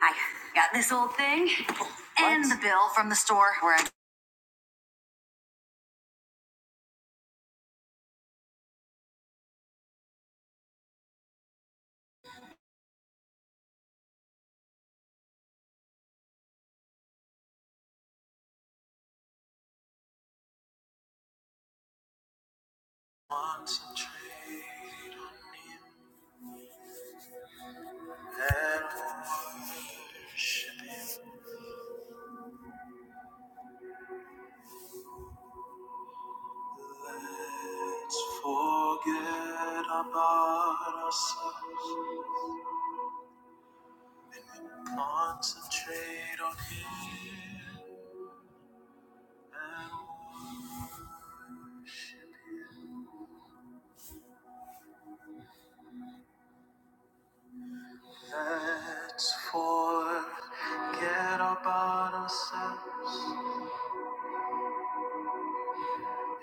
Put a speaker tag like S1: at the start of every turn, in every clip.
S1: I got this old thing and What? the bill from the store where I concentrate on that worshiping. Let's forget about ourselves, concentrate on Him and worship Him. Let's forget about ourselves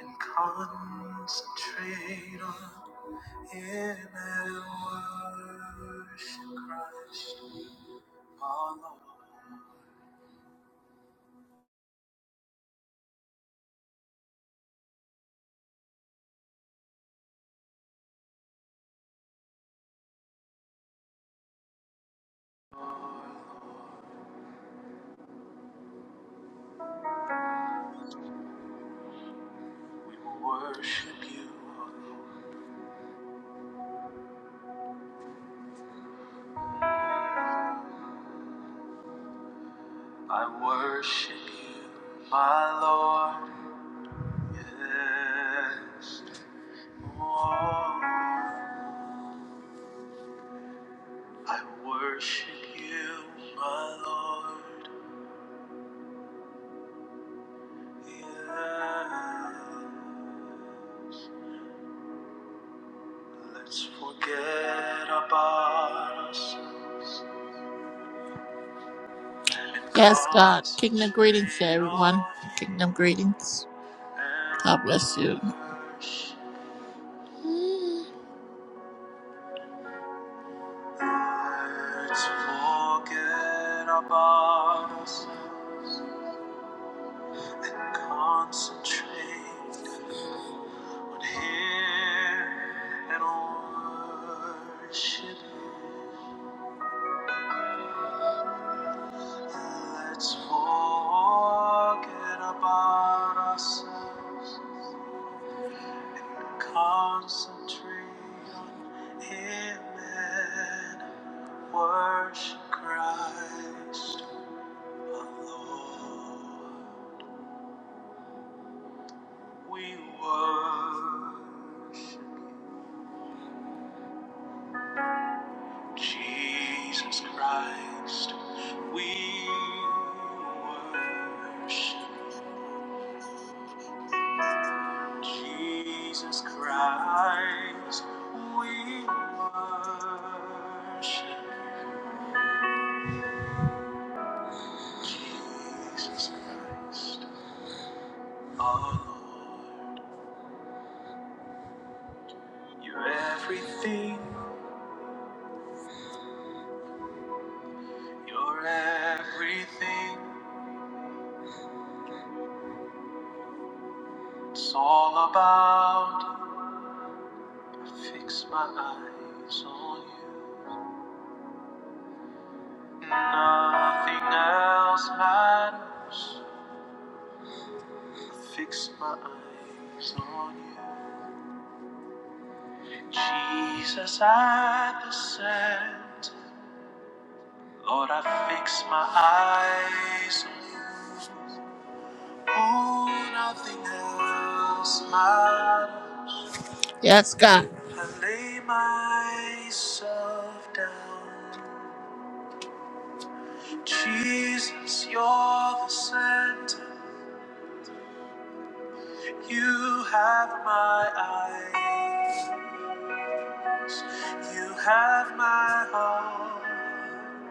S1: and concentrate on In and worship Christ, our Lord. We will worship you, our Lord. I worship you, my Lord. Yes, Lord. I worship you, my Lord. Yes. Let's forget about us. Yes, God. Kingdom greetings to everyone. Kingdom greetings. God bless you. Let's forget about us and concentrate on Him and worship Him. Let's forget about ourselves and concentrate on Him Worship Christ alone. We worship Jesus Christ. We worship Jesus Christ. We worship Jesus Christ, our Lord. You're everything You're everything, it's all about. you. I fix my eyes on you. Nothing else matters. I fix my eyes on you. Jesus at the center. Lord, I fix my eyes on you. Oh, nothing else matters. Yes, God. I lay myself down. Jesus, you're the center. You have my eyes. You have my heart.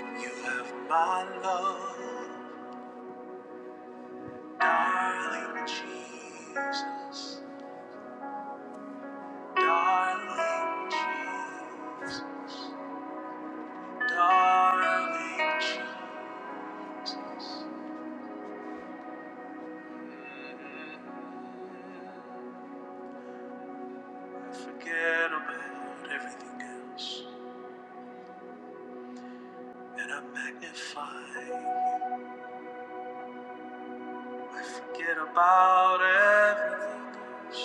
S1: You have my love. Darling Jesus. Darling Jesus. Darling Jesus. Mm-hmm. I Forget about everything else, and I magnify you. I forget about everything else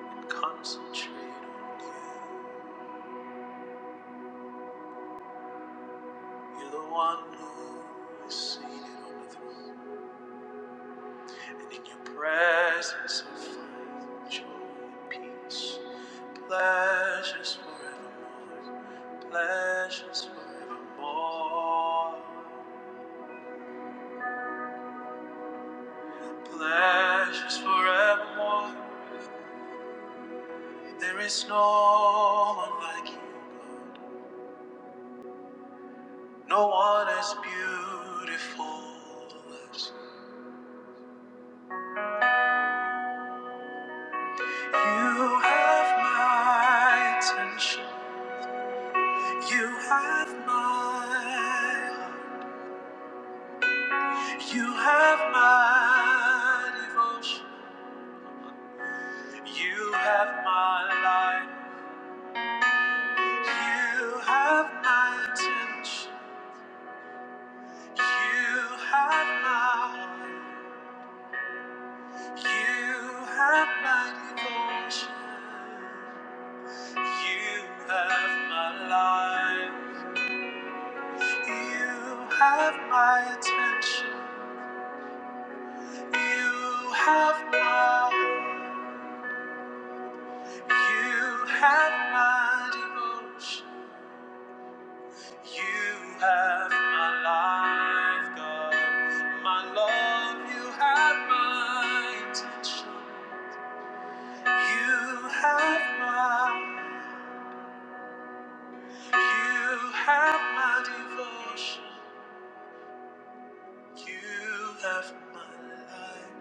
S1: and concentrate on you. You're the one who is seated on the throne, and in your presence I find joy and peace, pleasures forevermore, pleasures forevermore, pleasures forevermore. There is no one like you, God. No one as beautiful as you have my attention. You have my heart. You have my devotion. You have my life. You have my attention. You have my heart. You have my devotion. You have my life. You have my attention. You have my heart. You have my devotion. You have my life, God. My love, you have my attention. You have my, you have my devotion. You have my life.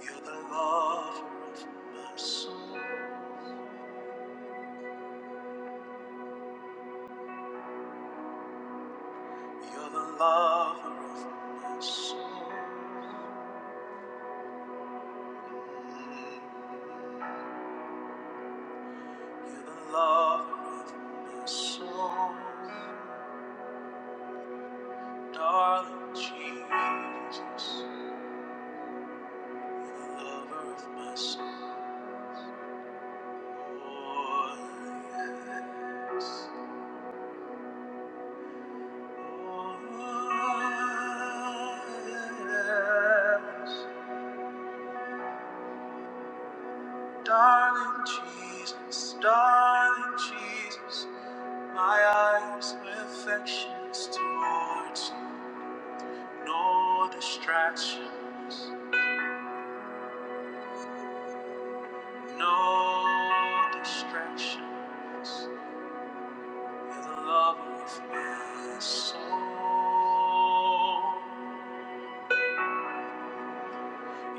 S1: You're the lover of my soul. You're the lover of my soul. You're the lover of my soul. Darling Jesus, you're the lover of my soul. Oh, yes. Oh, yes. Darling Jesus, darling Jesus, my eyes with affections towards you. No distractions, no distractions. You're the lover of my soul.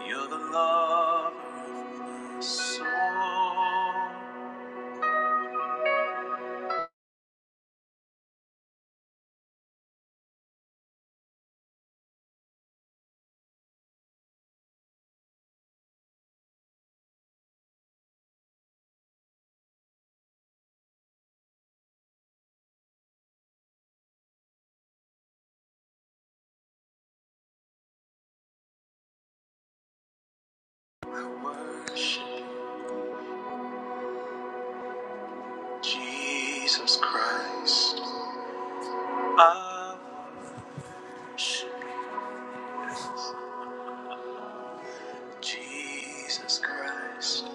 S1: You're the lover of my soul. I worship you, Jesus Christ. I worship. Jesus Christ,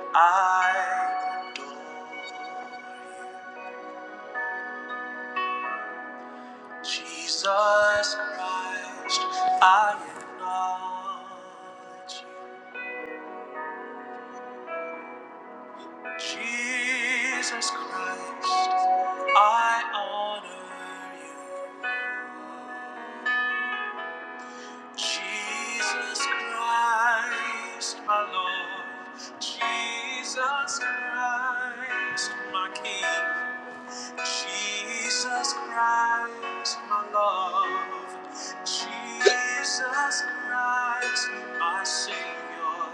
S1: I adore you. Jesus Christ, I acknowledge you. Jesus Christ, I honor you. Jesus Christ, my Lord. Jesus Christ, my King. Jesus Christ, my love. Jesus Christ, my Savior.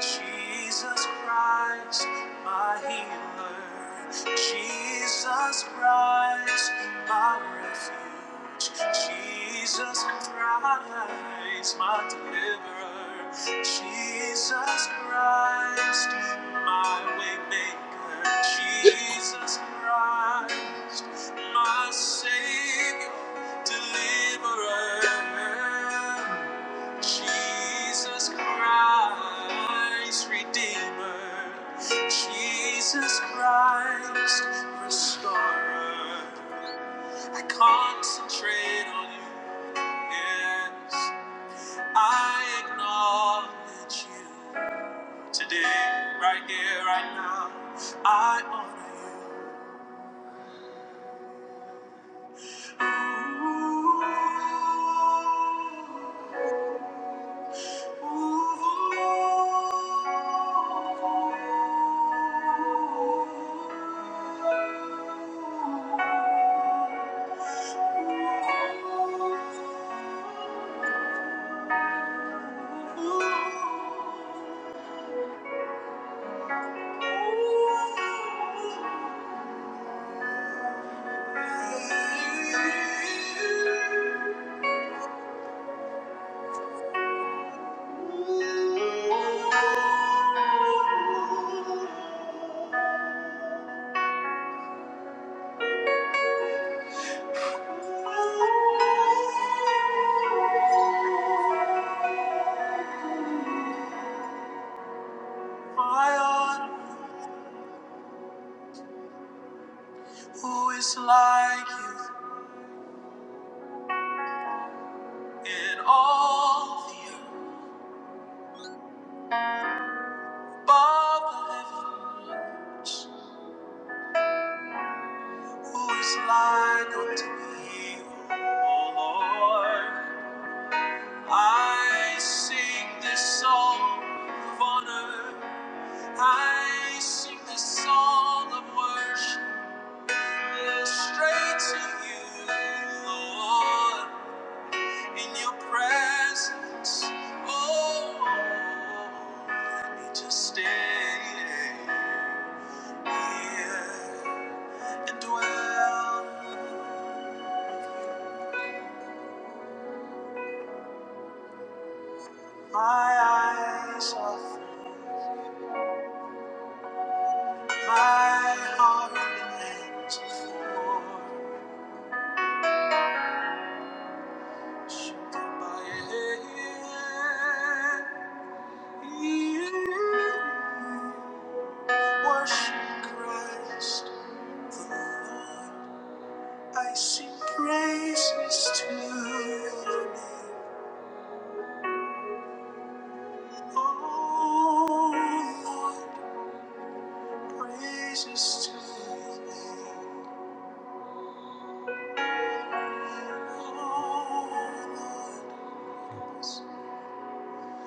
S1: Jesus Christ, my healer. Jesus Christ, my refuge. Jesus Christ, my deliverer. Jesus Christ, my waymaker. Jesus Christ, my Savior, deliverer. Jesus Christ, redeemer. Jesus Christ, restorer. I concentrate on you. Yes, I acknowledge you today, right here, right now. I honor you. Ooh, ooh, ooh, ooh. ooh, ooh. My God, who is like you in all the earth, above the heavens, who is like unto thee, O Lord? I sing this song of honor I sing this song of worship straight to you, Lord, in your presence. Oh, let me just stay here and dwell. My eyes are full, my heart and hands are full. Should by your hand. Worship Christ the Lord. I sing praises to your name. Oh Lord, praises to your name. Oh Lord,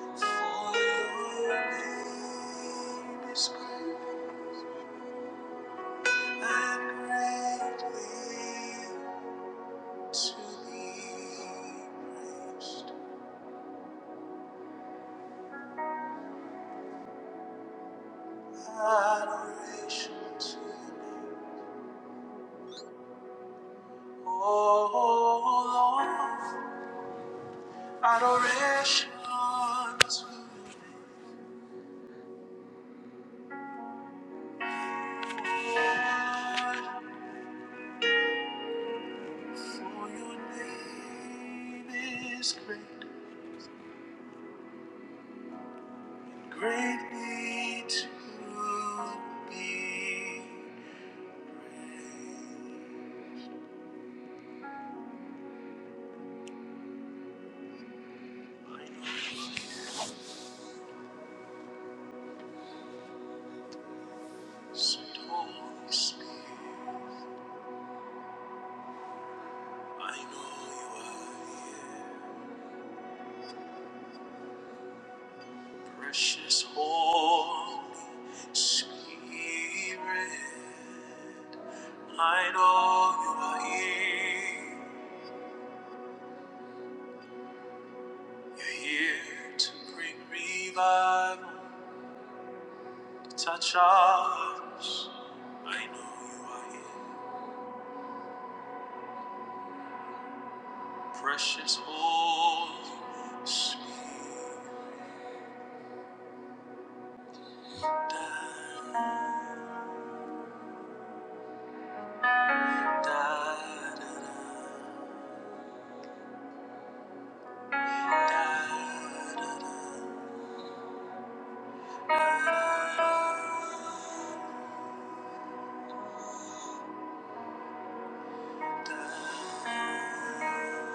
S1: for your name is great and greatly to be praised. Adoration to you, oh Lord. Adoration to you, for your name is great. Greatly to be praised. Sweet Holy Spirit, I know you are here. Precious Holy Spirit, I know you are here. You're here to bring revival. Touch us. I know you are here. Precious Holy Spirit. Da, da, da, da, da, da, da, da. Belongs to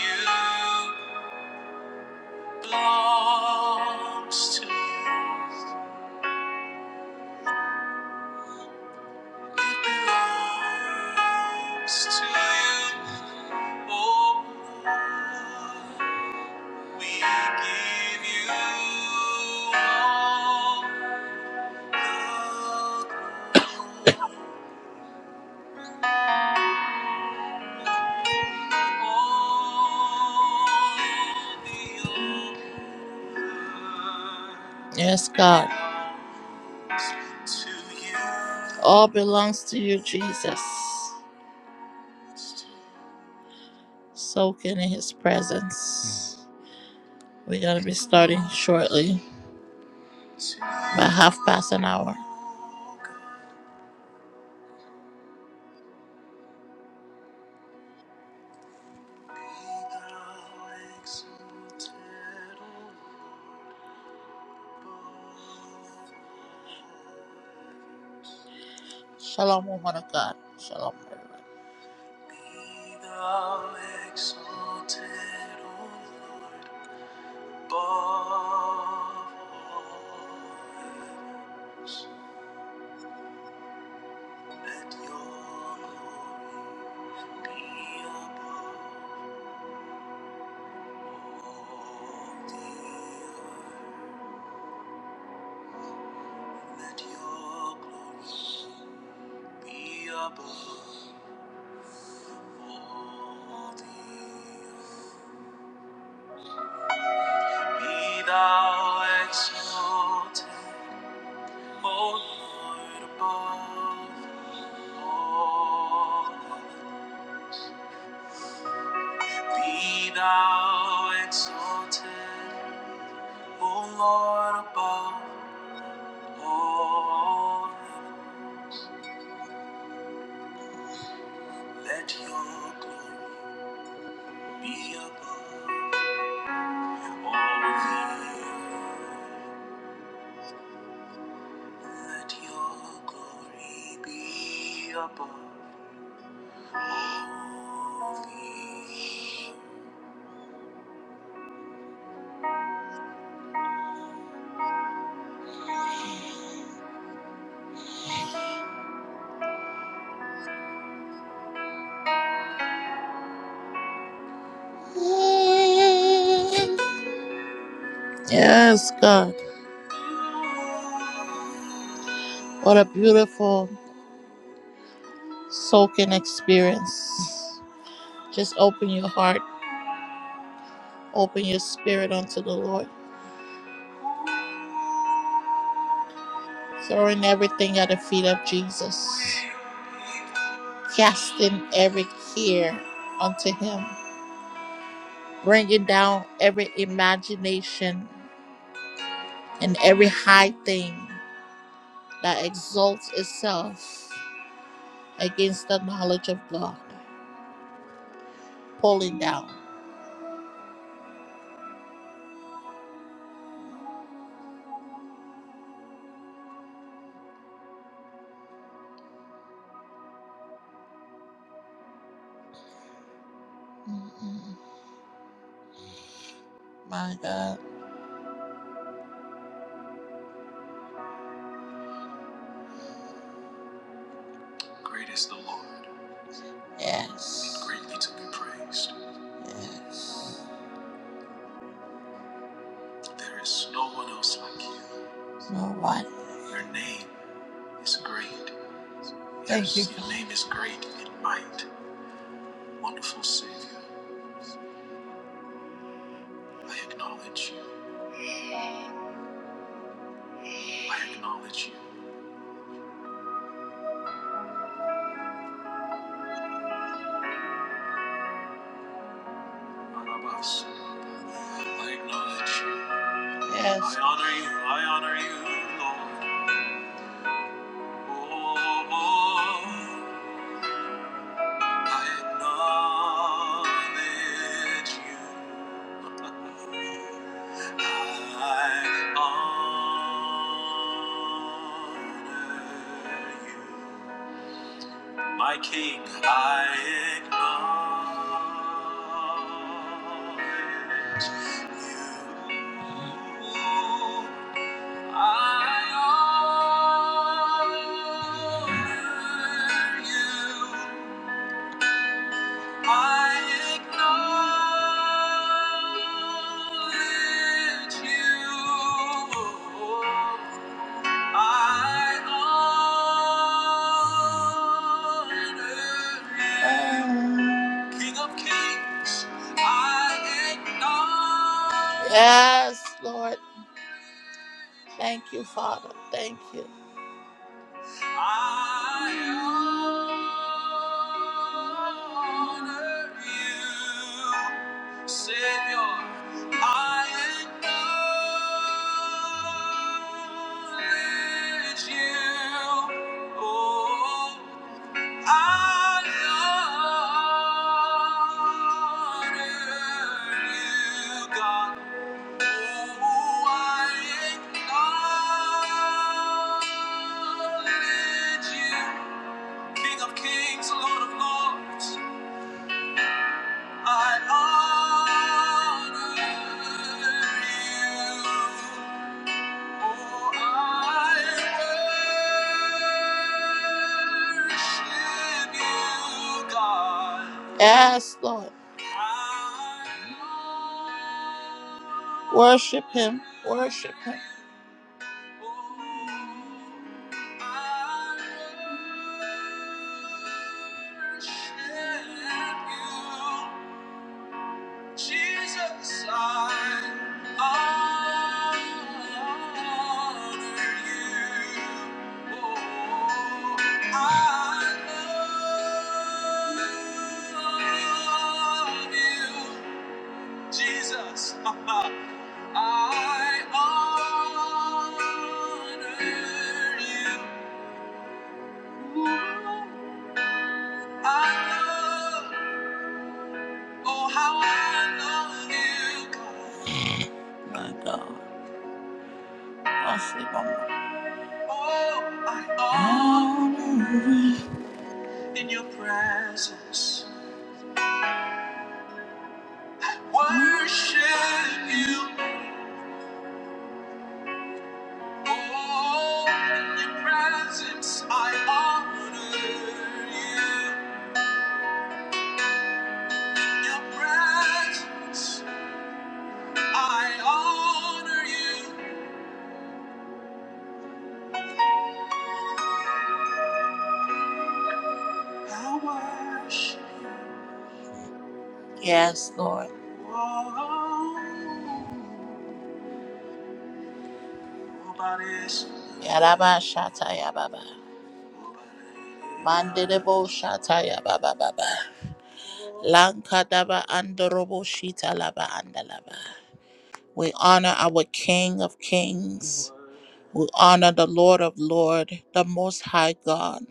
S1: you, oh Lord. Yes, God. All belongs to you, Jesus. Soaking in his presence. We're going to be starting shortly, by half past an hour. Shalom, woman of God. Shalom, everyone. Be thou exalted, O Lord, above all. Let your glory be above all the earth. Let your glory be above all the earth. Be thou exalted, O Lord, above all. Be thou exalted, O Lord, above all. Let your glory be above all the earth. Let your glory be above all the earth. Yes, God. What a beautiful soaking experience. Just open your heart, open your spirit unto the Lord, throwing everything at the feet of Jesus, casting every care unto Him, bringing down every imagination and every high thing that exalts itself against the knowledge of God, pulling down. Mhm. My God. Great is the Lord. Yes. And Greatly to be praised. Yes. There is no one else like you. No one. Your name is great. Thank yes, you. Yes, Your name is great in might. Wonderful Savior. I acknowledge you. I acknowledge you. Barabbas. I acknowledge you. Yes. I honor you. I honor you, Lord. Oh, oh, I acknowledge you. I honor you, my King. I acknowledge you. I honor you. I acknowledge you. I honor you. King of kings, I acknowledge. Yes, Lord. Thank you, Father. Thank you. I honor you, Savior. I acknowledge you. Oh, I honor you, God. Yes, Lord. Worship him. Worship him. Jesus, I honor you. Oh, I love you, Jesus. I honor you. I love, oh, how I love you, God. My God, I sleep on my- Oh, I honor in your presence. Worship you, oh, in your presence. I honor you, your presence. I honor you. I worship. Yes, Lord. Yaraba shataya baba. Mandelebo shataya baba baba. Lankadaba andorobo shita laba andalaba. We honor our King of Kings. We honor the Lord of Lord, the Most High God.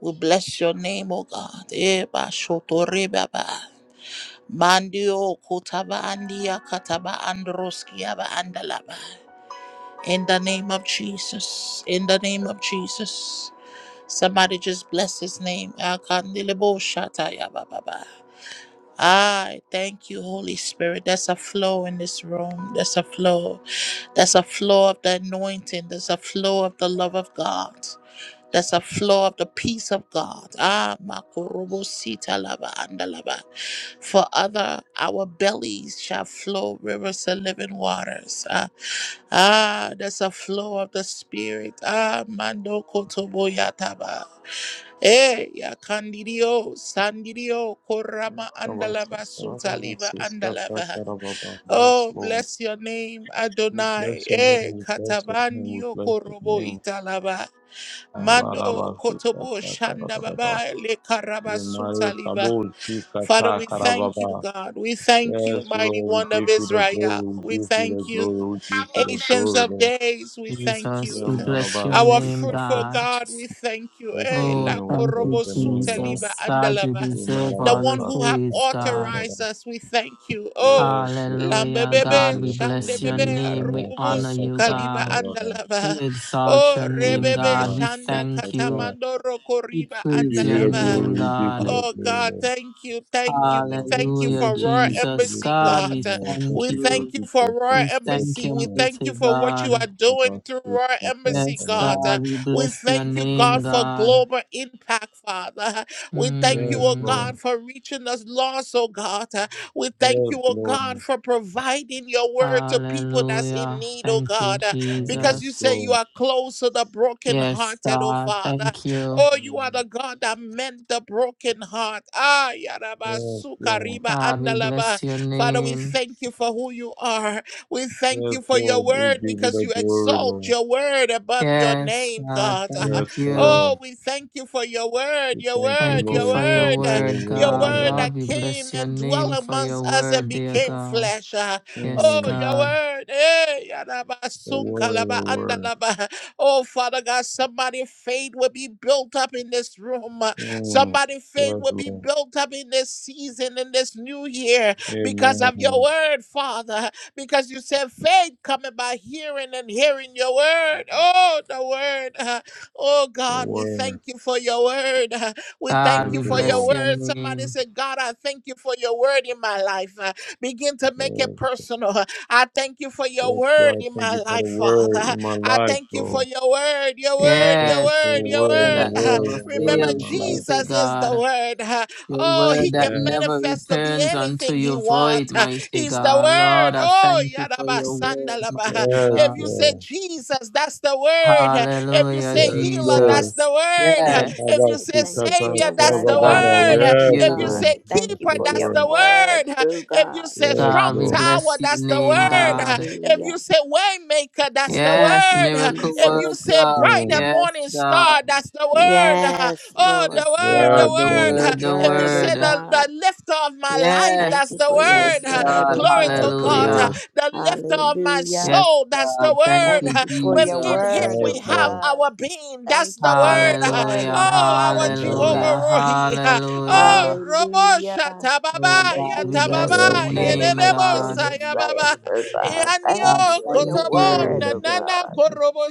S1: We bless your name, O God. Eba shotore baba. Mandio kutaba andia kataba androskiaba andalaba. In the name of Jesus. In the name of Jesus. Somebody just bless his name. Akandilebo shataya bababa. I thank you, Holy Spirit. There's a flow in this room. There's a flow. There's a flow of the anointing. There's a flow of the love of God. That's a flow of the peace of God. Ah, makorobo sita lava anda For other, our bellies shall flow rivers of living waters. Ah, ah That's a flow of the Spirit. Ah, mando kotobo yataba. Eh, ya candidio, sandidio,
S2: Yes,
S1: korama
S2: Lord.
S1: andalava suta liva andalava. Oh, bless your name,
S2: We
S1: Adonai.
S2: bless your name,
S1: Eh,
S2: we bless your name, we
S1: katavandio
S2: bless your
S1: korobo
S2: name.
S1: italava. Mando
S2: Kabaraba
S1: kotobo
S2: sikata
S1: shanda
S2: karababa.
S1: baba le karabasuta
S2: Yemare
S1: liba.
S2: kabul
S1: Father,
S2: sikata
S1: we thank you,
S2: karababa.
S1: God. We thank you,
S2: Yes,
S1: mighty
S2: Lord, we
S1: one of
S2: give you the glory,
S1: Israel.
S2: we
S1: We
S2: give you
S1: thank
S2: the
S1: you,
S2: glory, we give you the
S1: ancients
S2: glory,
S1: of
S2: Lord.
S1: days. We thank
S3: Jesus,
S1: you,
S3: we bless your
S2: Yemaraba
S1: our
S3: name,
S1: fruitful
S2: sikata.
S3: God.
S1: God. We thank you,
S2: Bless your
S1: Eh,
S3: Oh,
S1: la
S2: name, we
S3: thank
S2: bless
S3: you,
S1: korobo
S2: your name,
S1: suta
S2: Lord.
S1: liba
S3: Jesus. God, you
S1: andalaba.
S3: deserve
S1: the
S3: all
S2: Yemaraba
S1: one
S3: the
S1: who have
S2: sakata
S3: praise, God.
S2: karababa.
S1: authorized us. We thank you.
S2: Yes,
S1: Oh,
S2: Lord,
S3: Hallelujah,
S2: forgive
S3: God.
S1: lambebebe
S3: We
S2: me the sin.
S3: bless your
S2: You
S1: shandebebe
S3: name.
S2: cover,
S3: We
S1: rububu
S3: honor
S2: cover,
S3: you,
S1: suka
S2: cover,
S1: liba
S3: God.
S2: cover.
S3: We
S1: andalaba.
S3: exalt
S1: Oh,
S3: your
S2: You
S3: name,
S1: rebebe
S3: God.
S2: cover,
S3: We
S2: you
S1: shanda
S3: thank you.
S2: cover.
S1: katamando
S3: We
S1: rokoriba
S2: We
S3: praise
S2: give
S3: your
S2: you the
S1: andalava.
S2: glory.
S3: name,
S2: We give you
S3: God.
S2: the
S1: Oh
S2: glory,
S1: God,
S2: Lord.
S1: thank you, thank you.
S2: Yeah,
S1: We
S2: Lord, I
S1: thank you
S2: seek
S3: Hallelujah,
S1: for
S2: it,
S1: Royal
S2: seek
S3: Jesus.
S2: it.
S1: Embassy,
S2: Thank you,
S3: God,
S1: God.
S3: we
S2: Lord.
S3: thank
S2: Thank
S1: We
S2: you for the
S1: thank
S3: you.
S1: you for
S2: people. Thank you
S1: Royal
S3: We
S2: for
S3: thank
S1: Embassy.
S2: the
S3: you,
S1: We
S2: people.
S1: thank
S3: mighty
S1: you for what you
S3: God.
S1: are
S2: Cover,
S1: doing through
S2: seek,
S1: Royal
S2: cover,
S1: Embassy,
S3: Yes,
S1: God.
S2: cover.
S3: God, we
S1: We
S3: bless your
S1: thank you,
S2: Yes,
S3: name,
S1: God,
S2: Lord.
S1: for
S3: God.
S1: global impact, Father. We thank you,
S2: Yes,
S1: oh
S2: Lord.
S3: Mm,
S1: God, for reaching us lost, oh God. We thank you,
S2: Yes,
S1: oh
S2: Lord.
S1: God, for providing your word to people that's in
S3: hallelujah.
S1: need, oh
S3: Thank you,
S1: God. Because
S2: Yes,
S1: you
S3: Jesus.
S1: say you
S2: Lord.
S1: are close to the
S3: Yes,
S1: brokenhearted, oh
S3: God.
S1: Father.
S3: Thank you.
S1: Oh, you are the God that mend the broken heart. Ah, yaraba
S2: Yes, Lord.
S1: sukariba
S3: God, we
S1: andalava.
S3: bless your
S1: Father, we
S3: name.
S1: thank you for who you are. We thank
S2: Yes,
S1: you for your
S2: Lord. We
S1: word
S2: give you
S1: because
S2: the
S1: you
S2: glory,
S1: exalt
S2: Lord.
S1: your word above your
S3: Yes,
S1: name,
S3: God.
S1: God. Ah,
S3: Thank
S2: Yes,
S3: you.
S1: Oh,
S2: Lord.
S1: we thank you for your word,
S2: We
S1: your
S2: thank you,
S1: word,
S3: Thank you
S1: your
S2: Lord.
S3: for
S2: We thank
S3: your
S1: word,
S2: you for
S1: uh,
S2: your
S3: word,
S1: your
S3: God.
S2: word,
S1: word
S2: Lord.
S3: Lord,
S1: that
S3: we
S1: came
S3: bless your
S1: and dwelt
S3: name for your
S1: amongst us and
S3: word, dear
S1: became
S3: God.
S1: flesh. Ah,
S3: Yes,
S1: Oh,
S2: Mm,
S1: your
S3: God.
S1: word. Eh, yaraba
S2: your word,
S1: sunkalaba
S2: your word.
S1: andalava. Oh, Father God, somebody faith will be built up in this room. uh,
S2: Mm,
S1: Somebody faith
S2: yes,
S1: will be
S2: Lord.
S1: built up in this season, in this new year, because
S2: Amen.
S1: of your word, Father. Because you said faith coming by hearing and hearing your word.
S2: Mm,
S1: Oh, the word. uh, Oh,
S2: Your
S1: God, we
S2: word.
S1: thank you for your word. uh, We thank
S3: God,
S1: you
S3: we
S2: Thank you,
S1: for your
S3: bless
S2: Lord.
S3: your
S1: word. Somebody
S3: name.
S1: said, God, I thank you for your word in my life. Uh, Begin to make it
S2: Yes,
S1: personal. uh, I thank you for your
S2: yes,
S1: word
S2: God.
S1: in
S2: Thank
S1: my
S2: you for the
S1: life,
S2: word
S1: Father.
S2: in my
S1: I
S2: life,
S1: thank you for
S2: Lord.
S1: your word, your
S2: I
S1: word,
S2: thank
S1: your
S2: you
S3: Yes,
S2: for
S1: word,
S2: your
S3: your
S1: your word.
S2: word,
S3: word
S2: your
S3: that
S1: Uh,
S3: never
S2: word, your word
S1: remember,
S2: in
S3: fails,
S2: my life,
S3: mighty
S1: Jesus
S2: Lord.
S1: is the
S3: God.
S1: word. Uh,
S3: Your
S1: oh, he
S3: word that
S1: can
S2: Yes,
S3: never
S1: manifest to be
S3: returns unto
S1: anything he
S3: you void,
S1: wants. Uh,
S3: mighty
S1: he's the
S2: Mm.
S3: God.
S1: word.
S3: Lord, I
S1: Oh,
S3: thank you for
S1: yadaba
S3: your word,
S1: sandalaba. Uh,
S3: mighty
S2: yes,
S1: If you
S3: God.
S1: say
S2: Lord.
S1: Jesus, that's the word. Uh, If you
S3: Hallelujah,
S1: say
S2: Yes,
S1: healer, that's
S2: Lord.
S1: the
S3: Jesus.
S1: word.
S2: Yeah,
S1: If
S3: Yes,
S2: Baba,
S1: you
S4: I
S1: say
S4: thank you for
S2: Sikata,
S1: Savior,
S4: your
S1: that's
S4: word
S1: the
S4: in my
S3: God,
S2: Karababa,
S4: life,
S1: word.
S3: thank
S4: oh
S2: yes,
S1: If you
S3: you.
S4: God.
S1: say
S2: Lord.
S4: I
S2: That's
S4: thank you
S1: Keeper,
S2: the
S4: for your
S1: that's the
S2: word.
S4: word,
S1: word.
S4: oh
S1: If you
S4: God.
S1: say
S2: Yes,
S3: God,
S1: Strong
S3: we
S2: Lord.
S1: Tower,
S3: bless your
S1: that's the
S3: name,
S1: word.
S3: God.
S1: If
S4: Hallelujah.
S1: you say Waymaker, that's
S4: I
S1: the
S4: thank
S3: Yes,
S4: you,
S1: word.
S3: miracle
S1: If you
S4: Jesus.
S1: say
S3: worker.
S1: Bright
S2: Mm.
S1: and
S3: Yes,
S1: Morning
S3: God.
S1: Star, that's the word.
S4: Yes,
S1: Oh,
S4: Lord.
S1: the
S3: Yes,
S1: word,
S2: Yes,
S3: God, the
S1: the
S2: Lord.
S4: Your
S1: word.
S3: word, the
S1: If you
S4: word, oh
S1: say
S3: word.
S1: the,
S4: God.
S1: the lifter lifter of my life.
S3: Yes,
S4: Thank
S1: That's
S4: you
S1: the
S4: for your
S3: yes,
S1: word. Uh,
S4: word,
S3: God.
S4: oh
S1: Glory
S4: God.
S2: That's
S1: to
S2: the
S1: God. Uh,
S2: word.
S3: Hallelujah.
S1: The lifter of my
S4: Hallelujah.
S3: Yes,
S1: soul. That's the
S3: God. Thank
S1: word.
S4: Thank
S3: you,
S1: Uh,
S4: you for your
S1: Within him
S3: Jesus.
S4: word,
S2: Yes,
S4: oh
S1: we have
S2: Lord.
S4: God.
S1: our being. That's
S4: Thank you
S1: the
S4: for your
S1: word. Uh,
S4: word in
S3: Hallelujah,
S4: my
S1: Oh, our
S4: life, oh
S1: Jehovah
S2: Amen.
S3: hallelujah,
S4: God.
S1: Rohi. Uh, Oh,
S3: hallelujah.
S1: Robo
S4: Hallelujah.
S1: Shata
S3: Oh
S1: Baba,
S3: God, we
S4: Hallelujah. Oh,
S1: Shatababa.
S3: bless
S4: Your
S3: your
S2: Yes,
S1: Yatababa.
S4: word
S2: Lord.
S4: in
S3: name,
S4: my
S1: Yedebo
S3: God.
S4: children's
S5: Jesus, thank
S1: Sayababa.
S4: lives,
S5: you,
S4: oh
S5: Jesus,
S4: God. Thank
S5: thank
S3: God,
S4: you
S1: Yandio
S4: for your
S3: thank
S1: Kotobo.
S3: you.
S4: word,
S2: Amen.
S4: oh
S1: Nanana
S4: God.
S1: Korobo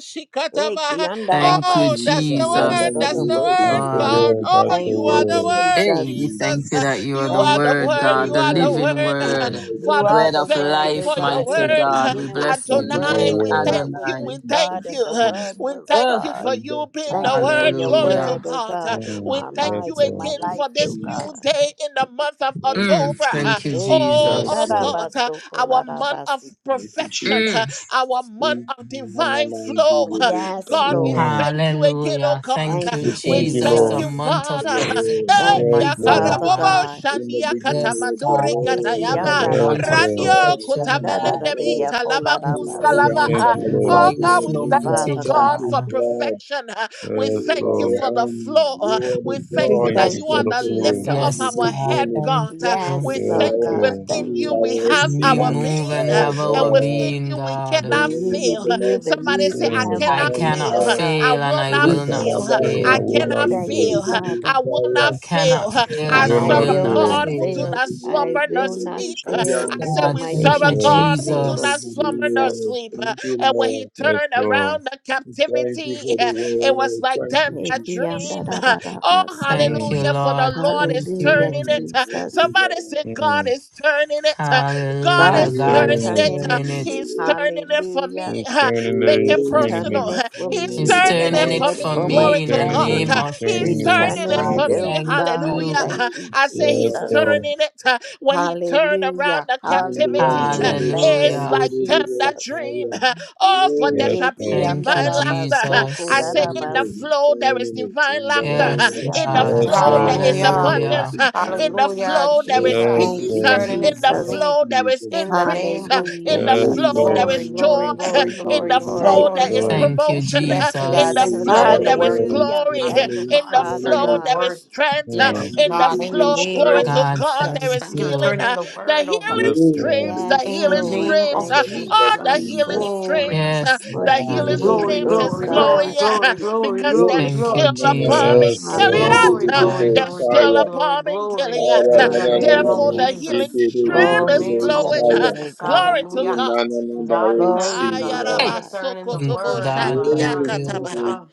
S4: Eh,
S1: Shikataba.
S3: Thank you,
S1: Oh,
S4: kiandarabasi,
S1: that's the
S3: Jesus.
S1: word. That's the
S3: Thank you,
S2: That's
S1: word,
S4: kiandorodobosi.
S2: the
S3: Lord.
S1: God.
S2: word.
S1: Oh,
S2: That's the
S4: Thank
S1: you are
S4: you,
S1: the
S2: word.
S1: word,
S4: Jesus.
S3: Hey, we thank
S1: Jesus. huh?
S3: you that you are
S1: You
S3: the
S1: are
S4: Thank
S1: the
S4: you,
S3: Word,
S1: word.
S3: God,
S1: You
S3: the
S1: are the
S4: Jesus.
S3: living
S1: word.
S3: Word,
S2: Amen.
S4: You
S1: Father,
S4: are
S1: we
S3: bread
S4: the
S3: of
S1: thank you
S4: word, O
S1: for
S3: life,
S1: your
S4: God. In
S3: mighty
S4: the
S1: word.
S3: God. We
S4: beginning was
S3: bless
S4: the
S3: your
S2: Thank you for
S4: word,
S1: Adonai,
S2: your
S3: name,
S4: and
S1: we
S4: the
S2: word.
S1: thank
S4: word was
S1: you.
S4: with
S1: We
S3: Adonai.
S1: thank
S4: God, and the
S1: you.
S4: word
S1: We
S4: was
S1: thank
S3: Oh,
S1: you
S4: God.
S1: for you being
S4: Thank
S1: the
S4: you for
S1: word.
S4: your
S1: Glory to
S3: hallelujah.
S4: word, O
S1: God.
S4: God, in
S2: Amen.
S1: We
S4: our
S2: Yes,
S1: thank you
S4: lives, in my
S2: Lord.
S1: again
S4: life,
S1: for this
S4: O
S1: new
S4: God.
S1: day in the month of
S5: you,
S3: Mm,
S1: October.
S3: thank you,
S4: Eki
S1: Oh,
S2: Yes,
S1: oh
S3: Jesus.
S2: Lord.
S1: God,
S5: Lord,
S4: andarabaso
S1: our month of
S4: kolarabasi.
S5: thank you,
S1: perfection,
S3: Mm.
S5: Jesus.
S1: our month of divine flow.
S4: Yes,
S1: God, we
S4: Lord.
S2: Amen.
S1: thank you again, oh
S3: Hallelujah.
S1: God.
S3: Thank
S5: Thank
S4: Thank
S3: you,
S5: you,
S2: We
S4: you,
S1: We
S2: thank you,
S3: Jesus,
S1: thank
S3: a
S2: Lord.
S1: you,
S4: Jesus.
S3: month
S5: for
S3: of
S5: your
S1: Father.
S5: word,
S3: perfection,
S4: Thank
S5: Lord.
S1: Eh,
S2: Yes,
S4: you,
S3: mighty
S5: Thank
S2: Lord.
S4: Father
S5: you.
S3: God.
S1: Yakarabobo
S4: God.
S5: In the
S1: Shandia
S5: beginning
S3: Yes,
S5: was the
S3: God,
S1: Katamandure
S3: I thank
S5: word,
S3: you
S4: Eki
S5: and
S3: for
S1: Katayama
S3: the
S5: the
S2: Yes,
S3: month of
S5: beginning was the
S4: andarabaso
S2: Lord.
S1: Randio
S5: God.
S3: perfection,
S5: Thank you,
S3: God.
S1: Kutamelende
S5: God.
S4: koshandararariya
S1: Ita Lava
S3: Thank
S5: You
S3: you
S5: are
S3: for
S1: Kuska
S3: the
S5: the
S2: We
S4: kolarabasi.
S1: Lava.
S3: month
S2: thank
S5: Alpha,
S1: ah.
S3: of
S2: you,
S5: you
S2: Lord.
S5: are
S1: Oh
S5: the
S3: divine
S1: God, we
S4: Thank
S3: flow,
S4: you,
S1: thank
S5: Omega.
S3: mighty
S1: you,
S4: Father
S5: Thank
S1: God,
S4: God.
S5: you,
S1: for
S3: God.
S5: God.
S1: perfection. ah. We
S5: You
S2: Yes,
S1: thank
S5: are
S1: you
S5: the
S2: Lord.
S1: for the
S5: end.
S1: flow.
S5: You
S1: ah.
S5: are the
S1: We thank
S4: We
S5: God
S1: you
S2: Thank
S5: that
S1: that
S2: you
S1: you
S4: Thank
S1: are
S2: for
S4: you,
S2: the
S5: sees
S1: the
S5: the
S2: flow.
S5: end
S1: lifter
S5: from
S4: Jesus.
S1: of
S5: the
S3: Yes,
S1: our
S3: God,
S1: head,
S5: beginning.
S3: thank
S1: God. ah.
S3: you.
S4: Yes,
S5: You
S1: We
S2: Yes,
S4: Lord
S1: thank you
S4: God.
S2: Lord.
S5: are, you
S1: within
S4: Thank
S1: you
S4: you,
S1: we
S5: are a
S1: have
S3: We
S1: our
S4: Jesus.
S5: receiving
S3: move
S1: being,
S3: and
S1: ah,
S5: tower,
S3: have
S1: and
S3: our
S5: God.
S1: within
S3: being,
S1: you we
S5: The
S3: God.
S4: In
S1: cannot
S4: you
S5: name
S4: we
S5: of
S1: fail.
S5: the
S1: Ah,
S5: Lord
S4: live and
S1: Somebody
S4: live
S1: say,
S5: Jesus
S4: and
S1: I
S5: is a
S4: have
S2: Amen.
S4: our
S3: I
S1: cannot
S5: strong
S4: being,
S3: cannot
S1: fail.
S4: oh
S1: Ah,
S5: tower.
S1: I
S4: God.
S3: fail and
S1: will
S3: I
S1: not
S2: I
S3: will not
S1: fail.
S2: cannot
S5: Lipanda
S1: Ah,
S2: fail. I
S1: I
S3: fail.
S2: will
S4: I
S2: not
S1: cannot
S4: thank you,
S2: fail.
S1: fail.
S4: Father.
S1: I will
S5: hidikidikidikidikaya.
S1: not
S3: I cannot
S1: fail.
S2: I
S3: fail
S1: I
S3: and
S2: will
S3: I
S4: I
S1: serve
S2: not
S5: Eating,
S3: will
S1: a
S4: will
S3: not
S4: not
S1: God
S2: fail.
S1: who
S5: looking
S1: do
S5: at
S3: fail.
S4: fail.
S1: not
S5: the
S4: I
S1: slumber
S5: world
S1: nor
S4: will
S5: and the
S4: not
S1: sleep.
S5: ocean.
S3: Yes,
S4: fail
S1: I
S4: in
S1: said
S4: the
S3: God,
S1: we
S4: mighty
S2: Yes,
S1: serve
S3: thank
S1: a
S3: you,
S2: Lord.
S1: God
S4: matchless
S1: who
S5: Thank
S1: do
S4: name of
S5: you
S1: not
S3: Jesus.
S5: for the
S1: slumber nor
S4: Jesus.
S5: word.
S1: sleep.
S5: Thank you,
S1: And when he
S5: Lord.
S2: Yes,
S1: turned
S2: Lord.
S1: around the
S5: Thank you
S1: captivity,
S5: for the
S1: it was
S5: word.
S1: like
S5: Thank
S1: them
S5: you,
S4: Thank
S1: that
S4: you, Yam,
S5: Jesus.
S4: da,
S1: dream.
S4: da, da, da,
S1: Oh,
S4: da, so.
S3: Thank you,
S2: Mm,
S1: hallelujah, for the
S3: Lord.
S1: Lord
S3: Thank
S1: is
S4: Hallelujah,
S1: turning
S3: you.
S5: Mm,
S1: it.
S5: Thank
S4: Jesus.
S5: you,
S1: Somebody
S5: Lord.
S1: said God
S2: mm.
S1: is turning it. God
S3: Hallelujah.
S4: God
S2: He's
S1: is
S4: is
S3: God
S5: Yes,
S3: is
S1: turning
S2: turning it.
S1: it.
S4: turning
S3: turning
S4: it.
S3: it.
S1: He's
S5: hallelujah.
S1: turning it for
S4: Hallelujah.
S1: me.
S2: He's turning it.
S1: Make
S2: He's
S1: it
S4: He's
S5: Yes,
S2: turning it.
S4: turning
S1: personal.
S4: it
S5: hallelujah.
S4: for
S5: Thank you,
S1: He's
S4: me.
S3: He's
S5: Lord.
S4: He's
S1: turning
S5: Thank
S1: it
S3: turning
S4: turning
S3: it
S1: for
S4: it
S3: for
S1: me.
S2: He
S4: for my
S2: is
S1: Glory
S3: me in
S1: to
S3: the
S2: turning
S1: God.
S4: family.
S2: it.
S3: name
S1: Uh,
S2: He's
S3: of
S1: He's
S2: turning
S4: He's
S2: it. He's
S3: Jesus.
S1: turning
S4: turning
S1: it
S5: you,
S2: turning
S4: it,
S3: God,
S1: for
S2: it.
S4: oh
S1: me.
S3: thank
S4: God.
S5: Lord. Thank
S1: Hallelujah.
S3: you.
S1: Uh,
S4: Thank you,
S1: I say
S5: you,
S1: he's
S2: Yes,
S4: Jesus.
S5: Lord.
S2: Lord.
S1: turning it. Uh, When he turned around
S4: Hallelujah.
S1: the captivity,
S5: Mandianta
S1: uh,
S4: Hallelujah.
S2: Mm.
S4: Thank
S1: it's
S4: you,
S5: Sandhya
S3: Hallelujah.
S1: like thunder
S4: Jesus.
S1: dream. Uh, Oh,
S5: Yes,
S1: for there
S2: Let's
S1: shall be
S4: Eki
S3: Thank you,
S1: divine
S4: andara
S1: laughter.
S5: we
S1: Uh,
S4: basoko
S1: I
S3: Jesus.
S5: call
S1: say
S4: dara
S5: you,
S1: in the
S5: we
S4: basi.
S1: flow there
S5: call
S1: is
S5: you
S1: divine
S5: in the
S1: laughter.
S5: name
S1: Uh,
S3: Yes,
S4: Eki
S5: of
S1: In the
S3: God.
S4: andara
S5: Jesus.
S4: dara
S1: flow there
S4: dara
S2: go.
S1: is
S6: Hallelujah.
S5: Thank
S4: riako
S1: abundance.
S3: Hallelujah.
S5: you,
S1: Uh,
S5: God,
S4: aras.
S1: in the
S5: in
S6: Hallelujah.
S5: the
S1: flow, there
S5: name
S1: is
S5: of
S6: Jesus
S2: Let's
S4: Thank
S5: Jesus,
S6: is
S1: peace.
S4: you,
S1: Uh,
S5: in
S6: turning
S5: the
S6: it
S1: In the
S6: for
S5: name
S4: Jesus.
S5: of
S6: me
S1: flow, there is
S5: Jesus.
S6: in the name
S1: increase. Uh,
S6: of
S5: We
S4: Hallelujah,
S1: In the
S6: Jesus.
S2: go.
S1: flow, there
S6: Glory,
S1: is
S4: Jesus.
S5: come
S1: joy.
S5: and I
S6: glory,
S5: say
S1: Uh,
S5: to
S6: glory,
S1: In
S6: glory,
S1: the
S6: glory,
S5: you,
S4: Thank
S1: flow,
S2: Let's
S6: glory,
S4: you,
S1: there is
S6: glory.
S2: go.
S3: Thank you,
S4: Jesus.
S1: promotion.
S5: we
S6: Yes,
S1: Uh,
S5: call
S1: In
S6: God.
S1: the
S5: you,
S6: Thank you
S3: Jesus.
S6: for
S5: we
S1: flow,
S6: turning the
S5: call
S1: there is
S5: you,
S6: word.
S5: we
S4: Hallelujah.
S1: glory.
S5: call
S1: Uh,
S6: Thank
S4: Thank
S6: you,
S4: you,
S1: In
S6: God,
S1: the
S6: for
S5: you, we call
S4: Father
S6: turning
S1: flow,
S6: the
S5: you.
S1: there
S4: God.
S1: is
S6: word.
S1: strength. Uh,
S6: Yes,
S2: Lord.
S1: In the
S6: God, in
S5: Mandianta
S6: the
S1: flow,
S6: name
S1: glory
S5: Shaya.
S6: of
S1: to
S3: God,
S1: God, there
S6: Jesus.
S3: thank
S1: is
S6: Thank you for
S1: healing.
S3: you.
S6: turning
S1: Uh,
S6: the
S1: The
S6: word, oh
S1: healing
S6: God.
S2: Yes, Lord. Mm. Yes,
S5: Yes,
S2: Lord.
S1: streams,
S5: we
S1: the
S4: Yes,
S5: see
S6: In the
S1: healing
S4: Lord.
S5: you
S6: name
S5: in
S1: streams,
S6: of
S1: uh,
S5: the
S4: Thank you,
S5: name of
S1: oh, the
S6: Jesus.
S1: healing
S5: Jesus.
S4: Jesus,
S6: Glory,
S2: Mm.
S1: streams, uh,
S3: Yes,
S4: for
S1: the healing
S3: God.
S4: healing,
S6: glory,
S1: streams
S4: oh
S1: is
S6: glory,
S5: Mandianta
S6: glory,
S1: flowing.
S4: God.
S6: glory, glory,
S1: because
S6: glory,
S5: New
S1: there's
S3: Thank you,
S6: glory.
S1: still a bomb
S2: Yes,
S1: in
S3: Jesus.
S2: Lord.
S3: Yes,
S6: Glory,
S1: Gilead. Uh,
S4: Hallelujah.
S6: glory,
S3: God.
S1: There's
S6: glory,
S1: still
S6: glory,
S1: a
S6: glory,
S1: bomb in
S6: glory.
S1: Gilead. Uh,
S6: In the name of
S1: Therefore,
S2: Mm.
S1: the
S4: Hallelujah.
S1: healing
S6: Jesus.
S1: stream
S6: In the
S1: is
S4: Glory
S6: name
S4: to your
S6: of
S1: flowing. Uh,
S4: name, oh
S6: Jesus.
S1: Glory
S4: God.
S1: to
S6: Hallelujah.
S1: God.
S6: God, we thank you,
S4: Glory to
S6: God. Thank you
S3: Hey.
S6: for
S4: God.
S6: turning the
S3: Thank you,
S6: word, oh
S3: God.
S6: God.
S3: Thank you.
S1: Ayarabasokotoboshandiakataba.
S6: Hallelujah.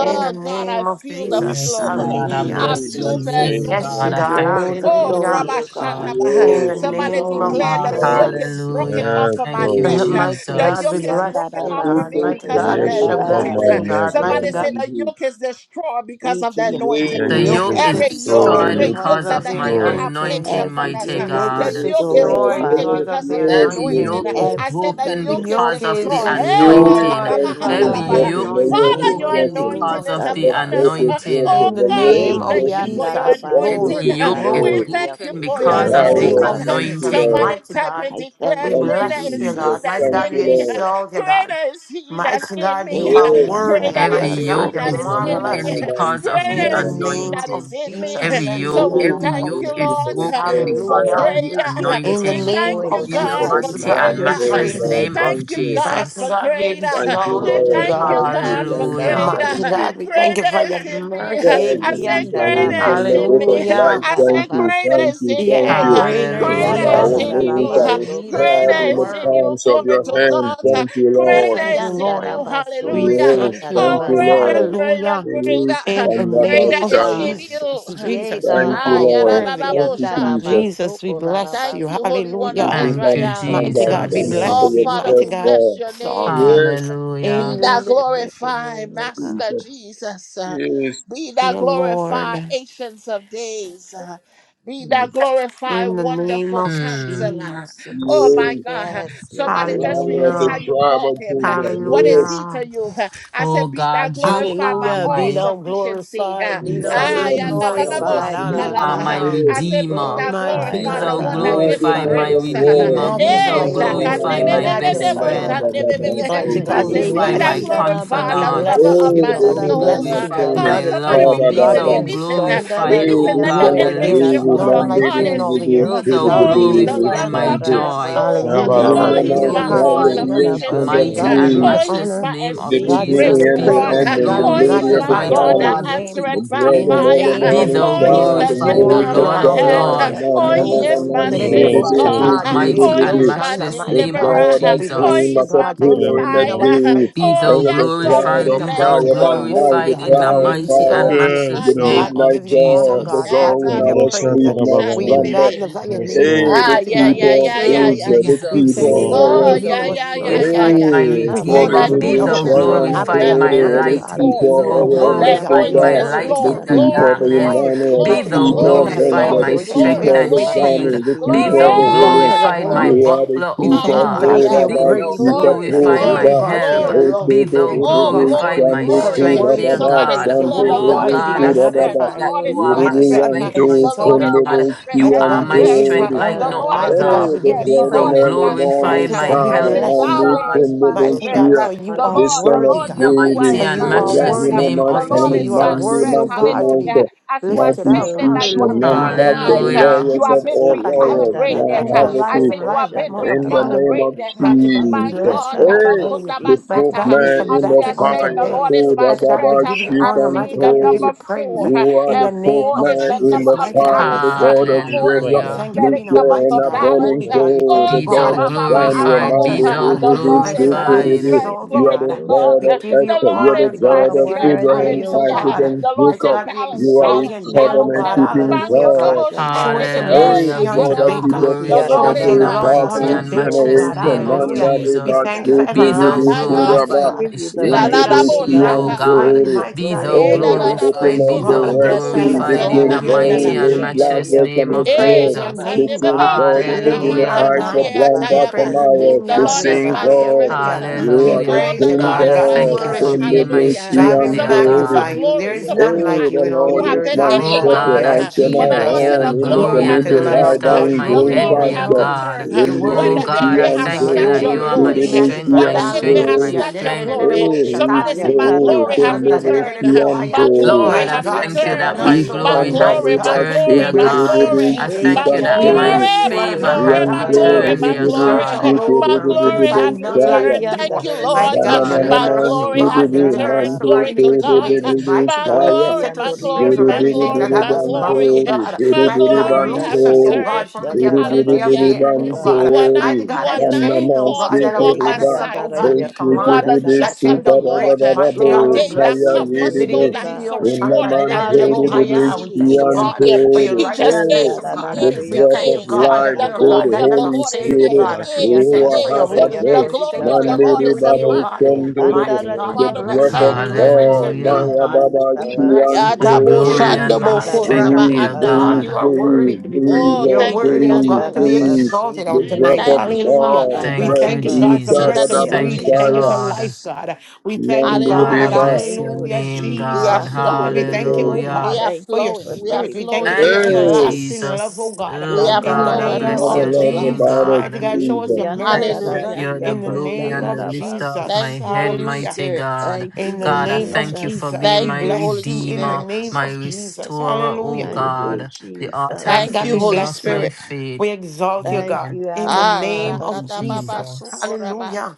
S6: In the
S1: God, I
S6: name of
S1: feel the
S5: we
S6: Jesus.
S5: see
S1: flow.
S5: in
S3: Yes, God, I
S5: the
S1: I
S6: Hallelujah.
S4: Hallelujah,
S3: bless your
S1: feel
S5: healing
S1: the
S5: train,
S4: Jesus.
S3: name,
S4: We
S6: Yes,
S3: God.
S1: anointing.
S4: give
S3: I
S5: Lord.
S4: you
S6: God.
S3: thank you
S4: all the
S3: for the
S1: Oh
S6: Hallelujah.
S4: glory,
S3: flow,
S1: Rabba
S4: O God.
S3: God.
S1: Shandaba.
S6: In the
S5: Yes,
S4: Glory,
S5: we
S1: Somebody
S6: name of
S5: see,
S4: glory,
S1: declare
S3: Ah,
S1: the yoke
S4: glory.
S5: Lord.
S1: is
S6: Jesus.
S1: broken
S3: hallelujah.
S1: off
S2: us
S1: of my
S3: Thank you,
S2: go.
S5: Yes,
S1: neck.
S6: Mighty
S1: The
S6: God, we
S1: yoke
S4: Eki
S3: Jesus.
S1: is
S6: bless
S1: broken
S5: and
S6: you,
S1: off
S5: we
S1: of
S6: God.
S1: me
S6: Mighty
S4: andarabasoko
S1: because
S5: question
S6: God,
S1: of
S2: The
S6: we
S5: to
S1: the
S2: excess
S5: the
S6: shall
S2: of
S6: back
S1: anointing.
S2: my
S6: you,
S5: divine
S4: shandarabasi.
S2: neck,
S6: God.
S2: Lord.
S5: power,
S6: Mighty
S1: Somebody
S6: God.
S1: say
S5: man.
S1: the yoke is destroyed because of the
S4: Iki
S1: anointing.
S2: Yeah,
S3: The
S6: The
S5: Yes,
S2: yoke
S6: yoke
S3: yoke
S2: is
S6: is
S3: is
S1: Every
S5: in
S4: atarararabaso.
S1: yoke,
S2: destroyed. Your
S6: destroyed
S3: destroyed
S5: the
S1: every
S2: yoke is
S1: yoke
S6: because
S3: because
S1: that
S6: of
S3: of
S1: the
S6: the
S3: my
S1: enemy
S5: Jesus.
S2: destroyed.
S1: have placed
S6: anointing.
S3: anointing,
S1: upon
S4: Every
S1: us.
S3: mighty
S6: The
S4: yoke is
S6: yoke
S1: The
S6: is
S3: God.
S5: Yes,
S1: yoke is
S4: destroyed,
S5: God.
S6: destroyed
S1: broken
S5: Yes,
S4: Father.
S6: because of
S1: because
S6: the
S1: of the
S5: yes,
S3: Every
S5: yes,
S6: anointing.
S2: Mm,
S1: anointing.
S3: yoke is
S5: Lord.
S1: I
S4: Every
S1: said the
S3: broken
S4: yoke
S6: The
S1: yoke
S4: is
S1: is
S6: yoke
S3: because of
S6: is
S3: the
S1: destroyed. Eh, la
S5: Yes,
S4: destroyed
S3: anointing.
S6: destroyed
S1: karaba
S5: thank
S4: in
S5: you.
S4: my
S6: because
S1: anda
S3: Every
S1: la
S6: of
S5: It's
S6: the
S4: life
S2: mm,
S1: baha.
S3: yoke
S5: broken. The
S4: in
S3: is
S4: the
S5: yoke
S1: Father,
S6: anointing
S5: is
S4: name
S1: your
S6: in
S4: of
S6: the
S3: broken
S5: broken.
S6: name
S1: anointing
S3: because
S6: of
S1: is
S3: of
S4: Jesus.
S3: the
S5: The
S1: upon us.
S6: Jesus.
S5: yoke is
S3: anointing.
S1: Oh
S6: In
S5: broken.
S6: the
S5: The
S1: God,
S5: yoke
S1: we
S5: is
S6: name
S2: mm.
S6: of
S4: Eki
S1: thank you
S5: broken.
S1: for your
S5: The
S6: Jesus,
S3: Every
S5: bondage
S1: anointing.
S5: is
S6: glory,
S4: andarabasoko
S3: yoke is
S1: We
S5: removed.
S6: glory.
S1: thank you
S3: broken
S4: lararariako
S1: for
S5: The
S1: your
S6: In
S3: because
S2: Yes,
S6: the
S3: of the
S6: name
S5: barrier.
S2: Lord.
S1: anointing.
S6: of
S5: Thank
S4: shandarabasi.
S5: you,
S6: Jesus,
S5: Lord.
S3: anointing.
S1: Somebody
S6: mighty
S1: type
S6: God,
S1: and
S4: I
S1: declare,
S6: we
S4: thank
S5: Thank
S4: you,
S5: you,
S1: Greater
S6: bless
S1: is
S6: you,
S5: Jesus.
S1: he
S6: God.
S4: Jesus.
S6: Mighty
S1: that's
S2: Mm,
S5: Thank
S6: God,
S1: in
S6: we
S5: you,
S1: me.
S5: Lord.
S6: exalt you, God.
S1: Greater is he that's
S6: Mighty
S1: in
S6: God,
S1: me.
S6: you are
S4: Eki
S5: Yes.
S6: worthy.
S1: Greater
S3: Every
S1: is
S6: Mighty
S4: andarabaso
S1: he
S6: God,
S3: yoke
S6: you're
S1: that
S3: is
S1: is in
S3: broken
S6: marvelous.
S1: me.
S4: koshandarabasi.
S3: because of
S6: In
S3: the
S1: Greater
S6: the
S1: is he
S6: name
S1: that is
S6: of
S3: anointing.
S1: in
S4: Eki
S1: me.
S3: Every
S6: Jesus, in the
S3: yoke,
S1: So we
S5: Yes,
S3: every
S6: name
S1: thank
S6: of
S3: yoke
S1: you,
S5: thank
S4: andarabaso.
S3: is
S5: you for
S1: Lord,
S5: the
S6: Jesus,
S3: broken
S5: flow,
S1: for
S3: because of
S6: hallelujah.
S5: God.
S3: the
S4: Every
S1: greater.
S4: yoke is
S6: In the
S1: We
S3: anointing.
S1: thank
S6: name
S4: destroyed
S1: you,
S4: in
S6: of
S5: Thank
S3: In
S4: my
S5: you
S3: the
S5: for
S1: God,
S4: life,
S5: the
S1: for
S6: Jesus,
S4: in
S3: mighty
S4: my
S6: God,
S5: divine
S3: and
S6: we
S4: children's
S1: greater.
S5: flow,
S2: mm,
S3: matchless
S1: We
S6: praise.
S4: life.
S5: God.
S2: mm,
S3: name
S1: thank
S3: of
S5: Thank
S1: you,
S5: you.
S1: God,
S6: Mighty
S1: for
S3: Jesus.
S6: God, we
S1: greater.
S5: Thank you,
S4: In
S1: We
S4: the
S6: exalt you,
S5: Lord.
S1: thank
S4: name
S1: you,
S6: God.
S4: of
S5: Thank you,
S1: God, for
S5: thank
S4: Jesus.
S5: you,
S3: Hallelujah.
S1: greater.
S6: Mighty
S5: thank
S6: God,
S5: you.
S6: we thank you for
S1: Greater is
S6: your
S1: in me.
S5: Our
S1: I
S6: mercy.
S4: Eki
S1: say,
S5: names are
S2: mm.
S1: greater
S5: grace in
S1: is
S5: the
S4: andarabaso
S1: in
S5: book of
S1: me.
S6: Hallelujah.
S5: life.
S1: I
S5: Thank
S1: say,
S5: you,
S1: greater
S4: koshandarabasi.
S5: thank
S1: is
S5: you,
S1: in you.
S5: thank
S6: Yeah,
S5: you.
S6: greater
S4: Iki
S6: is
S2: Yes,
S6: he
S1: Greater
S6: that
S1: is
S3: Hallelujah.
S5: Our
S6: is
S2: Lord.
S1: in
S6: in
S5: names
S6: me
S5: are
S1: you.
S6: than
S4: atararabaso
S6: he that's in
S1: Greater
S5: inscribed
S6: the
S5: in the
S1: is in
S6: world.
S4: kolarabosi.
S6: We
S1: you.
S5: palms of
S6: thank you,
S1: Glory
S5: your
S1: to
S6: Lord.
S5: hand.
S2: Mm,
S1: God.
S2: mm,
S5: Thank you,
S6: We
S5: Lord.
S1: Greater
S4: Eki
S6: thank you,
S1: is in
S6: Lord.
S1: you.
S4: andarabaso
S6: We
S1: Hallelujah.
S5: Yes,
S6: thank you,
S1: Oh,
S5: thank you,
S6: Lord.
S2: mm.
S4: koshandarabasi.
S1: greater,
S5: Lord.
S1: greater,
S6: Hallelujah.
S5: We
S1: greater.
S6: In the
S5: come
S6: name
S5: about
S1: Greater
S4: Yea,
S6: of
S1: is
S5: child.
S1: in
S4: God.
S2: mm.
S1: you.
S6: Jesus,
S4: Yea,
S6: Jesus, you
S5: Thank you,
S4: God.
S1: Ah,
S6: are
S1: yada,
S5: Lord.
S1: da,
S6: worthy.
S1: da,
S4: Iki
S5: Thank you,
S1: bosha.
S5: Jesus.
S4: andarabaso
S6: Jesus, we bless
S1: Thank
S6: you.
S1: you,
S4: kolarabasi.
S1: Holy One
S5: We
S1: of
S6: Hallelujah.
S5: give
S3: Thank you,
S5: thanks
S1: Israel.
S5: and
S6: Mighty
S5: I
S4: Thank
S6: God,
S2: Thank
S6: we
S2: you,
S4: you,
S5: Thank you
S3: Jesus.
S2: Lord.
S5: for
S1: Oh,
S6: bless
S5: your
S6: you.
S1: Father,
S6: Mighty
S1: we
S5: breath,
S4: Jesus.
S6: God,
S1: bless
S5: God.
S1: your name.
S6: exalt you.
S5: Yes,
S4: We
S6: In
S1: Be
S3: Hallelujah.
S6: the
S1: thou
S4: bless
S6: name
S4: your holy
S1: glorified,
S4: name, O God.
S1: Master
S5: Jesus.
S1: Jesus. Uh,
S5: Yes,
S1: Be
S6: of
S1: thou
S6: your Lord.
S1: glorified, Ancients of Days. Uh, Be thou glorified,
S6: In the name
S1: wonderful
S6: of
S3: Mm.
S1: counselor. Oh
S6: Jesus.
S5: yes.
S1: my God. Uh,
S4: Yes,
S1: Somebody
S4: Lord.
S1: just
S5: Lion of
S1: release
S5: the
S1: how
S6: Hallelujah.
S1: you
S5: tribe
S1: call
S5: of
S1: him. Uh,
S5: Judah.
S1: What is
S5: Yes.
S1: he
S6: Hallelujah.
S1: to you? Uh, I
S3: Oh
S1: said, Be thou
S3: God, you
S1: glorified, my
S3: are
S6: Hallelujah.
S1: all
S6: Be
S3: my
S6: thou
S1: sufficiency. Uh,
S6: glorified. Be
S3: Prince
S6: thou
S3: of
S5: Lion
S1: ah,
S4: Be
S5: of
S1: yeah,
S5: the
S1: na- na-
S6: magnified, oh
S1: na-
S3: Peace.
S5: tribe
S1: mo-
S5: of
S6: God.
S4: glorified,
S1: si-
S3: You
S4: Lord
S5: Judah.
S3: are
S1: kalama.
S3: my
S1: Uh,
S4: God.
S6: Hallelujah.
S5: Yes.
S1: I
S4: Be
S1: said, Be
S3: Redeemer.
S1: thou
S6: Mighty
S3: Be
S4: glorified,
S1: glorified,
S4: O
S1: the
S6: God,
S3: thou
S6: we
S1: one
S4: God.
S1: that give
S5: Mighty
S1: me
S3: glorified,
S6: glorify
S5: man
S3: my
S6: you.
S2: Mm,
S5: of
S1: grace.
S4: Be
S6: We
S3: Redeemer.
S5: war. Na,
S3: Be
S1: Eh,
S5: na,
S3: thou
S6: magnify
S4: glorify
S6: you,
S5: na,
S4: your
S5: na,
S1: shaka-
S5: na,
S6: Lord.
S1: ne-
S3: glorified,
S6: We
S4: holy
S5: na,
S1: ne-
S3: my
S1: ne- ne-
S4: name,
S1: ne-
S3: best
S4: O
S5: shan,
S6: magnify
S5: da,
S1: mo-
S6: you,
S5: da,
S3: friend.
S1: shan-
S5: da,
S6: God.
S4: God.
S1: ne-
S5: da,
S2: mm,
S5: da,
S1: ne-
S3: Be
S1: ne- ne.
S3: thou
S6: Mighty
S5: shi, shi,
S1: I
S6: God,
S5: da
S6: we
S1: said,
S5: da
S1: Be
S5: da
S3: glorified,
S4: Eki
S5: da
S1: thou
S3: my
S6: bless you.
S1: glorified,
S6: We
S1: the
S4: andarabaso
S3: confidant.
S1: lover
S6: bless
S1: of
S6: you,
S5: Hey,
S3: Be
S1: my
S5: the
S6: God.
S3: thou
S6: We
S5: him of
S1: soul.
S6: bless
S5: my
S6: you,
S1: Uh,
S4: koshandarabasi.
S3: glorified,
S6: God.
S1: Oh,
S5: training.
S3: my
S6: God, we
S5: Da,
S1: somebody
S6: praise
S3: lover.
S5: da,
S6: you.
S3: Be
S5: da,
S1: release
S6: God,
S1: it,
S6: we
S5: da.
S3: thou
S1: release it, uh,
S6: exalt you.
S3: glorified,
S5: Hey,
S1: release
S3: O
S1: it.
S5: the
S4: Andararia
S1: Let the
S3: God,
S5: son
S3: the
S5: of
S6: Lord,
S1: enemy
S6: there is
S3: lifter
S1: hear
S5: David.
S1: who
S3: of
S6: none
S3: my
S1: your
S5: Man, da
S4: koshandarabasi.
S6: like
S5: da
S1: God
S6: you in
S3: head.
S1: is
S6: all
S5: da da
S1: to
S5: da
S6: the
S1: you.
S3: Be
S1: Uh,
S5: shi,
S6: earth.
S5: da
S3: thou
S5: da
S1: Oh,
S2: mm.
S5: da
S1: he's
S5: da
S1: the
S5: da
S4: Eki
S3: glorified,
S6: Hallelujah.
S3: my
S1: lover of
S5: shanti.
S1: my
S3: joy.
S1: soul.
S2: Now,
S4: andararabasi.
S1: Uh,
S2: about
S3: Be
S6: Hallelujah.
S4: Ki
S5: In
S2: our
S1: Oh,
S5: the
S3: thou
S2: sick
S1: he's
S4: andaria
S6: Hallelujah.
S1: my
S2: people,
S1: all
S5: Messiah,
S2: because
S3: glorified
S5: the
S6: Hallelujah.
S3: in the
S5: ancient of
S1: sufficiency.
S4: koshandarabasi.
S2: Yes,
S3: mighty
S6: God
S1: Uh,
S6: will
S3: and
S6: give you
S5: days.
S1: Oh,
S2: Lord.
S1: he's
S3: matchless
S1: my
S6: honor.
S3: name
S5: the
S3: of
S1: exceeding
S6: God will
S4: Eki
S6: give
S1: great
S5: beginning
S3: Jesus.
S6: you
S5: and
S3: Be
S5: the
S1: reward.
S3: thou
S6: praise.
S1: Uh,
S2: Mm,
S5: ending,
S6: God
S5: the
S4: andarararia
S6: will
S1: Oh,
S5: lady
S1: he's
S3: glorified,
S5: of
S1: my
S5: the
S6: magnify your
S3: mighty
S1: God that
S5: valley,
S6: holy
S3: God, the
S4: koshandarabasi.
S6: name.
S3: King
S5: the
S3: of
S1: answered by
S5: bright
S6: In
S5: and
S6: the
S3: kings.
S1: fire.
S5: early
S1: Uh,
S6: name
S3: Be
S4: In
S6: of
S5: morning
S4: the
S3: thou
S1: Oh, he's
S4: name
S5: star,
S6: Jesus,
S4: of
S5: the
S1: the
S3: glorified,
S2: mm.
S1: lifter
S3: the
S6: glory
S5: rose
S6: to
S1: of
S6: the
S5: of
S3: Lord
S1: my
S6: Lamb
S4: Jesus.
S3: of
S6: of
S1: head.
S6: God.
S1: Uh,
S5: Sharon,
S3: lords.
S5: na
S1: Oh,
S5: na
S1: he
S5: na
S3: Be
S5: na
S3: thou
S1: is
S5: na,
S6: Glory.
S1: my
S4: Ikiatarabaso.
S5: dee
S6: Mighty
S1: same
S5: dee
S2: Yes,
S6: God,
S5: dee
S3: glorified in
S2: Lord.
S1: God.
S3: the
S5: dee
S1: Uh,
S5: dee dee
S3: mighty
S1: Oh,
S5: dee
S1: he
S3: and
S1: is
S5: dee.
S1: my
S3: matchless
S5: The
S3: name
S1: deliverer.
S3: of
S5: God
S1: Uh,
S5: that
S6: we
S1: Oh,
S5: came
S6: bless
S3: Jesus.
S6: you,
S1: he's
S5: as a
S1: my
S6: God. Thank you for
S5: pillar
S2: Yes,
S5: in the
S6: being our
S2: Lord.
S1: provider.
S5: day,
S6: defense, oh
S3: Be
S1: Oh,
S3: thou
S6: God.
S5: under the
S1: yes,
S6: Thank you
S1: Lord,
S6: for
S1: we
S5: cloud
S3: glorified,
S6: being
S5: of
S6: a
S3: be
S1: thank
S3: thou
S6: mighty
S5: fire
S1: you.
S6: God,
S5: by
S6: a holy
S5: night,
S1: Mm,
S5: the
S3: glorified
S6: God.
S3: in the
S6: God, we
S5: cloud of
S3: mighty and
S5: fire,
S6: exalt you.
S2: Yes,
S5: the
S1: My
S3: matchless name
S2: Lord.
S6: God,
S1: God.
S6: we
S3: of
S5: midnight
S6: give you honor,
S5: God, the
S3: Jesus.
S6: God.
S2: We
S6: God,
S5: God
S6: we
S5: who
S6: give
S2: come
S6: you
S2: on,
S5: neither
S1: Yatako
S6: praise.
S5: sleep
S1: robo
S2: Shakara
S5: nor
S6: We
S1: shande
S2: Baba.
S5: slumber.
S1: baby.
S4: We
S6: magnify your
S2: Yes,
S4: Thank
S6: name,
S4: you,
S5: Hey,
S2: Lord.
S6: God.
S4: Abba
S1: Ah,
S5: the
S6: Mighty
S1: yeah,
S6: God, we
S4: Father.
S1: yeah,
S5: keeper of
S1: yeah, yeah,
S3: Hey,
S6: exalt
S1: yeah,
S6: you.
S5: Israel, the
S1: yeah.
S6: We
S2: Thank you,
S5: keeper
S6: thank
S5: of
S6: you,
S3: Jesus,
S2: Lord.
S6: God,
S1: Oh,
S3: be
S6: for
S5: royal
S4: Yega
S6: being
S3: thou
S1: yeah,
S6: our
S1: yeah,
S6: strong
S1: yeah, yeah,
S3: glorified,
S6: defense.
S1: yeah.
S3: my
S5: Hey,
S6: We
S1: Oh,
S5: Tore
S6: thank you
S3: Redeemer.
S1: the
S6: for
S4: ikiatarabaso
S3: Be
S6: being
S5: Bibi
S6: our
S3: thou
S1: anointing is
S2: Mm,
S6: strong
S5: Shayan,
S1: flowing.
S3: glorified,
S4: korarabasi.
S1: The
S6: habitat,
S5: Tore,
S3: my
S1: anointing
S6: mighty
S5: the
S1: is
S3: light.
S6: God.
S5: keep
S3: Be
S1: flowing.
S5: of
S6: You
S3: thou
S6: are
S5: our
S1: The
S6: worthy, God.
S3: glorified,
S6: You are
S1: anointing
S3: my
S5: Undertaker,
S4: Ekiandarararareya
S1: is
S6: worthy,
S3: light
S5: the
S3: in
S1: flowing.
S6: God.
S3: the
S6: We
S5: keep
S1: Glory,
S5: of
S6: magnify
S3: darkness.
S6: you,
S4: koshandarabasi.
S1: glory,
S5: Emmanuel, the
S3: Be
S6: mighty
S1: glory,
S3: thou
S6: God.
S5: keep
S6: We
S5: of
S1: glory,
S3: glorified,
S4: Olareya
S5: Benza,
S6: exalt
S2: mm,
S3: my
S6: you.
S5: the
S1: glory,
S6: We thank you
S5: keep
S6: for
S3: strength
S1: glory,
S6: your
S5: of
S3: and
S5: the
S1: glory,
S3: shield.
S6: faithfulness.
S4: koshandarabasi.
S5: Zami, the keep
S3: Be
S6: We
S1: glory,
S5: of
S3: thou
S6: thank
S4: Kiandoreya
S5: the
S6: you, God,
S5: William.
S6: for your
S3: glorified, my
S5: You
S6: holiness.
S4: kolarabasi.
S5: are
S1: glory.
S5: the
S3: buckler,
S6: We
S3: O
S5: keep
S6: thank you,
S5: of
S3: God.
S6: God, for
S4: Yega
S6: your
S1: Hallelujah.
S3: Be
S5: Toraba,
S3: thou
S6: grace.
S5: Shika
S1: Glory,
S6: We
S3: glorified,
S6: thank
S3: my
S6: you,
S1: glory,
S5: Toraba,
S4: ikiatarabasi.
S6: God, for
S3: help.
S6: your
S1: glory.
S4: Kiande.
S6: love.
S3: Be
S6: We
S5: Bosu Tore
S3: thou
S6: thank you,
S1: Oh,
S4: We
S5: Bibi
S6: God,
S3: glorified,
S1: glory,
S3: my
S5: Shandi
S4: glorify
S6: because you're
S4: you,
S1: glory.
S3: strength,
S6: worthy to
S3: dear
S6: be
S5: Kurababa,
S4: Father
S1: Somebody
S3: God.
S6: praised. You're
S4: God.
S1: declare
S5: Sante
S6: worthy,
S1: the
S3: Oh
S1: Lord
S6: God, to
S5: Heavy
S1: is
S6: be
S3: God,
S4: We
S1: my
S3: I thank
S4: exalt
S1: strength.
S5: Kurababa,
S1: The
S3: you
S6: magnified.
S4: you,
S3: that
S1: Lord
S4: O
S1: is
S3: you are
S1: my
S3: my
S6: Mighty
S4: God. We
S1: strength.
S6: God,
S3: strength,
S6: we
S1: The
S4: lift you
S5: Yeribianto,
S3: mighty
S4: up,
S1: Lord
S6: exalt
S1: is
S4: O
S6: you.
S1: my
S3: God.
S4: God.
S5: Kondobo
S1: strength.
S3: You
S6: Mighty
S1: Just
S3: are
S6: God, we
S3: my
S1: declare
S6: give
S4: Eki
S1: it.
S6: you
S5: Shianto,
S3: strength like
S1: The
S6: honor.
S3: no
S1: Lord is
S6: Mighty
S1: my
S3: other.
S6: God,
S4: andararararaya
S5: Hey,
S6: we
S5: the
S6: give you
S1: strength.
S3: Be
S1: The
S5: great and
S3: thou
S1: Lord
S6: praise.
S1: is
S5: early
S1: my strength.
S4: koshandarabasi.
S5: morning
S3: glorified,
S6: Mighty
S1: Uh,
S3: my
S6: God, we
S1: I
S3: help,
S5: star,
S4: There
S1: say,
S4: is
S5: my
S3: O
S6: bless you.
S4: none
S1: Yahweh
S4: like
S3: God,
S1: is
S5: victim, the
S1: my
S4: you, O
S6: Mighty
S1: strength.
S6: God,
S5: Bushia,
S4: God,
S1: Uh,
S6: for you
S4: none
S1: The
S6: are
S5: the
S1: Lord,
S5: son
S1: the
S4: beside
S6: worthy,
S5: of
S4: you.
S1: Lord
S3: in the
S6: God.
S1: Yahuwah
S6: For
S3: mighty
S4: Can't
S5: David,
S1: is
S3: and
S6: you
S1: my
S6: are
S1: strength.
S3: matchless
S6: worthy
S4: nobody
S1: Uh,
S5: Rahimu
S6: to
S4: do
S6: be
S3: name
S4: me
S1: The
S3: of
S6: praised.
S4: like
S1: Lord
S6: For
S4: you
S5: Makani,
S1: is
S6: you are
S1: my
S4: can,
S5: Mandi
S3: Jesus.
S6: worthy, oh
S1: strength.
S4: Jesus.
S6: God, to be
S1: Hallelujah.
S5: Matemoto,
S1: As you are
S4: Can't
S6: lifted up.
S1: saying it now,
S4: nobody
S1: you are
S5: Mathematician,
S4: do
S1: being
S4: me
S5: man
S6: Hallelujah.
S4: like
S6: In the
S5: doctor, the
S4: you,
S1: revived.
S6: name
S1: Uh,
S4: Lord.
S6: of
S3: Hallelujah.
S1: You
S5: lawyers
S1: are
S5: of
S6: Jesus.
S1: being
S5: all
S6: God, I
S4: Eki
S6: thank
S5: lawyers,
S6: you. Thank
S1: recalibrated.
S6: you
S2: mm.
S5: my
S1: Uh,
S6: for
S1: I
S6: life
S4: andararabaso
S5: advocate.
S1: say,
S6: and
S1: you are
S6: life that
S1: being
S6: more
S5: In the
S4: koshandarabasi.
S5: name of
S6: abundantly.
S1: recalibrated. Uh,
S6: Mighty God, we
S1: My
S4: Eki
S5: Jesus.
S6: bless
S1: God,
S6: you on
S5: Hey,
S6: today.
S5: the
S4: atarabasi.
S6: Mighty
S1: Tabakundabasata.
S5: fourth
S6: God,
S1: Uh,
S6: we
S5: man
S6: shall
S5: in
S1: as
S4: Eki
S1: we
S5: the
S6: back you
S1: are
S6: on
S1: saying, the
S5: fire,
S6: today.
S1: Lord is
S4: andarabaso
S1: my
S5: Koda
S6: Mighty God, we
S5: Baba
S1: strength. uh,
S6: give you
S1: I'm
S6: honor.
S4: kolarabasi.
S6: Mighty
S1: seeing the
S6: God, we give
S5: Shikantori.
S6: you
S1: number
S6: praise
S1: four, uh,
S5: You are
S6: in
S5: the
S6: the
S1: and
S5: fourth
S6: name
S1: four
S6: of
S1: is
S5: man
S1: the
S5: in
S6: Jesus.
S1: number
S5: the
S1: of
S4: Eki
S6: Mighty God, we
S5: fire,
S1: balance.
S5: the
S1: uh,
S6: thank you,
S4: andarabasi.
S5: God of
S6: God.
S2: It's
S1: Four is a
S6: We
S5: Shadrach,
S2: about
S6: thank
S3: Hallelujah.
S6: you for
S1: prophetic
S6: being a
S2: the
S1: number
S5: Meshach,
S6: mighty
S1: for
S5: and
S6: God, a
S2: person
S6: holy
S1: balance. Uh,
S6: God.
S2: development
S5: Abednego,
S4: Hallelujah.
S6: We thank
S1: Oh,
S6: you,
S5: the
S3: Be
S1: yeah,
S3: thou
S5: God
S6: God,
S1: ba,
S5: of
S1: ba,
S6: for
S1: ba,
S6: being a
S1: and
S5: Daniel,
S1: no
S3: glorified, be
S6: righteous
S5: Mandi,
S1: more. Uh,
S3: thou
S6: God.
S1: The
S5: Hididi,
S1: Lord
S6: Mighty
S1: is
S6: God, we
S1: my
S4: Glory
S3: glorified.
S5: Sikiridi.
S4: to your
S1: strength.
S6: exalt you,
S5: You
S1: Glory
S5: are
S4: name,
S5: the
S1: to
S6: God.
S4: O God.
S1: God.
S6: We
S5: God
S1: Uh,
S5: of
S6: give
S1: The
S6: you
S5: Esther. You
S1: Lord
S5: are
S6: honor,
S5: the
S1: is
S4: You
S1: my
S6: God.
S4: are
S5: God
S6: We
S5: of
S6: give you
S1: strength.
S5: Abraham,
S4: worthy,
S6: praise,
S4: O
S6: oh
S1: Hallelujah. Uh,
S5: Isaac,
S6: God.
S4: God.
S5: and
S1: The Lord
S6: Mighty
S1: said,
S5: Jacob.
S6: God, we
S1: balance,
S5: You are
S6: exalt
S5: a
S6: your
S1: balance,
S6: name, oh
S1: balance. Uh,
S5: covenant
S6: God.
S5: keeping
S6: Hallelujah,
S1: Manko
S4: Ikiandarabasoko
S1: no
S6: God.
S5: God.
S1: mo shande
S6: Show us your
S1: bebe,
S4: shandarabasi.
S5: Hey,
S3: Hallelujah.
S6: mercy
S1: ya
S5: they're
S6: on
S3: Be
S1: ta
S5: going
S1: ba
S5: to
S3: thou
S6: today,
S1: ba.
S5: keep
S1: Uh,
S5: it
S6: God.
S1: The
S6: Show
S1: Lord
S3: glorified
S5: covenant
S6: us
S5: to
S1: is
S6: your
S3: in
S5: a
S3: the
S1: my
S6: love on
S3: mighty
S5: thousand
S3: and
S1: strength.
S6: today, oh
S3: matchless
S6: God.
S4: Ikiatarararabasoko
S5: generation.
S3: name
S1: Mm,
S3: of
S2: and
S6: Hallelujah.
S5: Manda
S4: rarariako
S5: be
S6: We
S3: Jesus.
S6: thank you for
S3: Be
S5: bakshiki
S3: thou
S4: shandarabasi.
S5: be
S1: My
S6: everlasting
S1: God.
S4: We
S6: life,
S5: kuraba.
S3: glorified,
S1: Uh,
S6: God.
S4: give
S3: my
S4: you the
S1: La
S3: strength
S6: Mighty
S1: la
S5: Indi
S3: and
S4: praise,
S5: be
S1: da
S6: God, we
S4: O
S1: bo
S3: shield,
S4: God.
S3: O
S1: shata.
S4: We
S6: magnify
S4: give
S6: you.
S3: God.
S4: you the
S5: shiantori.
S6: Mighty
S3: Be
S6: God, we
S3: thou
S4: glory,
S1: Eh,
S4: O
S6: give
S1: da
S6: you
S5: Oh, the
S1: da
S6: all
S4: God.
S1: da bo
S5: opening
S3: glorified,
S6: praise, oh
S3: be
S5: of
S1: son
S5: the
S3: thou
S6: God.
S5: Red
S1: korobo
S5: Sea.
S6: We
S5: The
S3: glorified in the
S1: sutaliva
S6: exalt
S5: same
S6: your
S5: God
S4: Ikiatarararabasi.
S3: mighty
S6: name,
S1: andalava.
S5: who
S3: and
S5: raised
S3: matchless
S6: Jesus.
S5: Lazarus
S4: Ikiandariako
S5: from
S3: name
S6: We
S5: the
S3: of
S1: Eh,
S6: praise
S5: dead.
S6: your
S3: Jesus.
S5: The
S6: name,
S4: shandarabasi.
S5: same
S6: God.
S1: yakandebebo,
S6: We
S5: God who
S6: praise your
S5: opened
S6: name,
S5: the
S3: Hallelujah.
S5: eyes
S1: shatamakandide
S6: Adonai.
S5: of blind
S6: We praise
S1: atayabaha.
S6: the
S4: Ikiatarararabasi.
S6: name
S5: Bartimaeus.
S1: The
S5: The
S1: Lord
S6: Yahweh.
S1: is
S5: same
S1: my
S5: God.
S4: Ikiandarariako
S1: strength.
S6: Hallelujah.
S4: larabasi.
S5: You
S6: We
S5: are the
S1: oh,
S3: Hallelujah.
S6: praise
S1: the
S6: you,
S5: same
S1: Lord
S3: God,
S6: God.
S3: I
S1: is
S6: God,
S1: my
S6: we
S5: God.
S3: thank you for
S1: strength.
S6: worship
S5: In Indi
S3: being
S6: you.
S4: Andarariako
S3: my
S5: be
S1: Hallelujah.
S6: God,
S3: strength,
S6: we
S1: Some
S3: dear
S1: of
S4: shandarabasi.
S1: you, the
S5: shiantori.
S6: magnify
S3: God.
S6: you. There
S1: glory.
S6: is
S1: Some of
S4: Ikiando.
S6: none
S1: you, I,
S5: Hey,
S6: like you
S5: the
S6: in all
S1: you
S5: Lord
S6: the
S1: have
S5: is
S6: earth.
S1: been
S4: Eki
S5: my
S3: Oh
S5: shepherd,
S4: andara
S3: God, I
S1: Ichabod's.
S6: Hallelujah.
S4: ya
S5: I
S1: uh,
S5: shall
S3: thank
S5: not
S3: you
S1: But
S4: kosha
S1: the
S3: that
S1: Lord
S3: you're
S6: Jesus.
S1: said,
S4: dara
S3: the
S1: the
S5: want. He maketh
S1: glory
S3: glory
S6: Glory
S4: basi.
S1: have
S5: me
S3: and
S6: to
S5: to
S3: the
S6: the Lamb
S5: lie
S6: of
S1: returned.
S3: lifter
S1: uh,
S5: down
S3: of
S6: God.
S5: in
S3: my
S1: The
S4: Eki
S6: Glory,
S5: green
S3: head,
S1: glory
S6: glory,
S4: andara
S3: dear
S1: have
S5: pasture.
S6: glory.
S3: God.
S1: returned.
S4: basi
S1: uh,
S6: You're
S5: In
S4: ki
S5: the
S1: Where
S3: Oh
S6: worthy
S1: the
S6: to
S4: ando.
S6: be
S5: bushy
S3: God, I
S1: enemy
S5: and
S6: praised,
S1: has
S3: thank
S6: God.
S3: you
S6: You're
S1: snatched
S3: that
S1: your
S3: you
S5: glory,
S3: are
S4: In
S6: worthy to
S5: see
S4: the
S3: my
S6: be
S5: the
S1: glory.
S4: name
S3: strength,
S5: bushy
S4: of
S1: Where
S6: magnified.
S3: my
S1: the
S5: and
S1: enemy
S3: strength,
S1: has
S4: Jesus.
S3: my
S5: glory.
S6: Hallelujah.
S1: snatched your
S3: strength.
S1: glory.
S5: Hey,
S6: Da-da-da-da-da-da-bo,
S5: he's
S6: shata,
S1: Somebody
S4: Eki
S1: said, my
S4: atara
S5: cool,
S6: da-da-da-da-da-yo,
S1: glory
S4: dara
S1: have
S5: in
S6: shanda,
S5: the
S4: dara
S1: returned.
S5: bushy
S1: uh,
S6: da-da-da-da-da-bo,
S4: basi.
S5: and
S6: haya.
S1: My
S5: glory.
S1: glory
S3: Lord,
S6: Mighty
S3: I
S1: have
S4: Eki
S6: God,
S3: thank
S6: sit
S3: you
S4: andara
S1: returned.
S3: that
S6: upon
S3: my
S6: us,
S5: East
S6: oh
S4: ya
S1: my
S3: glory
S6: God.
S5: and
S4: kosha
S5: the
S3: have
S6: Mighty
S1: glory,
S4: dara
S1: my
S5: river,
S6: God,
S3: returned,
S6: we
S3: dear
S1: glory,
S5: speak
S4: basi.
S1: my
S5: it, in
S6: bless
S5: the
S3: God.
S6: you,
S1: glory,
S3: I
S5: bushy
S6: Jesus.
S3: thank
S1: my
S3: you
S4: Eki
S5: and
S3: that
S6: We
S4: andara
S3: my
S1: glory,
S5: glory.
S6: bless
S4: ya
S6: you,
S1: my
S3: favor
S5: Me
S4: kosha
S1: glory,
S6: Adonai.
S3: have
S5: and
S1: my
S4: dara dara
S6: Hallelujah.
S5: glory,
S1: glory,
S3: returned,
S5: the
S4: ya
S1: my
S3: dear
S6: We
S5: bushy,
S6: searched
S1: glory,
S3: God.
S6: all
S5: speak
S4: kolara
S5: it,
S1: my
S6: over.
S5: in
S6: We couldn't
S5: the
S1: glory
S6: find
S1: have
S6: none
S4: Eki
S6: like
S5: bushy.
S1: returned.
S6: you.
S1: Thank you,
S4: yandararia
S3: Yes,
S6: Mighty
S1: Lord.
S5: Mama,
S6: God,
S3: God.
S5: mama,
S1: My
S6: deliver us,
S5: man,
S6: oh
S1: glory
S5: the
S4: koshandararia
S6: God.
S1: have
S5: bushy,
S6: Deliver us
S1: returned.
S5: man,
S6: from our
S4: kolarabasi
S5: the
S1: Glory to
S4: iki
S6: iniquity
S5: bushy,
S1: God.
S4: yando.
S6: ways.
S5: the
S6: Mighty
S1: My
S6: God,
S4: Eki
S5: bushy,
S1: glory,
S6: set
S1: my
S6: us
S4: yandoria
S6: free
S1: glory,
S5: Biri
S6: from
S1: my
S5: biri
S6: everything that
S1: glory,
S5: biri
S6: have
S1: my
S6: us bound,
S4: koshandarabasi.
S6: oh
S1: glory,
S5: bantori,
S6: God.
S5: biri
S1: my
S6: Mighty
S4: Iki
S5: biri
S6: God,
S1: glory
S6: loose
S1: have
S6: us,
S4: yandararia
S6: oh
S5: bantori,
S6: God,
S1: returned.
S6: from the
S5: biri biri
S6: captivity of
S5: biri
S4: koshandarabaso
S6: the
S1: Hallelujah.
S6: enemy, oh
S1: See,
S6: God.
S1: you are not,
S5: bantori.
S6: Mighty
S4: kolarabasi
S1: you
S6: God,
S4: iki
S1: are
S6: every
S1: not
S4: yando.
S5: Banna
S6: chain, oh
S1: called
S6: God,
S5: maske
S1: to
S6: that
S5: ke
S6: have
S1: walk
S4: Eki
S1: by
S6: tied
S5: riba,
S6: us up, oh
S1: sight.
S6: God,
S4: yandararia
S6: we
S5: beske
S1: You
S5: ke
S6: command.
S1: are the
S5: ribe
S6: That
S1: just of
S5: sika
S1: the
S6: kingdom
S4: koshandarabasi.
S5: raba
S6: break,
S1: Lord.
S6: mighty
S1: And
S6: God, we
S1: they
S4: Glory
S1: that
S6: bless
S4: to
S5: kaya
S4: your
S6: you.
S1: come
S5: yeri
S1: must
S4: name,
S5: be.
S1: know
S4: O
S1: that
S6: Di-di-di-di-di,
S1: he's a
S6: oh,
S4: God.
S5: Inna
S6: Shanda,
S1: rewarder that
S6: di-di-di-di-di, oh,
S5: mantori de
S1: diligently
S6: hiya. We thank
S1: see-
S6: you,
S4: Hallelujah.
S1: seek
S6: God,
S1: him.
S6: for your
S5: bishyantori.
S1: He
S4: Eki
S1: just
S5: Eh,
S6: righteousness, oh
S1: is. He
S6: God.
S5: the
S1: is.
S6: We
S1: He
S4: yandararia
S5: breath
S6: thank you,
S5: of
S1: is.
S6: God, that
S5: life
S1: The
S6: you're a
S5: through
S6: God
S5: the
S1: glory
S6: that
S1: of
S4: koshandarabasi
S1: the
S6: never
S5: Holy
S1: Lord is
S6: fails,
S2: big
S6: oh
S1: here.
S5: Spirit.
S1: He
S2: powers
S6: God.
S2: that
S6: We
S1: is. He
S2: are
S6: thank you
S5: Ruach
S6: for your
S1: is.
S2: backing
S4: Ekiatararaya
S2: up.
S1: The
S5: Hakadosh,
S6: holiness. We thank
S1: glory
S6: you
S1: of
S6: for
S1: the
S6: your
S1: Lord
S5: mandiri
S1: is
S6: purity, oh
S2: Yes,
S5: babu
S4: koshandarabaso.
S1: upon
S6: God.
S2: Lord,
S1: you.
S2: thank
S5: sendiri
S6: Mighty
S2: you, Lord.
S6: God,
S2: We
S5: the
S6: we
S4: Andarariya
S1: Father,
S2: Thank
S1: we
S5: breath
S2: you,
S6: bless you.
S5: of
S6: We
S2: Lord.
S1: thank you.
S6: reverence your
S5: God,
S4: koshandarabasi
S5: my
S6: name,
S3: Hallelujah.
S6: God.
S2: The
S5: Baba
S6: We
S5: she
S2: power that
S4: kiandarabasi.
S6: bless you
S5: and
S2: gives
S3: My
S2: us
S6: because you're
S1: Yatabo
S2: that kind
S5: Dori,
S3: glory
S2: of
S3: and
S6: faithful.
S3: my
S1: shandabo
S2: development,
S3: strength,
S6: Hallelujah.
S1: koraba
S5: breathe,
S3: dear
S4: Ekiandararabasi
S6: God,
S5: breathe,
S6: you
S1: andalaba.
S3: God.
S6: are
S4: kiande.
S6: worthy
S5: breathe,
S6: to be
S5: breathe,
S6: praised.
S1: Oh,
S6: You're
S5: Lord,
S1: thank you,
S6: worthy, oh
S1: Holy
S5: breathe,
S6: God, to be
S5: breathe.
S1: Ghost.
S4: Ekiandarabasi
S6: exalted
S5: The
S6: on
S4: kianda.
S5: breath
S6: tonight.
S2: Lord,
S5: of
S1: Thank
S2: gives
S1: you,
S2: us,
S6: Hallelujah.
S5: God,
S1: Father.
S5: the
S2: Lord.
S6: We
S3: Thank
S5: breath
S3: you,
S6: thank you, God, for
S4: Andarabasi
S1: In
S5: Ita
S1: the
S6: breath
S5: da
S6: to
S5: da
S3: Jesus.
S1: name of
S6: breathe.
S4: kiande.
S6: We
S3: Thank you,
S6: thank you
S5: Bosaya,
S6: for
S1: Jesus.
S3: Lord.
S6: life, God. We thank you,
S5: Nandi
S3: God,
S4: In
S3: I
S6: God.
S4: the
S1: Hallelujah.
S5: Riba.
S3: bless your
S4: name of
S6: Hallelujah,
S3: name,
S1: We are
S4: Jesus,
S3: God.
S6: Jesus. God,
S1: flowing.
S6: we thank you, oh
S4: we
S1: We
S6: God,
S3: Hallelujah.
S1: are
S4: thank
S6: for
S4: you
S6: your
S1: flowing.
S4: for
S1: We are
S6: spirit.
S4: life,
S6: We thank
S4: oh
S6: you
S1: flowing
S6: for
S1: in
S6: your
S4: God.
S3: Thank you,
S5: Hey,
S6: everlasting
S1: Jesus.
S6: love, oh
S3: Jesus.
S6: God.
S1: We
S3: Oh,
S1: are
S6: In the
S3: God, I
S1: flowing.
S6: name
S3: bless
S5: never
S1: Glory
S6: of
S3: your
S1: to
S5: less
S4: Andararabaso.
S3: name,
S1: God.
S6: Jesus.
S5: about
S3: God.
S6: Mighty God,
S3: I
S6: show us
S5: it,
S6: your
S3: thank you
S6: mercy.
S3: that
S1: Hallelujah.
S3: you're
S4: Ekiandararariya
S3: the
S6: In the
S3: glory
S6: name
S3: and the
S6: of
S5: Jesus.
S3: lifter
S4: koshandarabasi.
S3: of my
S6: Jesus.
S1: Thank you,
S3: head,
S1: Holy
S6: Hallelujah.
S3: mighty
S1: Spirit.
S3: God.
S4: Thank
S6: In
S4: you,
S6: the
S3: God, I
S6: name
S2: Amen.
S6: of
S3: thank you for
S4: Jesus.
S6: Jesus,
S3: being
S6: we
S1: Thank
S3: my
S1: you,
S6: bless
S1: Holy
S6: you in the
S3: redeemer,
S1: Spirit.
S6: name
S3: my
S6: of Jesus.
S3: restorer, oh
S6: Hallelujah.
S4: Thank
S2: Amen.
S4: you,
S3: God, the author
S4: Jesus.
S3: and
S6: Mighty
S1: Thank
S6: God,
S1: you,
S6: we
S3: finisher
S1: Holy
S3: of
S6: bless you.
S3: my
S1: Spirit.
S6: We
S3: faith.
S6: exalt you,
S4: Thank
S6: God,
S3: Amen.
S4: you,
S6: in the
S4: Abba
S1: Ah,
S3: Thank
S6: name
S4: Father.
S3: you,
S6: of
S1: Shakadababa
S6: Jesus.
S3: Jesus.
S1: Sotoraba.
S6: Hallelujah.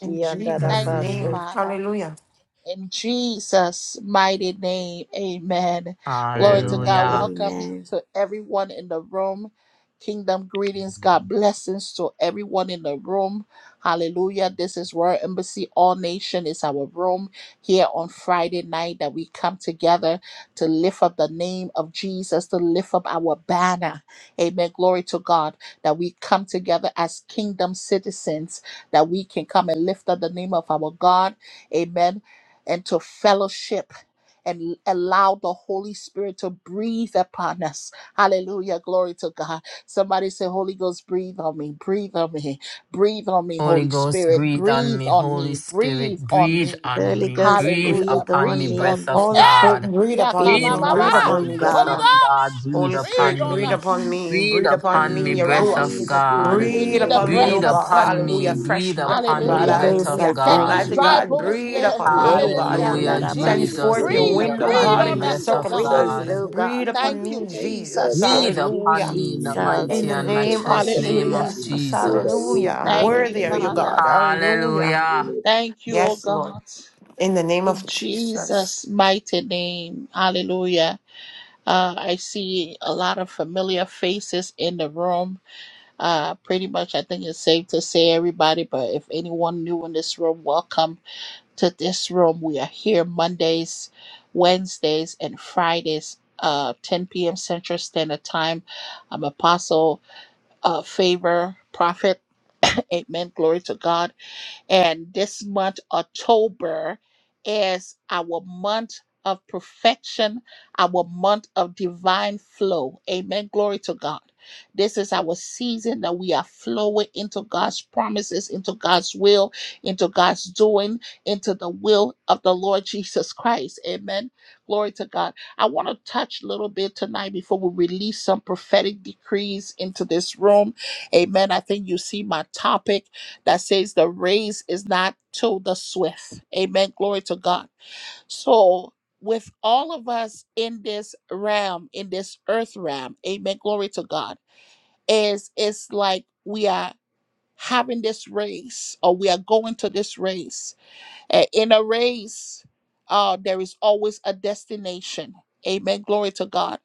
S6: In Jesus'
S1: Thank you,
S3: Mm,
S6: name.
S4: andarabaso.
S1: Father.
S6: Hallelujah.
S1: In Jesus' mighty name, amen. Glory to
S2: Amen.
S1: God.
S3: hallelujah.
S1: Welcome
S4: Amen.
S1: to everyone in the room. Kingdom greetings. God blessings to everyone in the room. Hallelujah. This is Royal Embassy. All Nation is our room here on Friday night that we come together to lift up the name of Jesus, to lift up our banner. Amen. Glory to God that we come together as kingdom citizens, that we can come and lift up the name of our God. Amen and to fellowship and allow the Holy Spirit to breathe upon us. Hallelujah. Glory to God. Somebody say, Holy Ghost, breathe on me, breathe on me, breathe on me,
S3: Holy
S1: Holy
S3: Ghost,
S1: Spirit,
S3: breathe on
S1: breathe
S3: me.
S1: on
S3: Holy
S1: me,
S3: Spirit,
S1: breathe on
S3: breathe
S1: me.
S3: on
S4: Holy
S3: me.
S4: Ghost,
S3: Breathe
S1: Hallelujah.
S4: breathe
S3: upon me,
S4: on
S1: Breathe on
S3: breath
S4: me.
S3: of
S1: me.
S6: Holy
S1: Hey!
S6: Spirit,
S3: God.
S6: breathe upon
S4: Breathe
S6: me.
S3: Breathe
S4: on
S1: Yakababa.
S6: Breathe
S4: us,
S3: upon
S4: O
S3: me,
S6: upon me
S3: breath
S6: this
S1: Holy
S3: of
S4: God.
S6: morning.
S3: God.
S1: Ghost,
S3: Breathe
S6: Holy
S1: breathe
S3: upon
S6: Spirit,
S1: on
S6: breathe
S3: me.
S6: upon me.
S1: us.
S3: Breathe
S6: Breathe upon
S3: upon me,
S6: me, your
S3: breath
S6: Ruach.
S3: of
S4: Breathe
S1: Yes.
S4: upon
S3: God.
S1: We
S4: me,
S6: Breathe
S1: need the
S4: Holy
S6: upon me,
S3: Breathe
S6: oh
S1: breath of
S6: God.
S4: Ghost.
S3: upon
S1: God.
S3: me.
S6: Hallelujah. Fresh
S3: Breathe
S6: breath, oh
S3: upon me,
S6: God.
S4: Holy
S1: Hallelujah.
S3: breath
S4: Ghost,
S3: of
S4: I
S6: Hallelujah.
S1: Let
S4: thank
S3: God.
S1: these
S6: Mighty
S1: dry
S4: you.
S6: God,
S1: bones
S6: breathe
S1: live.
S6: upon me, oh
S4: Eki
S6: God.
S1: Hallelujah.
S6: Br-
S3: Hallelujah,
S6: Send
S1: Breathe,
S4: andarabasi.
S3: Jesus.
S6: forth your
S4: Breathe
S3: Breathe
S1: breathe,
S6: wind, oh
S1: breathe
S3: upon
S4: upon
S6: God,
S3: me,
S6: in
S1: on
S6: my
S1: us,
S3: breath
S4: me.
S1: oh
S3: of
S1: God.
S4: Breathe,
S3: God.
S6: circumstances.
S4: O God.
S6: Breathe upon
S1: Thank you,
S6: me, Jesus.
S1: Jesus.
S3: Breathe
S4: Thank you,
S6: Hallelujah.
S3: upon me in the
S4: Jesus.
S6: In
S3: mighty
S6: the
S3: and
S6: name of
S3: matchless name of
S1: Hallelujah.
S6: Jesus,
S3: Jesus.
S6: hallelujah.
S1: Thank you,
S6: Worthy are you,
S4: Hallelujah.
S6: God,
S1: Father.
S6: hallelujah.
S3: Hallelujah.
S1: Thank you, oh
S6: Yes, Lord,
S1: God.
S6: in the name
S1: In
S6: of Jesus.
S1: Jesus' mighty name. Hallelujah. Uh, I see a lot of familiar faces in the room. Uh, pretty much, I think it's safe to say everybody, but if anyone new in this room, welcome. to this room. We are here Mondays, Wednesdays, and Fridays, uh, 10 p.m. Central Standard Time. I'm Apostle uh, Favor Prophet. Amen. Glory to God. And this month, October, is our month of perfection, our month of divine flow. Amen. Glory to God. This is our season that we are flowing into God's promises, into God's will, into God's doing, into the will of the Lord Jesus Christ. Amen. Glory to God. I want to touch a little bit tonight before we release some prophetic decrees into this room. Amen. I think you see my topic that says the race is not to the swift. Amen. Glory to God. So, with all of us in this realm, in this earth realm, amen. Glory to God. Is it's like we are having this race or we are going to this race uh, in a race, uh, there is always a destination. Amen. Glory to God.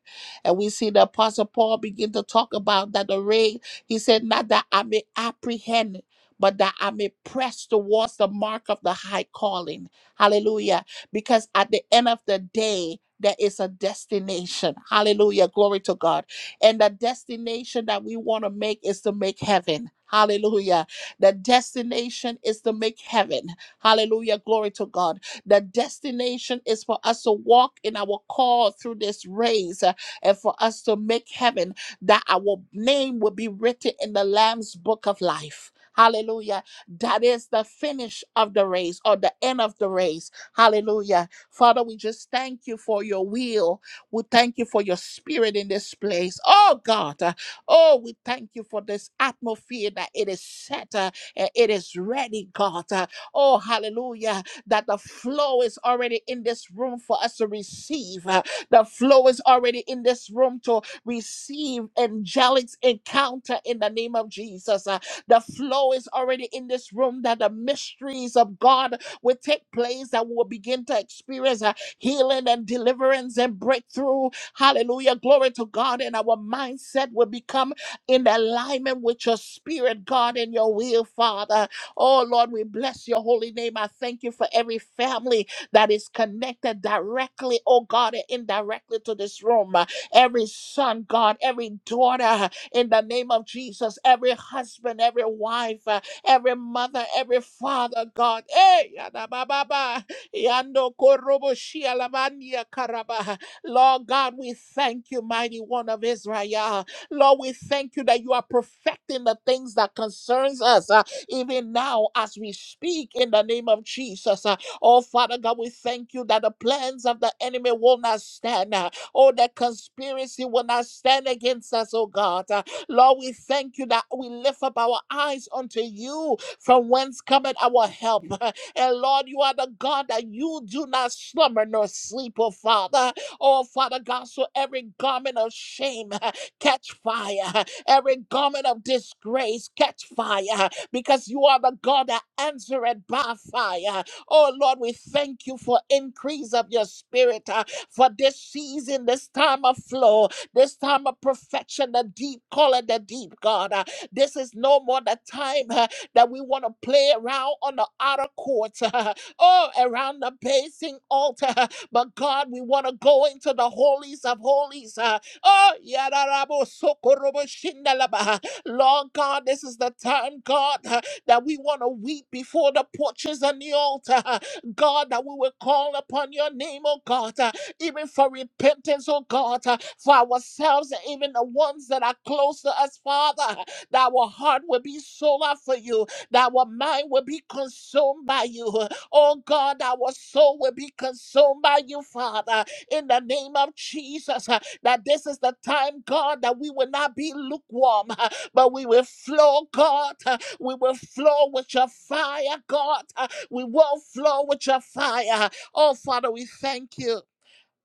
S1: And we see the Apostle Paul begin to talk about that the race. He said, Not that I may apprehend, but that I may press towards the mark of the high calling. Hallelujah. Because at the end of the day, there is a destination. Hallelujah. Glory to God. And the destination that we want to make is to make heaven. Hallelujah. The destination is to make heaven. Hallelujah. Glory to God. The destination is for us to walk in our call through this race uh, and for us to make heaven that our name will be written in the Lamb's book of life. Hallelujah. That is the finish of the race or the end of the race. Hallelujah. Father, we just thank you for your will. We thank you for your spirit in this place. Oh, God. uh, Oh, we thank you for this atmosphere that it is set uh, and it is ready, God. Uh, Oh, hallelujah. That the flow is already in this room for us to receive. Uh, The flow is already in this room to receive angelic encounter in the name of Jesus. Uh, The flow is already in this room that the mysteries of God will take place, that we will begin to experience uh, healing and deliverance and breakthrough. Hallelujah. Glory to God. And our mindset will become in alignment with your spirit, God, and your will, Father. Oh Lord, we bless your holy name. I thank you for every family that is connected directly, oh God, and indirectly to this room. Uh, Every son, God, every daughter, uh, in the name of Jesus, every husband, every wife, uh, every mother, every father, God. Hey, yada ba ba ba, yando korobo shi alamania karaba. Lord God, we thank you, mighty one of Israel. Lord, we thank you that you are perfecting the things that concerns us. Uh, even now as we speak in the name of Jesus. Uh, Oh, Father God, we thank you that the plans of the enemy will not stand. uh, Oh, the conspiracy will not stand against us, oh God. Uh, Lord, we thank you that we lift up our eyes unto you from whence cometh our help. And Lord, you are the God that you do not slumber nor sleep, oh Father. Oh, Father God, so every garment of shame catch fire, every garment of disgrace catch fire, because you are the God that answered by fire. Oh Lord, we thank you for increase of your spirit uh, for this season, this time of flow, this time of perfection, the deep call it the deep God. Uh, this is no more the time uh, that we want to play around on the outer courts oh, around the basing altar. But God, we want to go into the holies of holies. uh, Oh, yararabo sokorobo shindalaba. Lord God, this is the time, God, uh, that we want to weep before the porches and the altar. uh, God, that we will call upon your name, oh God, uh, even for repentance, oh God, uh, for ourselves and even the ones that are close to us, Father, uh, that our heart will be sold out for you, that our mind will be consumed by you. uh, Oh God, our soul will be consumed by you, Father, in the name of Jesus. uh, That this is the time, God, that we will not be lukewarm, but we will flow, God. Uh, We will flow with your fire, God. Uh, We will flow with your fire. Oh, Father, we thank you.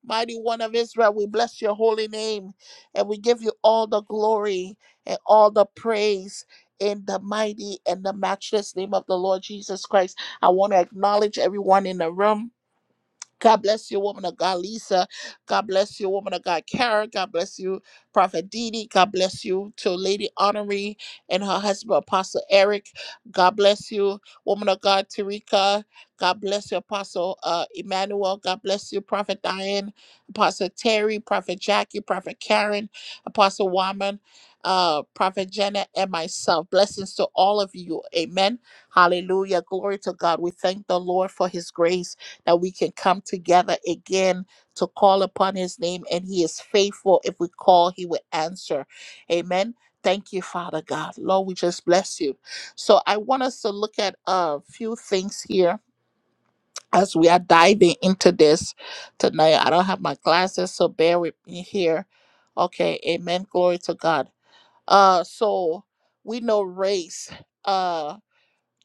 S1: Mighty one of Israel, we bless your holy name and we give you all the glory and all the praise in the mighty and the matchless name of the Lord Jesus Christ. I want to acknowledge everyone in the room. God bless you, woman of God, Lisa. God bless you, woman of God, Karen. God bless you, Prophet Didi. God bless you to Lady Honoree and her husband, Apostle Eric. God bless you, woman of God, Tarika. God bless you, Apostle uh, Emmanuel. God bless you, Prophet Diane, Apostle Terry, Prophet Jackie, Prophet Karen, Apostle Wyman, uh, Prophet Jenna, and myself. Blessings to all of you. Amen. Hallelujah. Glory to God. We thank the Lord for his grace that we can come together again to call upon his name, and he is faithful. If we call, he will answer. Amen. Thank you, Father God. Lord, we just bless you. So I want us to look at a few things here as we are diving into this tonight. I don't have my glasses, so bear with me here. Okay, amen. Glory to God. Uh so we know race. Uh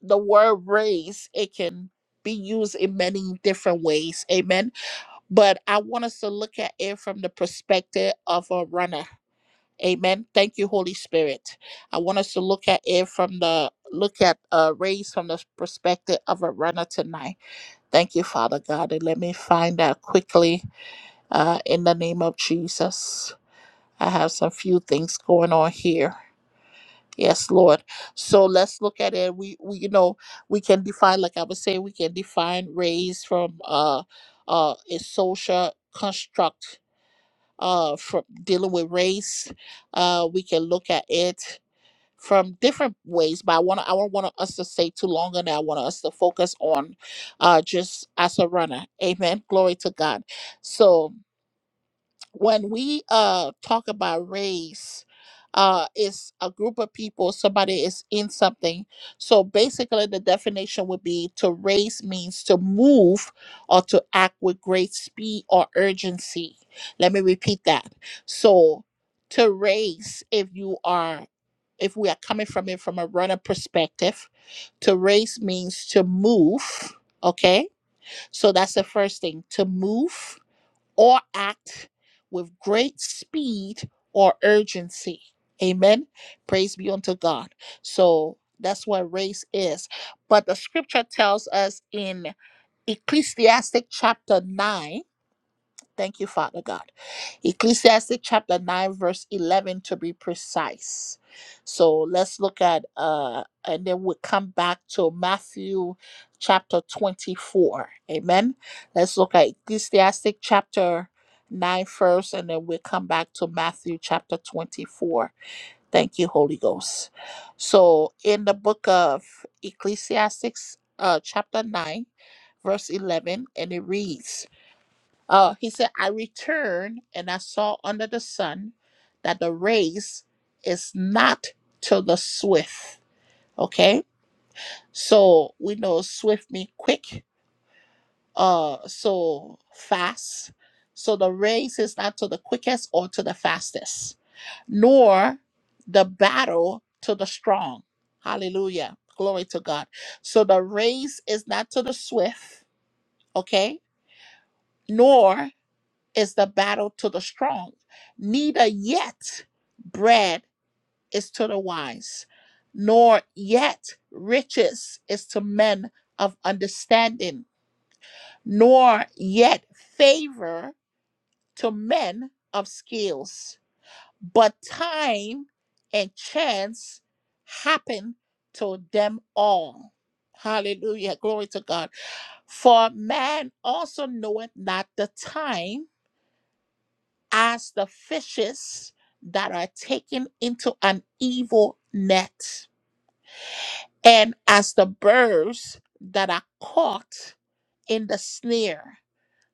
S1: the word race, it can be used in many different ways. Amen but I want us to look at it from the perspective of a runner. Amen. Thank you, Holy Spirit. I want us to look at it from the look at uh race from the perspective of a runner tonight. Thank you, Father God. And let me find out quickly uh in the name of Jesus. I have some few things going on here. Yes, Lord. So let's look at it. We, we you know, we can define, like I was saying, we can define race from uh uh a social construct uh, from dealing with race. Uh, we can look at it from different ways, but I want to I don't want us to stay too long on that. I want us to focus on uh, just as a runner. Amen. Glory to God. So when we uh talk about race uh it's a group of people somebody is in something so basically the definition would be to race means to move or to act with great speed or urgency let me repeat that so to race if you are if we are coming from it from a runner perspective to race means to move okay so that's the first thing to move or act with great speed or urgency. Amen. Praise be unto God. So that's what race is. But the scripture tells us in Ecclesiastic chapter 9 Thank you, Father God. Ecclesiastic chapter 9, verse 11 to be precise. So let's look at, uh, and then we'll come back to Matthew chapter 24. Amen. Let's look at Ecclesiastic chapter 9, first, and then we'll come back to Matthew chapter 24. Thank you, Holy Ghost. So in the book of Ecclesiastics, uh, chapter 9, verse 11, and it reads, uh, he said, I returned and I saw under the sun that the race is not to the swift. Okay. So we know swift means quick, uh, so fast. So the race is not to the quickest or to the fastest, nor the battle to the strong. Hallelujah. Glory to God. So the race is not to the swift, okay, nor is the battle to the strong. Neither yet bread is to the wise, nor yet riches is to men of understanding, nor yet favor to men of skills. But time and chance happen to them all. Hallelujah. Glory to God. For man also knoweth not the time as the fishes that are taken into an evil net, and as the birds that are caught in the snare,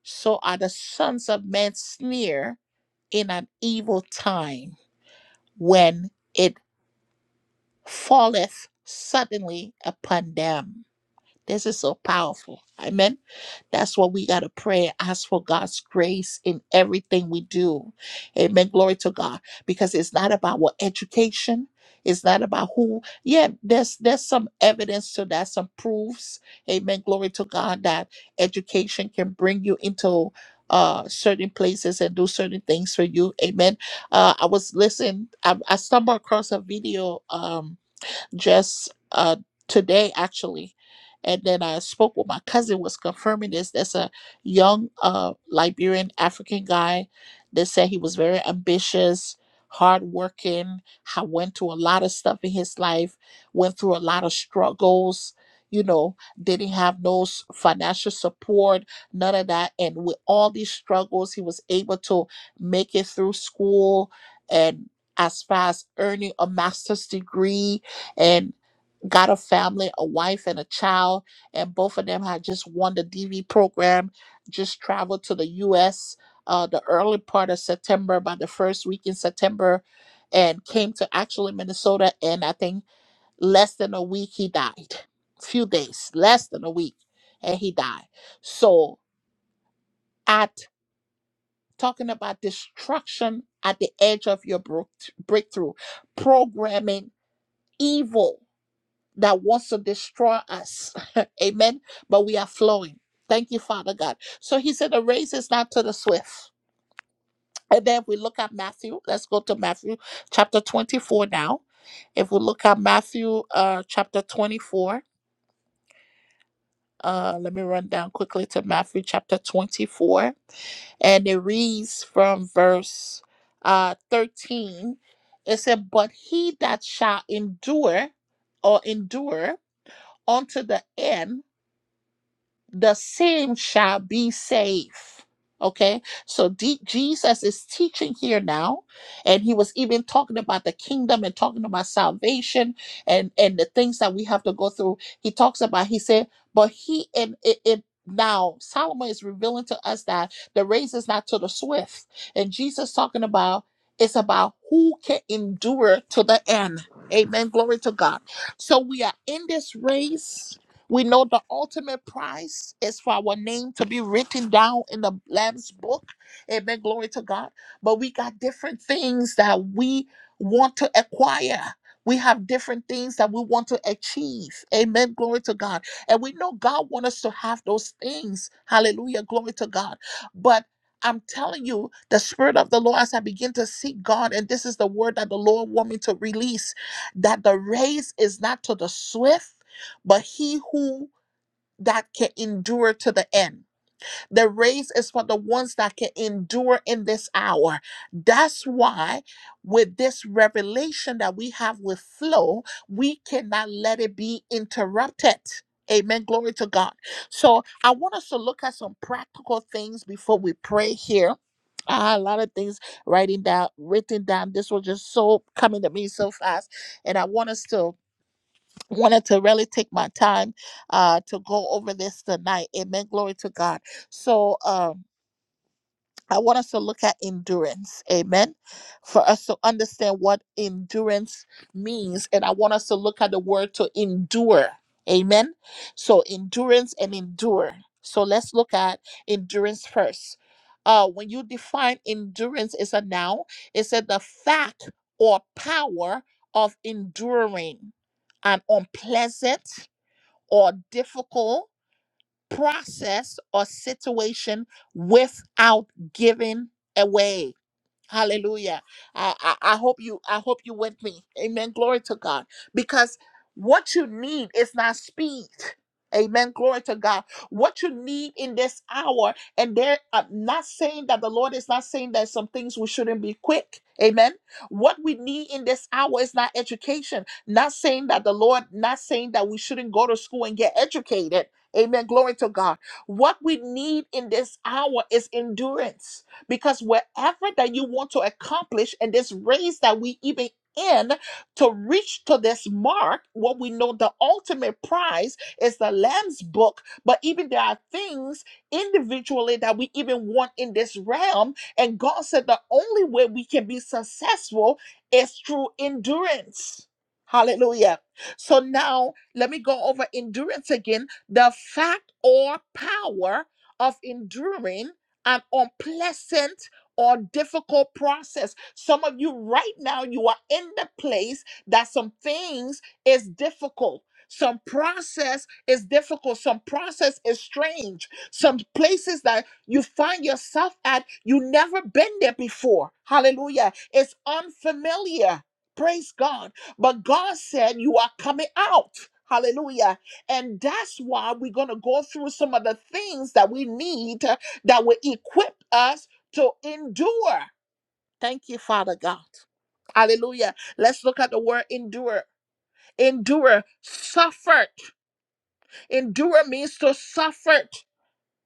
S1: so are the sons of men snare in an evil time when it falleth suddenly upon them. This is so powerful. Amen. That's what we got to pray. Ask for God's grace in everything we do. Amen. Glory to God. Because it's not about what education. It's not about who. Yeah, there's there's some evidence to that, some proofs. Amen. Glory to God that education can bring you into uh certain places and do certain things for you. Amen. Uh I was listening, I, I stumbled across a video um just uh, today actually. And then I spoke with my cousin was confirming this. That's a young uh, Liberian African guy They said he was very ambitious, hardworking, ha- went through a lot of stuff in his life, went through a lot of struggles, you know, didn't have no s- financial support, none of that. And with all these struggles, he was able to make it through school and as far as earning a master's degree and got a family, a wife and a child, and both of them had just won the DV program, just traveled to the US uh, the early part of September, by the first week in September, and came to actually Minnesota. And I think less than a week, he died. Few days, less than a week, and he died. So, at talking about destruction at the edge of your brook- breakthrough, programming evil that wants to destroy us. Amen. But we are flowing. Thank you, Father God. So he said, The race is not to the swift. And then we look at Matthew. Let's go to Matthew chapter 24 now. If we look at Matthew uh, chapter 24, uh, let me run down quickly to Matthew chapter 24. And it reads from verse uh, 13. It said, But he that shall endure or endure unto the end, the same shall be saved. Okay, so D- Jesus is teaching here now, and he was even talking about the kingdom and talking about salvation and and the things that we have to go through. He talks about he said, but he and it, it now Solomon is revealing to us that the race is not to the swift, and Jesus talking about it's about who can endure to the end. Amen. Glory to God. So we are in this race we know the ultimate price is for our name to be written down in the Lamb's book. Amen. Glory to God. But we got different things that we want to acquire. We have different things that we want to achieve. Amen. Glory to God. And we know God wants us to have those things. Hallelujah. Glory to God. But I'm telling you, the Spirit of the Lord, as I begin to seek God, and this is the word that the Lord wants me to release, that the race is not to the swift but he who that can endure to the end. The race is for the ones that can endure in this hour. That's why, with this revelation that we have with flow, we cannot let it be interrupted. Amen. Glory to God. So, I want us to look at some practical things before we pray here. Ah, a lot of things writing down, written down. This was just so coming to me so fast, and I want us to wanted to really take my time uh to go over this tonight amen glory to god so um I want us to look at endurance. Amen. For us to understand what endurance means. And I want us to look at the word to endure. Amen. So, endurance and endure. So, let's look at endurance first. Uh, when you define endurance, it's a noun, it said the fact or power of enduring an unpleasant or difficult process or situation without giving away Hallelujah. I, I, I hope you I hope you with me. Amen. Glory to God. Because what you need is not speed. Amen. Glory to God. What you need in this hour, and there I'm not saying that the Lord is not saying that some things we shouldn't be quick. Amen. What we need in this hour is not education. Not saying that the Lord, not saying that we shouldn't go to school and get educated. Amen. Glory to God. What we need in this hour is endurance because wherever that you want to accomplish in this race that we even in to reach to this mark what we know the ultimate prize is the lamb's book but even there are things individually that we even want in this realm and god said the only way we can be successful is through endurance hallelujah so now let me go over endurance again the fact or power of enduring an unpleasant or difficult process. Some of you right now, you are in the place that some things is difficult. Some process is difficult. Some process is strange. Some places that you find yourself at, you never been there before. Hallelujah. It's unfamiliar. Praise God. But God said you are coming out. Hallelujah. And that's why we're going to go through some of the things that we need that will equip us to endure. Thank you, Father God. Hallelujah. Let's look at the word endure. Endure, suffered. Endure means to suffer.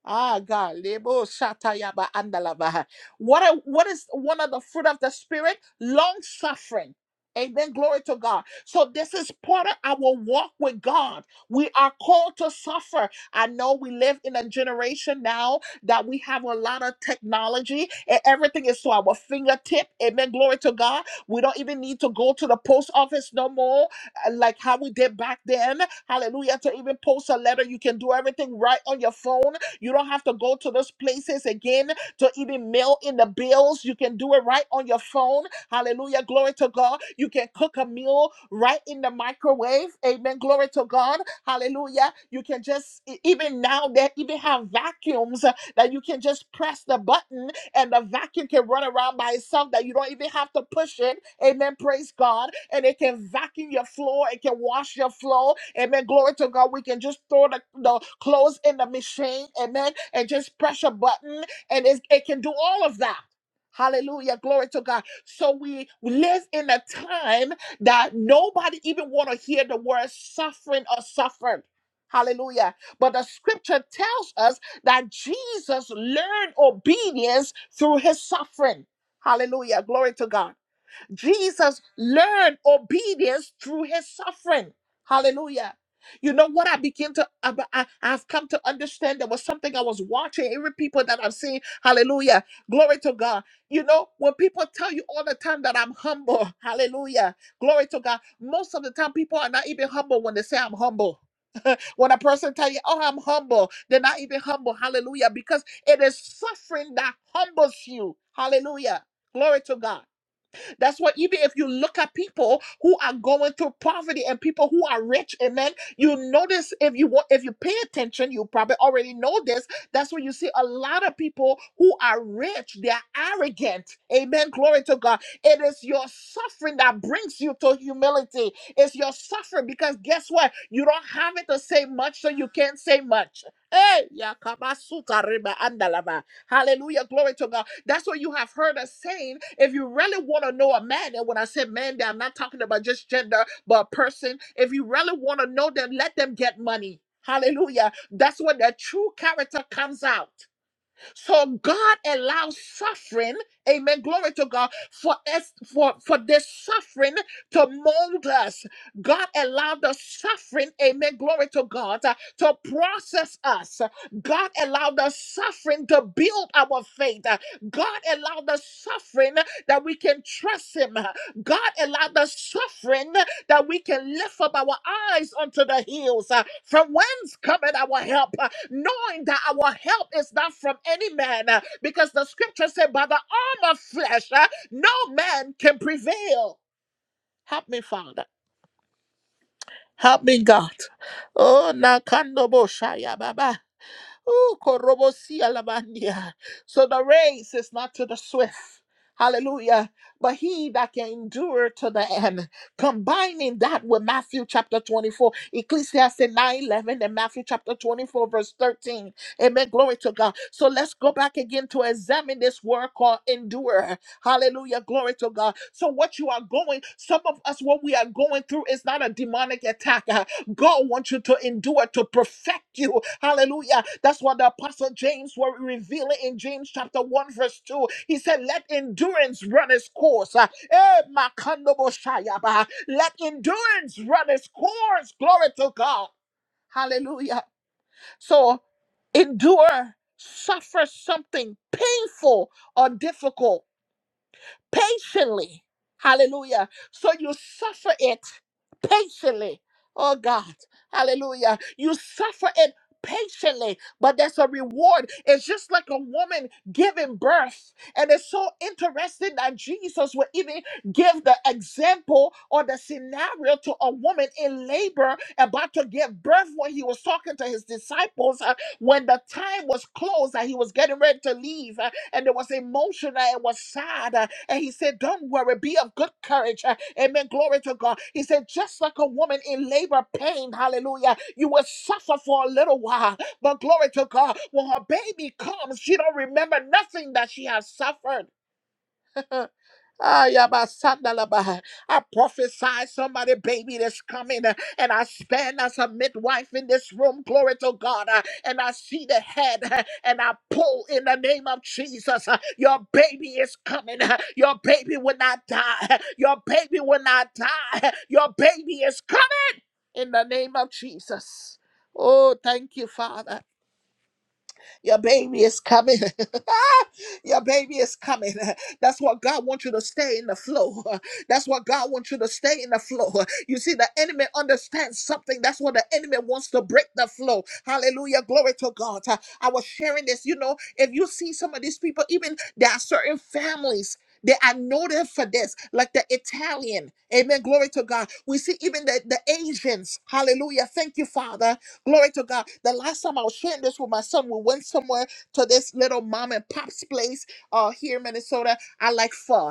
S1: Ah, God, lebo shatayaba andalabaha. What are, what is one of the fruit of the spirit? Long suffering. Amen. Glory to God. So this is part of our walk with God. We are called to suffer. I know we live in a generation now that we have a lot of technology and everything is to our fingertip. Amen. Glory to God. We don't even need to go to the post office no more, uh, like how we did back then. Hallelujah. To even post a letter, you can do everything right on your phone you don't have to go to those places again to even mail in the bills. You can do it right on your phone. Hallelujah. Glory to God. You can cook a meal right in the microwave. Amen. Glory to God. Hallelujah. You can just, e- even now, they even have vacuums uh, that you can just press the button and the vacuum can run around by itself that you don't even have to push it. Amen. Praise God. And it can vacuum your floor. It can wash your floor. Amen. Glory to God. We can just throw the, the clothes in the machine. Amen. And just press a button and it's, it can do all of that. Hallelujah. Glory to God. So we live in a time that nobody even want to hear the word suffering or suffered. Hallelujah. But the scripture tells us that Jesus learned obedience through his suffering. Hallelujah. Glory to God. Jesus learned obedience through his suffering. Hallelujah. You know what I begin to, I, I- I've come to understand there was something I was watching, even people that I've seen. Hallelujah. Glory to God. You know, when people tell you all the time that I'm humble, hallelujah. Glory to God. Most of the time, people are not even humble when they say I'm humble. when a person tell you, oh, I'm humble, they're not even humble. Hallelujah. Because it is suffering that humbles you. Hallelujah. Glory to God. That's why even if you look at people who are going through poverty and people who are rich, amen. You notice if you want if you pay attention, you probably already know this. That's when you see a lot of people who are rich, they're arrogant. Amen. Glory to God. It is your suffering that brings you to humility. It's your suffering because guess what? You don't have it to say much, so you can't say much. Hey, yakabasuta riba andalava. Hallelujah. Glory to God. That's what you have heard us saying. If you really want to know a man, and when I say man, I'm not talking about just gender, but a person. If you really want to know them, let them get money. Hallelujah. That's when their true character comes out. So God allows suffering, amen, glory to God, for us, for, for this suffering to mold us. God allowed the suffering, amen, glory to God, uh, to process us. God allowed the suffering to build our faith. Uh, God allowed the suffering that we can trust Him. Uh, God allowed the suffering that we can lift up our eyes unto the hills uh, from whence cometh our help, uh, knowing that our help is not from any man, uh, because the scripture said, By the arm of flesh, uh, no man can prevail. Help me, Father. Help me, God. Oh, Nakando Boshaya Baba. Ooh, korobosi alabandia. So the race is not to the swift. Hallelujah. But he that can endure to the end, combining that with Matthew chapter 24, Ecclesiastes 9 11, and Matthew chapter 24, verse 13. Amen. Glory to God. So let's go back again to examine this word called endure. Hallelujah. Glory to God. So, what you are going, some of us, what we are going through is not a demonic attack. God wants you to endure, to perfect you. Hallelujah. That's what the Apostle James were revealing in James chapter 1, verse 2. He said, Let endurance run its course. Ah, eh, makandobo shayaba. Let endurance run its course. Glory to God. Hallelujah. So endure, suffer something painful or difficult patiently. Hallelujah. So you suffer it patiently. Oh God. Hallelujah. You suffer it patiently, but there's a reward. It's just like a woman giving birth. And it's so interesting that Jesus would even give the example or the scenario to a woman in labor about to give birth when he was talking to his disciples uh, when the time was close and he was getting ready to leave. uh, and it was emotional, it was sad. uh, and he said, Don't worry, be of good courage. Uh, Amen. Glory to God. He said, Just like a woman in labor pain, hallelujah, you will suffer for a little while. But glory to God, when her baby comes, she don't remember nothing that she has suffered. Ah, yabasandalaba. I prophesy somebody, baby, that's coming, uh, and I stand as a midwife in this room. Glory to God. uh, And I see the head, uh, and I pull in the name of Jesus. uh, Your baby is coming. uh, Your baby will not die. uh, Your baby will not die. uh, Your baby is coming in the name of Jesus. Oh, thank you, Father. Your baby is coming. Your baby is coming. That's what God wants you to stay in the flow. That's what God wants you to stay in the flow. You see, the enemy understands something. That's what the enemy wants to break the flow. Hallelujah. Glory to God. I was sharing this. You know, if you see some of these people, even there are certain families. They are noted for this, like the Italian. Amen. Glory to God. We see even the, the Asians. Hallelujah. Thank you, Father. Glory to God. The last time I was sharing this with my son, we went somewhere to this little mom and pop's place uh, here in Minnesota. I like pho.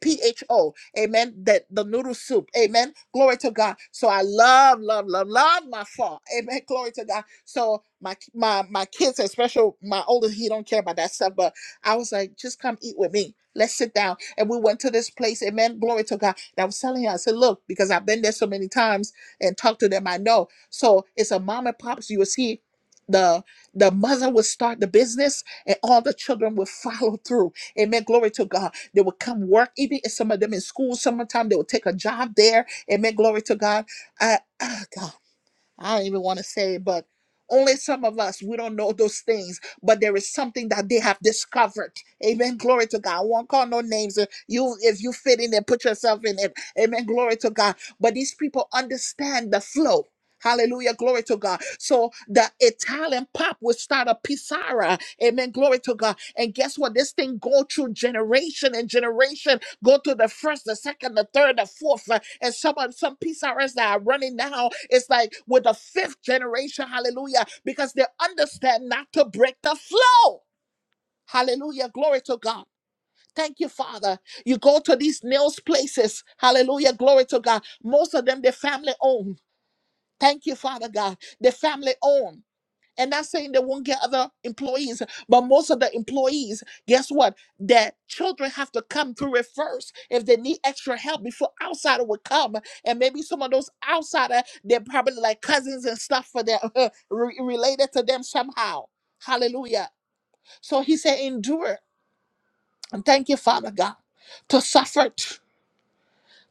S1: P H O, amen. That the noodle soup, amen. Glory to God. So I love, love, love, love my fall, amen. Glory to God. So my my my kids, especially my oldest, he don't care about that stuff. But I was like, just come eat with me. Let's sit down. And we went to this place, amen. Glory to God. And I was telling her, I said, look, because I've been there so many times and talked to them, I know. So it's a mom and pops. You will see. The the mother would start the business and all the children would follow through. Amen. Glory to God they would come work, even if some of them in school, summertime, they would take a job there. Amen. Glory to God. I, ah, God. I don't even want to say it, but only some of us, we don't know those things, but there is something that they have discovered. Amen. Glory to God. I won't call no names. Uh, You, if you fit in there, put yourself in it. Amen. Glory to God. But these people understand the flow. Hallelujah. Glory to God. So the Italian pop would start a Pisara. Amen. Glory to God. And guess what? This thing go through generation and generation Go to the first, the second, the third, the fourth, uh, and some of- some PCRS that are running now. It's like with the fifth generation, hallelujah, because they understand not to break the flow. Hallelujah, glory to God. Thank you, Father. You go to these nails places, hallelujah, glory to God. Most of them they family owned. Thank you, Father God. They family owned. And not saying they won't get other employees, but most of the employees, guess what? Their children have to come through it first if they need extra help before outsider would come. And maybe some of those outsider, they're probably like cousins and stuff for them, re- related to them somehow. Hallelujah. So he said, endure. And thank you, Father God, to suffer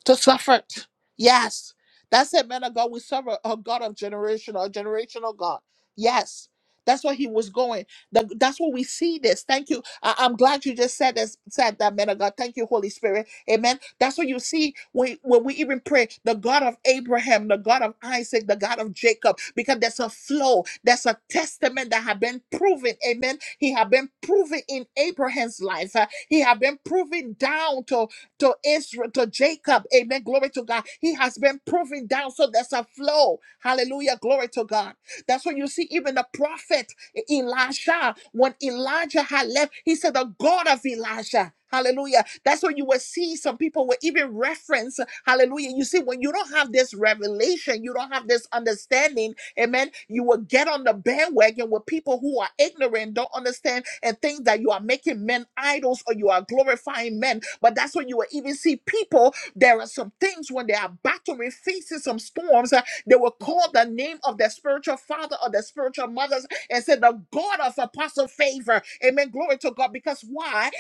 S1: to suffer it. Yes. That's it, man of God. We serve a, a God of generational, a generational God. Yes. That's what he was going. The- that's what we see this. Thank you. I, am glad you just said this, said that, man of God. Thank you, Holy Spirit. Amen. That's what you see when, when we even pray the God of Abraham, the God of Isaac, the God of Jacob, because there's a flow, there's a testament that have been proven. Amen. He have been proven in Abraham's life. Uh, he have been proven down to to Israel, to Jacob. Amen. Glory to God. He has been proven down. So there's a flow. Hallelujah. Glory to God. That's when you see even the prophet E-, Elisha. When Elijah had left, he said, The God of Elijah. Hallelujah. That's when you will see some people will even reference. Hallelujah. You see, when you don't have this revelation, you don't have this understanding Amen. You will get on the bandwagon with people who are ignorant, don't understand, and think that you are making men idols or you are glorifying men. But that's when you will even see people. There are some things when they are battling, facing some storms, uh, they will call the name of their spiritual father or their spiritual mothers and say, The God of apostle favor. Amen. Glory to God. Because why?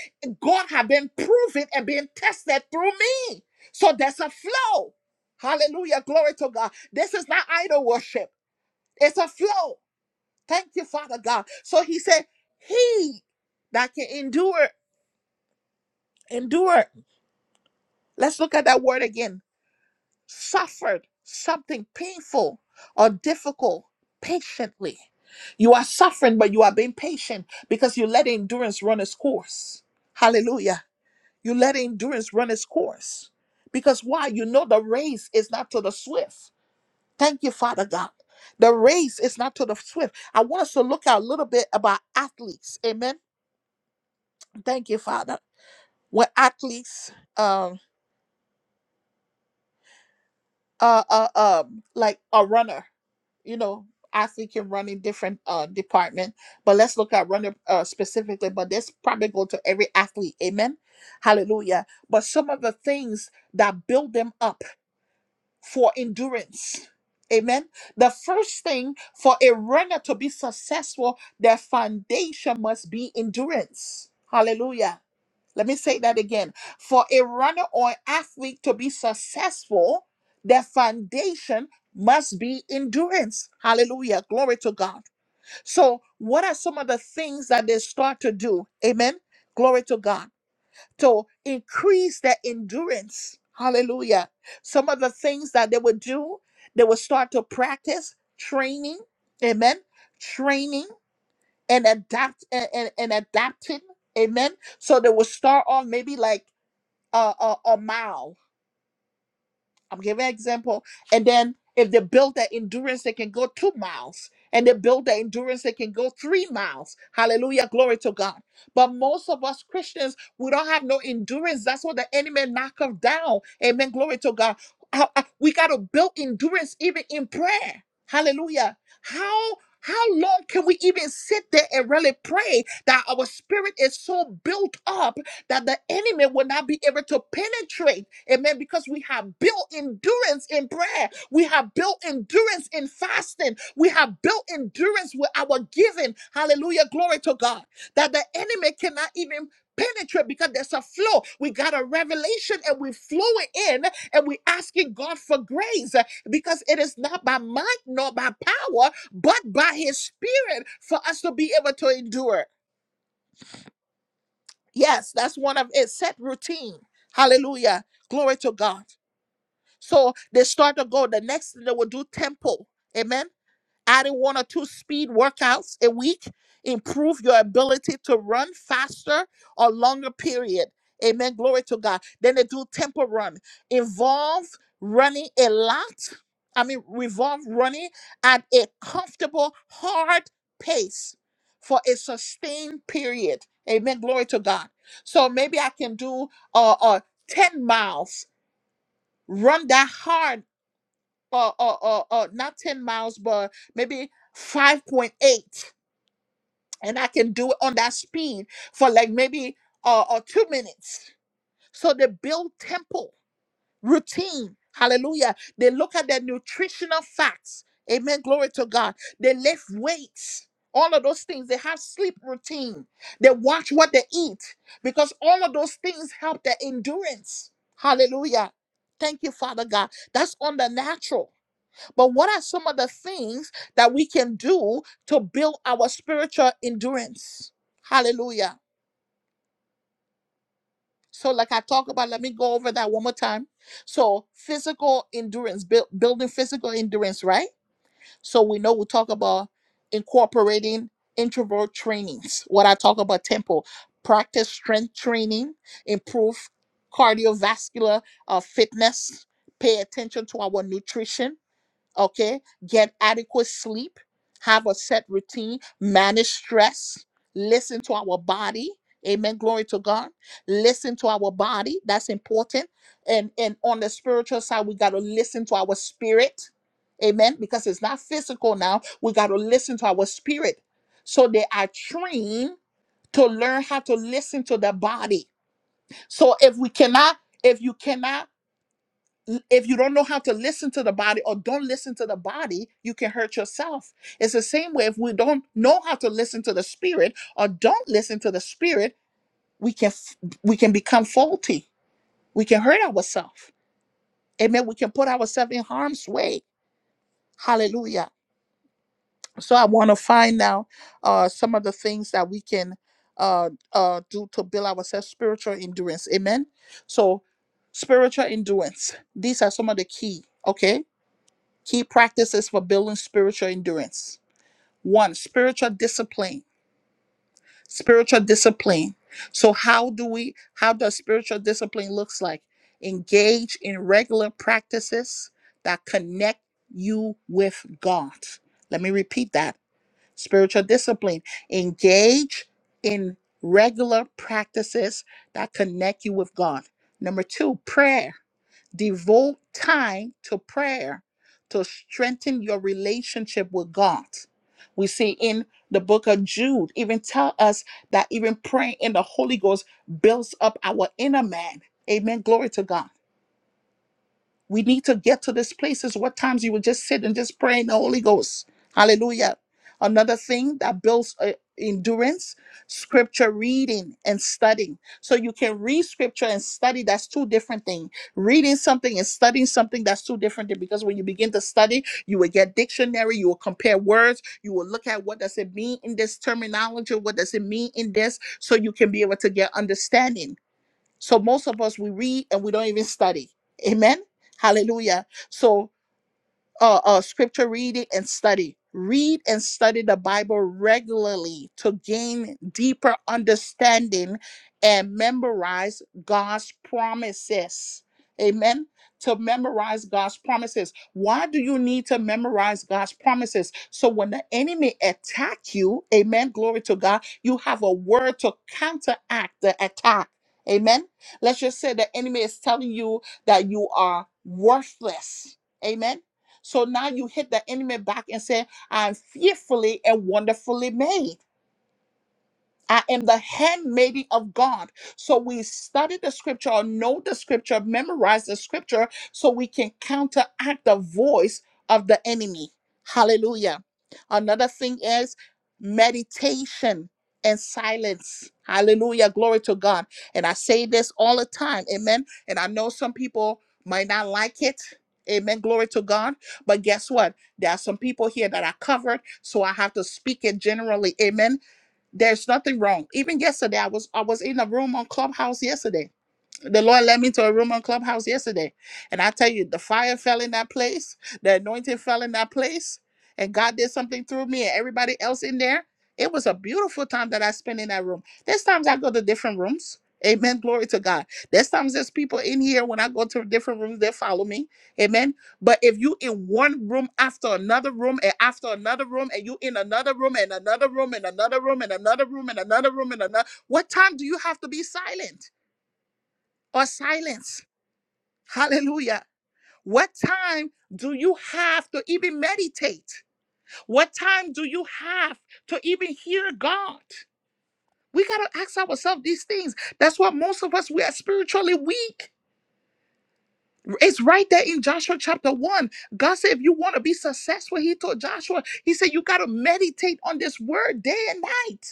S1: God have been proven and been tested through me. So there's a flow. Hallelujah. Glory to God. This is not idol worship. It's a flow. Thank you, Father God. So he said, He that can endure, endure. Let's look at that word again. Suffered something painful or difficult patiently. You are suffering, but you are being patient because you let endurance run its course. Hallelujah. You let endurance run its course. Because why? You know the race is not to the swift. Thank you, Father God. The race is not to the swift. I want us to look at a little bit about athletes. Amen. Thank you, Father. When athletes, um, uh, uh, um, like a runner, you know, athlete can run in different uh department, but let's look at runner uh, specifically. But this probably go to every athlete. Amen. Hallelujah. But some of the things that build them up for endurance. Amen. The first thing for a runner to be successful, their foundation must be endurance. Hallelujah. Let me say that again. For a runner or athlete to be successful, their foundation must be endurance. Hallelujah. Glory to God. So, what are some of the things that they start to do? Amen. Glory to God to increase their endurance. Hallelujah. Some of the things that they would do, they would start to practice training. Amen. Training and adapt and, and, and adapting. Amen. So they would start off maybe like a, a, a mile I'm giving an example. And then if they build their endurance, they can go two miles. And they build their endurance, they can go three miles. Hallelujah. Glory to God. But most of us Christians, we don't have no endurance. That's what the enemy knock us down. Amen. Glory to God. Uh, uh, We got to build endurance even in prayer. Hallelujah. How how long can we even sit there and really pray that our spirit is so built up that the enemy will not be able to penetrate. Amen. Because we have built endurance in prayer, we have built endurance in fasting, we have built endurance with our giving. Hallelujah. Glory to God. That the enemy cannot even penetrate because there's a flow. We got a revelation and we flow it in and we asking God for grace uh, because it is not by might nor by power, but by his spirit for us to be able to endure. Yes, that's one of it. Set routine. Hallelujah. Glory to God. So they start to go. The next thing they will do temple. Amen adding one or two speed workouts a week improve your ability to run faster or longer period amen glory to god then they do tempo run involve running a lot i mean revolve running at a comfortable hard pace for a sustained period amen glory to god so maybe i can do uh, uh 10 miles run that hard or or or, or not 10 miles but maybe 5.8 and i can do it on that speed for like maybe uh, or two minutes so they build tempo routine hallelujah they look at their nutritional facts amen glory to god they lift weights all of those things they have sleep routine they watch what they eat because all of those things help their endurance hallelujah thank you father god that's on the natural but what are some of the things that we can do to build our spiritual endurance? Hallelujah. So, like I talk about, let me go over that one more time. So, physical endurance, build, building physical endurance, right? So, we know we talk about incorporating introvert trainings. What I talk about, tempo, practice strength training, improve cardiovascular uh, fitness, pay attention to our nutrition okay get adequate sleep have a set routine manage stress listen to our body amen glory to god listen to our body that's important and and on the spiritual side we got to listen to our spirit amen because it's not physical now we got to listen to our spirit so they are trained to learn how to listen to the body so if we cannot if you cannot l- if you don't know how to listen to the body or don't listen to the body, you can hurt yourself. It's the same way if we don't know how to listen to the spirit or don't listen to the spirit, we can f- we can become faulty. We can hurt ourselves. Amen. We can put ourselves in harm's way. Hallelujah. So I want to find out uh, some of the things that we can uh, uh, do to build ourselves spiritual endurance. Amen. So spiritual endurance. These are some of the key. Okay Key practices for building spiritual endurance. One, spiritual discipline. Spiritual discipline. So how do we how does spiritual discipline looks like? Engage in regular practices that connect you with God. Let me repeat that. Spiritual discipline. Engage in regular practices that connect you with God. Number 2, prayer Devote time to prayer to strengthen your relationship with God. We see in the book of Jude, even tell us that even praying in the Holy Ghost builds up our inner man. Amen. Glory to God. We need to get to this place is what times you would just sit and just pray in the Holy Ghost. Hallelujah. Another thing that builds uh, endurance, scripture reading and studying. So you can read scripture and study, that's two different things. Reading something and studying something, that's two different things because when you begin to study, you will get dictionary, you will compare words, you will look at what does it mean in this terminology, what does it mean in this, so you can be able to get understanding. So most of us we read and we don't even study. Amen. Hallelujah. So uh, uh, scripture reading and study. Read and study the Bible regularly to gain deeper understanding and memorize God's promises. Amen. To memorize God's promises. Why do you need to memorize God's promises? So when the enemy attack you, amen, glory to God, you have a word to counteract the attack. Amen. Let's just say the enemy is telling you that you are worthless. Amen so now you hit the enemy back and say, I'm fearfully and wonderfully made. I am the handmaiden of God. So we study the scripture or know the scripture, memorize the scripture so we can counteract the voice of the enemy. Hallelujah. Another thing is meditation and silence. Hallelujah. Glory to God. And I say this all the time. Amen. And I know some people might not like it. Amen. Glory to God. But guess what? There are some people here that are covered. So I have to speak it generally. Amen there's nothing wrong. Even yesterday, I was I was in a room on Clubhouse yesterday the Lord led me to a room on Clubhouse yesterday. And I tell you, the fire fell in that place, the anointing fell in that place, and God did something through me and everybody else in there. It was a beautiful time that I spent in that room. There's times I go to different rooms. Amen. Glory to God. There's times there's people in here when I go to different rooms, they follow me. Amen. But if you in one room after another room and after another room and you in another room and another room and another room and another room and another room and another, what time do you have to be silent? or silence. Hallelujah. What time do you have to even meditate? What time do you have to even hear God? We got to ask ourselves these things. That's why most of us, we are spiritually weak. It's right there in Joshua chapter 1. God said, if you want to be successful, he told Joshua, he said, you got to meditate on this word day and night.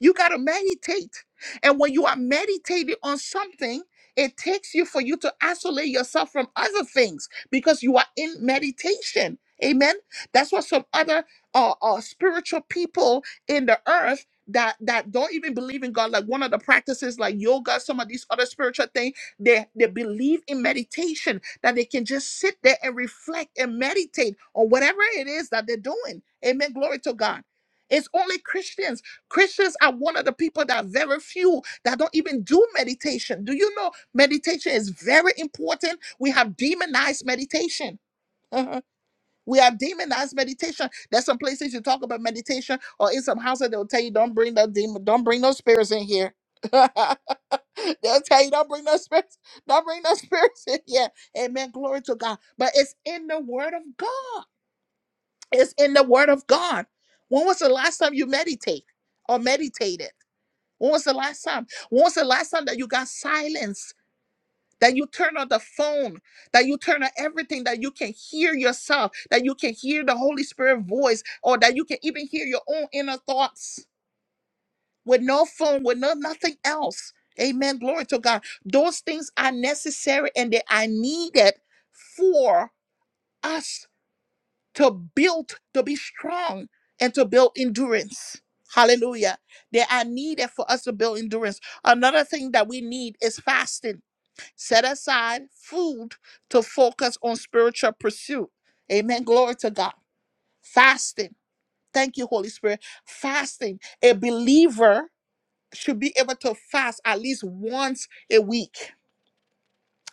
S1: You got to meditate. And when you are meditating on something, it takes you for you to isolate yourself from other things because you are in meditation. Amen. That's what some other uh, uh, spiritual people in the earth that that don't even believe in God, like one of the practices like yoga, some of these other spiritual things, they they believe in meditation that they can just sit there and reflect and meditate on whatever it is that they're doing. Amen. Glory to God. It's only Christians Christians are one of the people that are very few that don't even do meditation. Do you know meditation is very important? We have demonized meditation. Uh-huh. we have demonized meditation. There's some places you talk about meditation, or in some houses they'll tell you don't bring the demon, don't bring no spirits in here. they'll tell you don't bring no spirits, don't bring no spirits in here. Amen. Glory to God. But it's in the Word of God. It's in the Word of God. When was the last time you meditate or meditated? When was the last time? When was the last time that you got silence? That you turn on the phone, that you turn on everything, that you can hear yourself, that you can hear the Holy Spirit voice, or that you can even hear your own inner thoughts with no phone, with no nothing else. Amen. Glory to God. Those things are necessary and they are needed for us to build, to be strong, and to build endurance. Hallelujah. They are needed for us to build endurance. Another thing that we need is fasting. Set aside food to focus on spiritual pursuit. Amen. Glory to God. Fasting. Thank you, Holy Spirit. Fasting. A believer should be able to fast at least once a week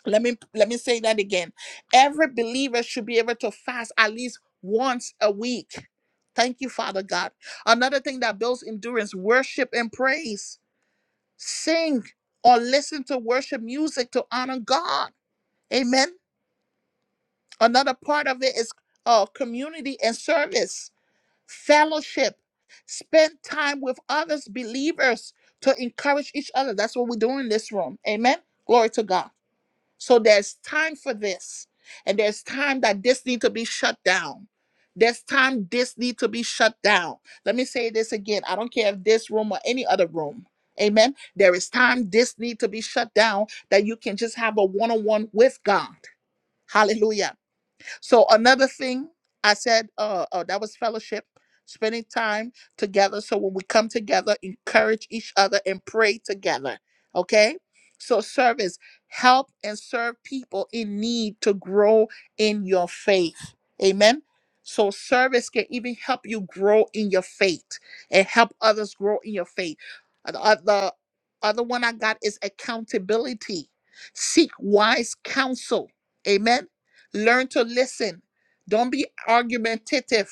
S1: let me let me say that again every believer should be able to fast at least once a week thank you father god another thing that builds endurance worship and praise sing or listen to worship music to honor god amen another part of it is uh, community and service fellowship spend time with others believers to encourage each other that's what we do in this room amen glory to god so there's time for this. And there's time that this need to be shut down. There's time this need to be shut down. Let me say this again. I don't care if this room or any other room. Amen. There is time this need to be shut down that you can just have a one-on-one with God. Hallelujah. So another thing I said, uh, uh, that was fellowship, spending time together. So when we come together, encourage each other and pray together. Okay. So service, help and serve people in need to grow in your faith. Amen. So service can even help you grow in your faith and help others grow in your faith. Uh, The other, other one I got is accountability. Seek wise counsel. Amen Learn to listen. Don't be argumentative.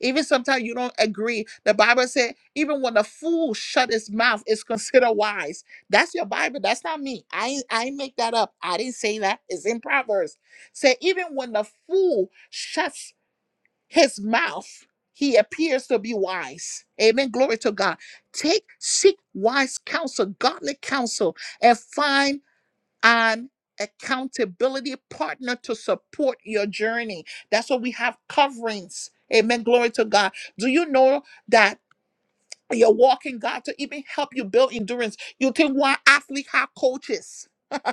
S1: Even sometimes you don't agree. The Bible said, even when a fool shut his mouth, is considered wise. That's your Bible. That's not me. I ain't- I ain't make that up. I didn't say that. It's in Proverbs. Say even when the fool shuts his mouth, he appears to be wise. Amen. Glory to God. Take seek wise counsel, godly counsel, and find an accountability partner to support your journey. That's what we have coverings. Amen. Glory to God. Do you know that? You're walking God to even help you build endurance. You think why athletes have coaches?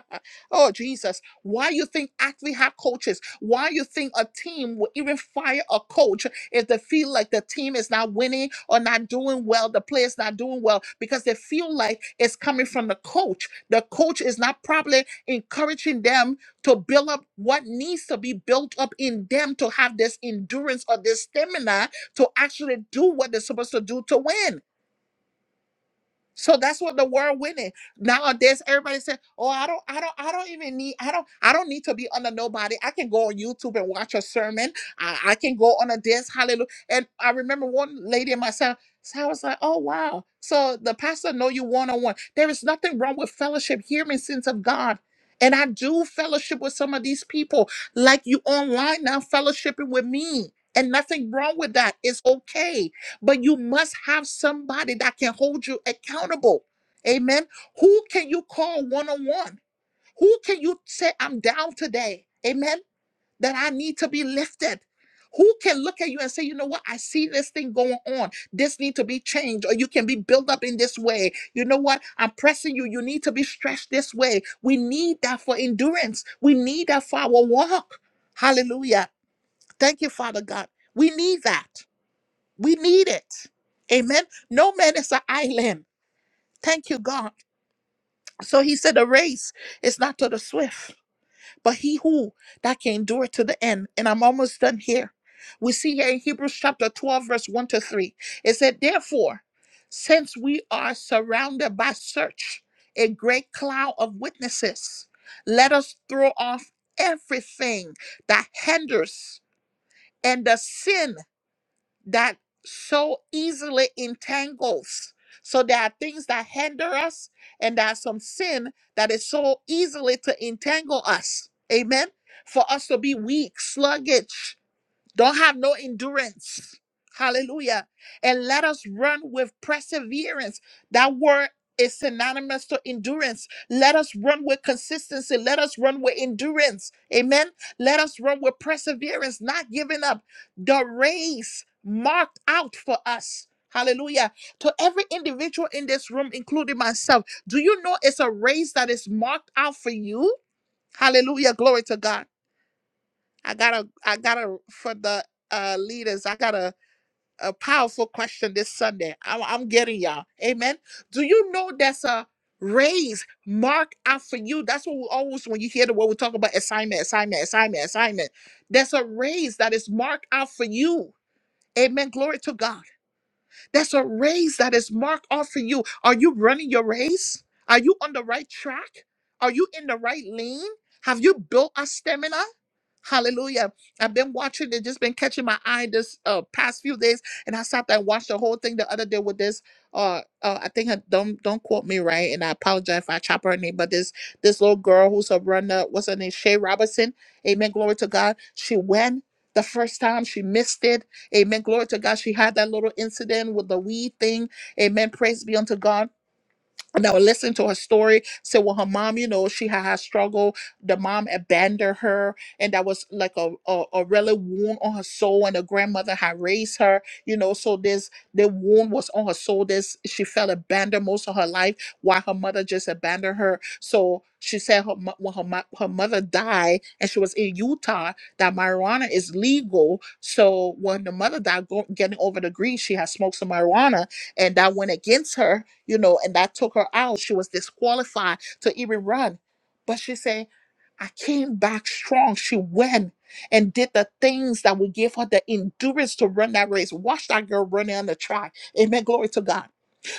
S1: oh Jesus, why you think athletes have coaches? Why you think a team will even fire a coach if they feel like the team is not winning or not doing well, the players not doing well because they feel like it's coming from the coach. The coach is not probably encouraging them to build up what needs to be built up in them to have this endurance or this stamina to actually do what they're supposed to do to win. So that's what the world winning. Nowadays, everybody said, Oh, I don't, I don't, I don't even need, I don't, I don't need to be under nobody. I can go on YouTube and watch a sermon. I, I can go on a dance, hallelujah. And I remember one lady and myself, so I was like, Oh wow. So the pastor know you one-on-one. There is nothing wrong with fellowship, hearing sins of God. And I do fellowship with some of these people, like you online now fellowshipping with me. And nothing wrong with that. It's okay but you must have somebody that can hold you accountable. Amen. Who can you call one on one? Who can you say, I'm down today? Amen. That I need to be lifted. Who can look at you and say, you know what? I see this thing going on. This need to be changed, or you can be built up in this way. You know what? I'm pressing you. You need to be stretched this way. We need that for endurance. We need that for our walk. Hallelujah. Thank you, Father God. We need that. We need it. Amen. No man is an island. Thank you, God. So he said, The race is not to the swift, but he who that can endure to the end. And I'm almost done here. We see here in Hebrews chapter 12, verse 1 to 3. It said, Therefore, since we are surrounded by such a great cloud of witnesses, let us throw off everything that hinders and the sin that so easily entangles. So there are things that hinder us, and there are some sin that is so easily to entangle us. Amen. For us to be weak, sluggish, don't have no endurance. Hallelujah. And let us run with perseverance. That word is synonymous to endurance. Let us run with consistency. Let us run with endurance. Amen. Let us run with perseverance, not giving up the race marked out for us. Hallelujah. To every individual in this room, including myself, do you know it's a race that is marked out for you? Hallelujah. Glory to God. I got a I got a for the uh leaders. I got a a powerful question this Sunday. I'm, I'm getting y'all. Amen. Do you know that's a raise mark out for you? That's what we always when you hear the word we talk about assignment, assignment, assignment, assignment. There's a raise that is marked out for you. Amen. Glory to God. That's a race that is marked off for you. Are you running your race? Are you on the right track? Are you in the right lane? Have you built a stamina? Hallelujah. I've been watching it, just been catching my eye this uh, past few days. And I sat there and watched the whole thing the other day with this. Uh, uh, I think her, don't don't quote me right, and I apologize if I chop her name. But this this little girl who's a runner, what's her name? Shay Robinson. Amen. Glory to God. She went the first time. She missed it Amen. Glory to God. She had that little incident with the weed thing. Amen. Praise be unto God and I would listen to her story. Say, well, her mom, you know, she had her struggle. The mom abandoned her, and that was like a, a a really wound on her soul. And the grandmother had raised her, you know. So this the wound was on her soul. This she felt abandoned most of her life, while her mother just abandoned her. So she said, her mo- when her mo- her mother died, and she was in Utah, that marijuana is legal. So when the mother died, go, getting over the grief, she had smoked some marijuana, and that went against her you know, and that took her out. She was disqualified to even run. But she said, I came back strong. She went and did the things that would give her the endurance to run that race. Watch that girl running on the track. Amen. Glory to God.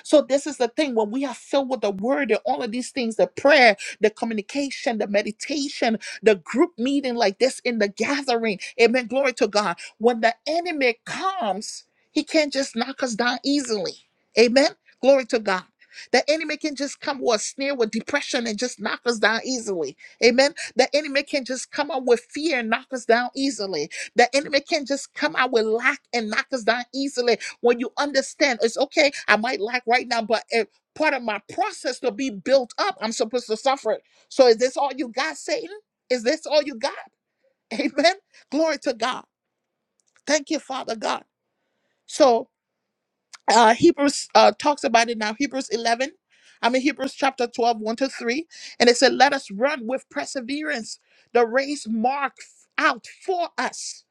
S1: So this is the thing when we are filled with the word and all of these things, the prayer, the communication, the meditation, the group meeting like this in the gathering. Amen. Glory to God. When the enemy comes, he can't just knock us down easily. Amen. Glory to God. The enemy can just come with a snare with depression and just knock us down easily. Amen. The enemy can just come out with fear and knock us down easily. The enemy can just come out with lack and knock us down easily when you understand it's okay, I might lack right now, but it, part of my process to be built up, I'm supposed to suffer it. So is this all you got, Satan? Is this all you got? Amen. Glory to God. Thank you, Father God. So uh, Hebrews uh, talks about it now. Hebrews 11, I mean, Hebrews chapter 12, 1 to 3. And it said, Let us run with perseverance the race marked out for us.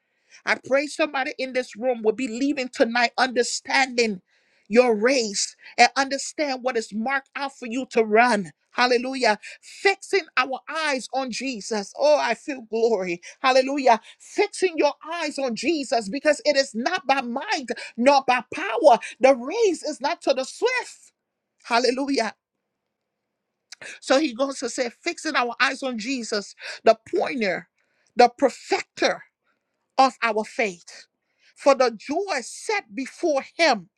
S1: I pray somebody in this room will be leaving tonight understanding your race and understand what is marked out for you to run. Hallelujah. Fixing our eyes on Jesus. Oh, I feel glory. Hallelujah. Fixing your eyes on Jesus because it is not by might not by power. The race is not to the swift. Hallelujah. So he goes to say, fixing our eyes on Jesus, the pointer, the perfecter of our faith. For the joy set before him,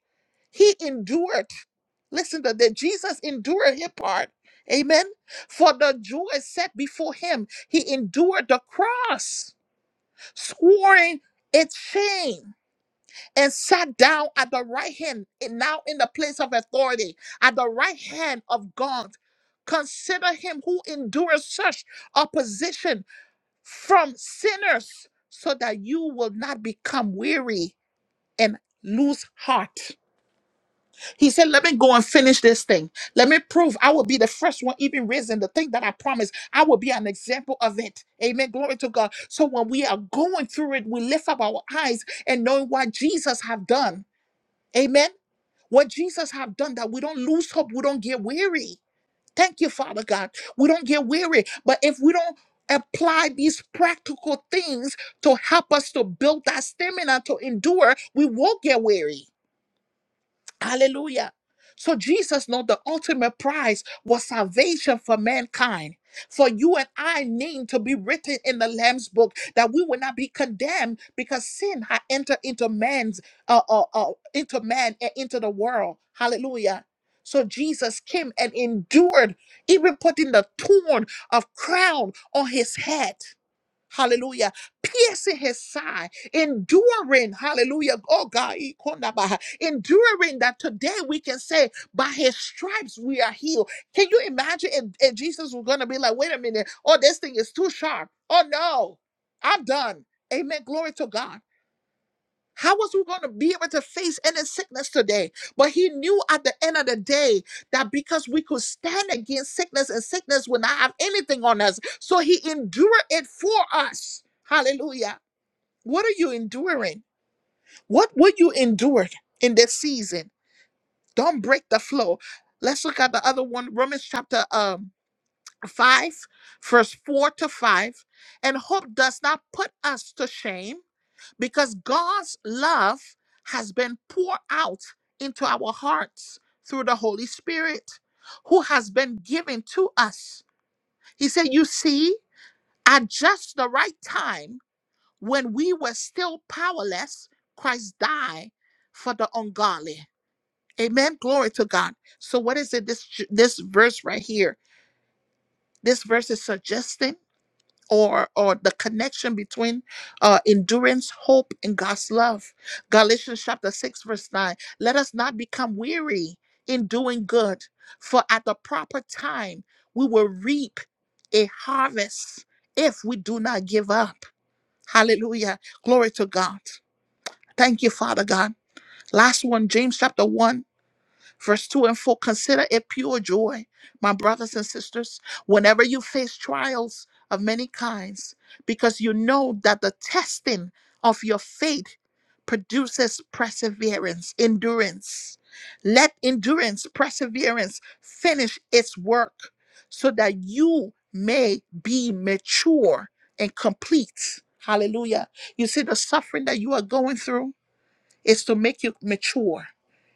S1: he endured. Listen to that. Jesus endured his part. Amen. For the joy set before him, he endured the cross, scoring its shame and sat down at the right hand, and now in the place of authority, at the right hand of God. Consider him who endures such opposition from sinners, so that you will not become weary and lose heart. He said, Let me go and finish this thing. Let me prove I will be the first one, even raising the thing that I promised. I will be an example of it. Amen. Glory to God. So when we are going through it, we lift up our eyes and knowing what Jesus have done. Amen. What Jesus have done that we don't lose hope, we don't get weary. Thank you, Father God. We don't get weary. But if we don't apply these practical things to help us to build that stamina to endure, we will get weary. Hallelujah. So Jesus know the ultimate prize was salvation for mankind. For you and I need to be written in the Lamb's book that we will not be condemned because sin had entered into man's uh, uh, uh into man and into the world. Hallelujah. So Jesus came and endured, even putting the thorn of crown on his head. Hallelujah. Piercing his side, enduring. Hallelujah. Oh God, ikonaba, enduring that today we can say, by his stripes we are healed. Can you imagine if, if Jesus was going to be like, wait a minute, oh, this thing is too sharp. Oh no, I'm done. Amen. Glory to God. How was we going to be able to face any sickness today? But he knew at the end of the day that because we could stand against sickness and sickness would not have anything on us. So he endured it for us. Hallelujah. What are you enduring? What would you endure in this season? Don't break the flow. Let's look at the other one, Romans chapter um, 5, verse 4 to 5. And hope does not put us to shame because God's love has been poured out into our hearts through the Holy Spirit who has been given to us. He said, You see, at just the right time, when we were still powerless, Christ died for the ungodly. Amen. Glory to God. So, what is it? This this verse right here. This verse is suggesting or or the connection between uh, endurance, hope, and God's love. Galatians chapter six verse nine. Let us not become weary in doing good, for at the proper time we will reap a harvest if we do not give up. Hallelujah! Glory to God. Thank you, Father God. Last one, James chapter one Verse 2 and 4 Consider it pure joy, my brothers and sisters, whenever you face trials of many kinds, because you know that the testing of your faith produces perseverance, endurance. Let endurance, perseverance finish its work so that you may be mature and complete. Hallelujah. You see the suffering that you are going through? It's to make you mature.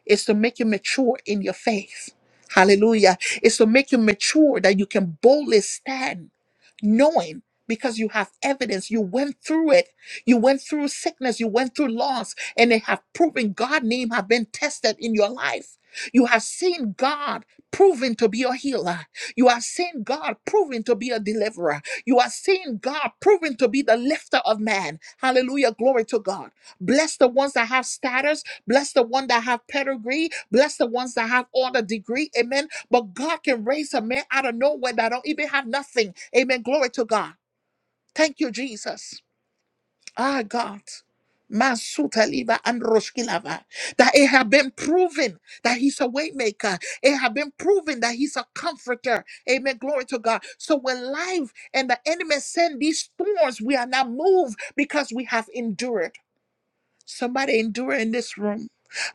S1: It's to make you mature in your faith. Hallelujah. It's to make you mature that you can boldly stand knowing because you have evidence you went through it you went through sickness you went through loss and they have proven god name have been tested in your life you have seen god proven to be a healer you have seen god proven to be a deliverer you have seen god proven to be the lifter of man hallelujah glory to god Bless the ones that have status. Bless the one that have pedigree. Bless the ones that have all the degree. Amen. But God can raise a man out of nowhere that don't even have nothing. Amen. Glory to God. Thank you, Jesus. Ah, God. Masuta liva and roshkilava. That it have been proven that he's a waymaker. It have been proven that he's a comforter. Amen. Glory to God. So when life and the enemy send these storms, we are not moved because we have endured. Somebody endure in this room.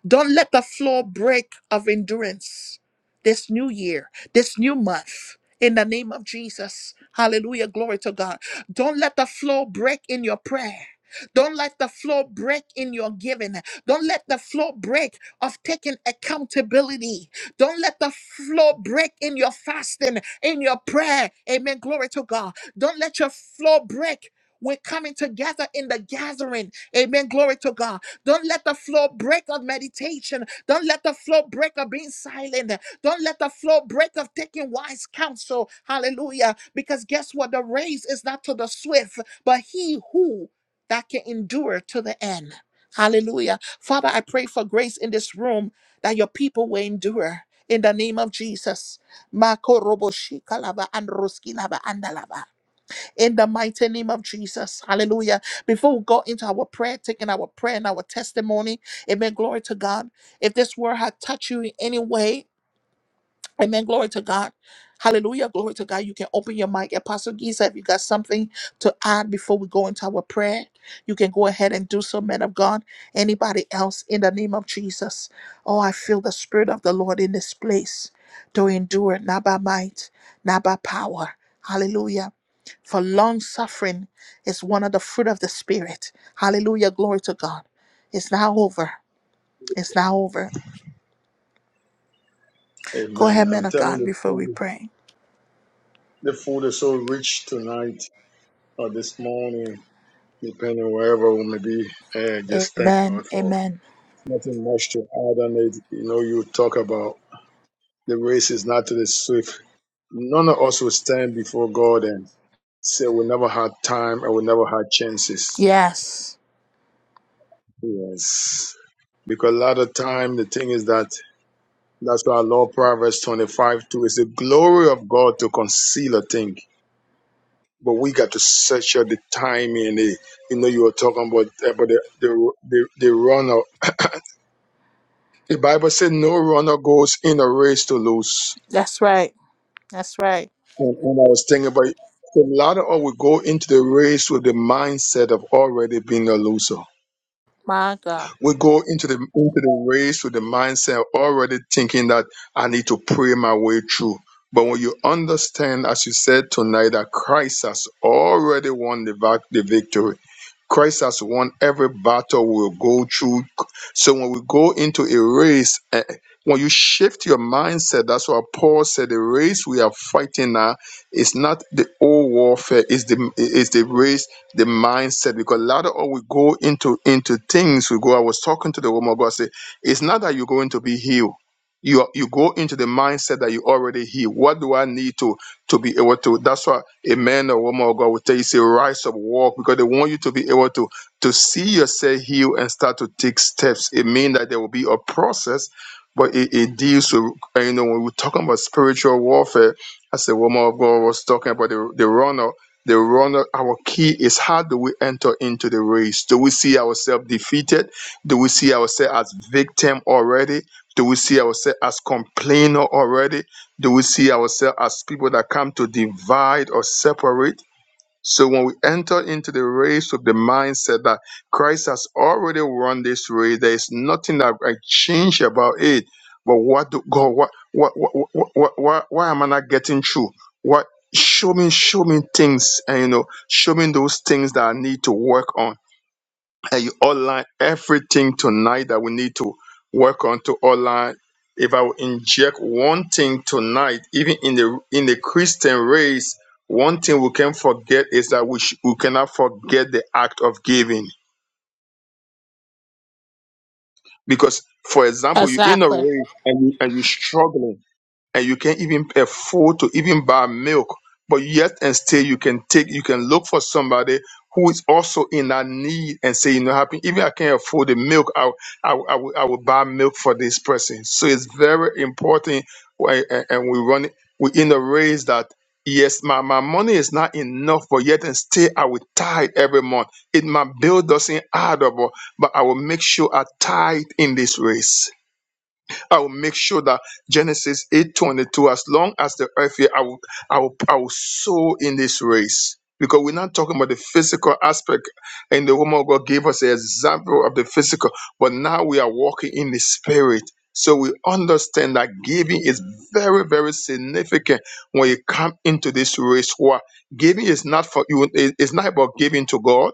S1: Don't let the floor break of endurance this new year, this new month. In the name of Jesus. Hallelujah. Glory to God. Don't let the floor break in your prayer. Don't let the floor break in your giving. Don't let the floor break of taking accountability. Don't let the floor break in your fasting, in your prayer. Amen. Glory to God. Don't let your floor break we're coming together in the gathering. Amen. Glory to God. Don't let the flow break of meditation. Don't let the flow break of being silent. Don't let the flow break of taking wise counsel. Hallelujah. Because guess what? The race is not to the swift, but he who that can endure to the end. Hallelujah. Father, I pray for grace in this room that your people will endure. In the name of Jesus. Makorobo shikalaba and roskilaba andalaba in the mighty name of Jesus. Hallelujah. Before we go into our prayer, taking our prayer and our testimony, amen. Glory to God. If this word had touched you in any way, Amen. Glory to God. Hallelujah. Glory to God. You can open your mic. Apostle Giza, if you got something to add before we go into our prayer, you can go ahead and do so, man of God. Anybody else in the name of Jesus? Oh, I feel the Spirit of the Lord in this place to endure, not by might, not by power. Hallelujah. For long suffering is one of the fruit of the Spirit. Hallelujah. Glory to God. It's now over. It's now over. Go ahead,
S5: Amen.
S1: man
S5: I'm
S1: of
S5: telling
S1: God,
S5: you,
S1: before we
S5: food,
S1: pray.
S5: the food is so rich tonight or this morning, depending wherever we may be. Eh, just thank
S1: Amen.
S5: God for
S1: Amen.
S5: Nothing much to add on it. You know, you talk about the race is not to the swift. None of us will stand before God and say we never had time or we never had chances.
S1: Yes.
S5: Yes. Because a lot of time the thing is that that's why our Lord Proverbs 25 2 is the glory of God to conceal a thing. But we got to search out the timing. and the, you know, you were talking about, about the, the, the, the runner. The Bible said no runner goes in a race to lose
S1: That's right. That's right.
S5: And, and I was thinking about it. a lot of us would go into the race with the mindset of already being a loser
S1: My God.
S5: we go into the into the race with the mindset already thinking that I need to pray my way through. But when you understand, as you said tonight, that Christ has already won the, vac- the victory. Christ has won every battle we'll go through. So when we go into a race, eh, when you shift your mindset, that's what Paul said. The race we are fighting now is not the old warfare. It's the it's the race the mindset because a lot of we go into into things we go i was talking to the woman of god say it's not that you're going to be healed you are- you go into the mindset that you already healed what do i need to to be able to that's why a man or woman of god will tell you say rise up walk because they want you to be able to to see yourself healed and start to take steps it means that there will be a process but it, it deals with uh, you know when we're talking about spiritual warfare as the woman of god was talking about the, the runner the runner, our key is how do we enter into the race? Do we see ourselves defeated? Do we see ourselves as victim already? Do we see ourselves as complainer already? Do we see ourselves as people that come to divide or separate? So when we enter into the race with the mindset that Christ has already won this race, there is nothing that I change about it. But what do God? What what what what, what, what why am I not getting through? What show me show me things and you know show me those things that I need to work on and you outline everything tonight that we need to work on to outline. If I will inject one thing tonight, even in the in the Christian race, one thing we can forget is that we, sh- we cannot forget the act of giving. Because, for example, you're in a
S1: Exactly.
S5: race and, you, and you're struggling and you can't even afford to even buy milk. But yet and still you can take, you can look for somebody who is also in that need and say, you know, happy, even I can't afford the milk, I, I, I, will, I will buy milk for this person. So it's very important. why- And and we run, we in a race that, yes, my, my money is not enough, but yet and still I will tithe every month. It, my bill doesn't add up, but but I will make sure I tithe in this race I will make sure that Genesis 8:22, as long as the earth here, I will, I will, I will sow in this race. Because we're not talking about the physical aspect, and the woman of God gave us an example of the physical, but now we are walking in the spirit. So we understand that giving is very, very significant when you come into this race. Why? Giving is not for you, it- it's not about giving to God.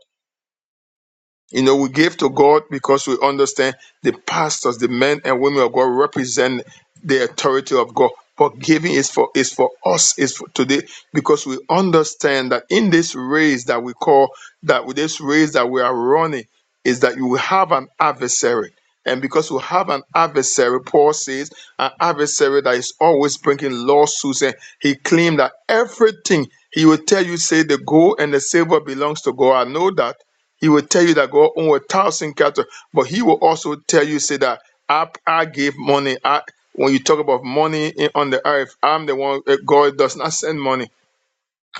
S5: You know, we give to God because we understand the pastors, the men and women of God represent the authority of God. But giving is for is for us is for today because we understand that in this race that we call that with this race that we are running is that you will have an adversary. And because we have an adversary, Paul says, an adversary that is always bringing lawsuits, and he claimed that everything he will tell you, say the gold and the silver belongs to God. I know that he will tell you that God own a thousand cattle, but he will also tell you, say that I, I gave money. I, when you talk about money in, on the earth, I'm the one, uh, God does not send money.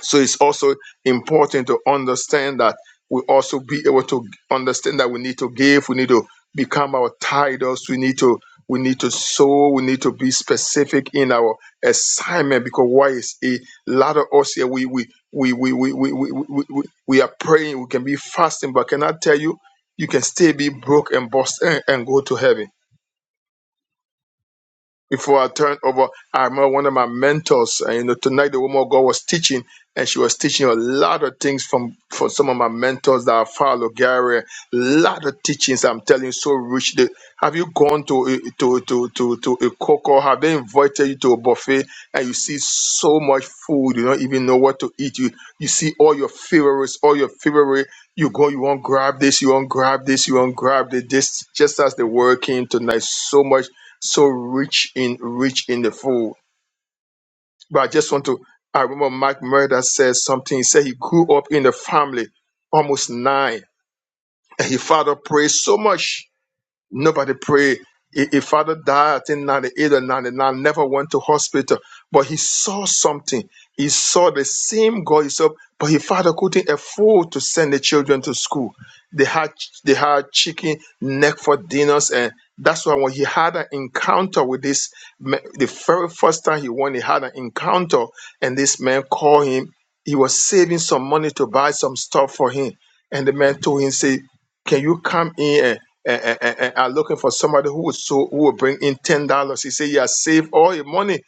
S5: So it's also important to understand that we also be able to understand that we need to give, we need to become our titles, we need to we need to sow, we need to be specific in our assignment because why is a lot of us here we we we we we we we, we, we we are praying, we can be fasting, but can I tell you you can still be broke and bust and, and go to heaven before I turned over, I remember one of my mentors, and you know, tonight the woman of God was teaching, and she was teaching a lot of things from, from some of my mentors that I follow, Gary. A lot of teachings, I'm telling you, so rich. The- have you gone to a- to to to to a cocoa? Have they invited you to a buffet and you see so much food, you don't even know what to eat? You you see all your favorites, all your favorite. You go, you won't grab this, you won't grab this, you won't grab this. This just as the word came tonight, so much so rich in rich in the fold. But I just want to I remember Mike Murda said something. He said he grew up in the family, almost nine, and his father prayed so much Nobody prayed. His his father died, I think, 98 or 99, never went to hospital. But he saw something. He saw the same God he saw, but his father couldn't afford to send the children to school. They had they had chicken neck for dinners, and that's why when he had an encounter with this, ma- the very first time he went, he had an encounter, and this man called him. He was saving some money to buy some stuff for him, and the man told him, "Say." Can you come in and, and, and, and- and are looking for somebody who was so who will bring in ten dollars? He said, he has saved all your money."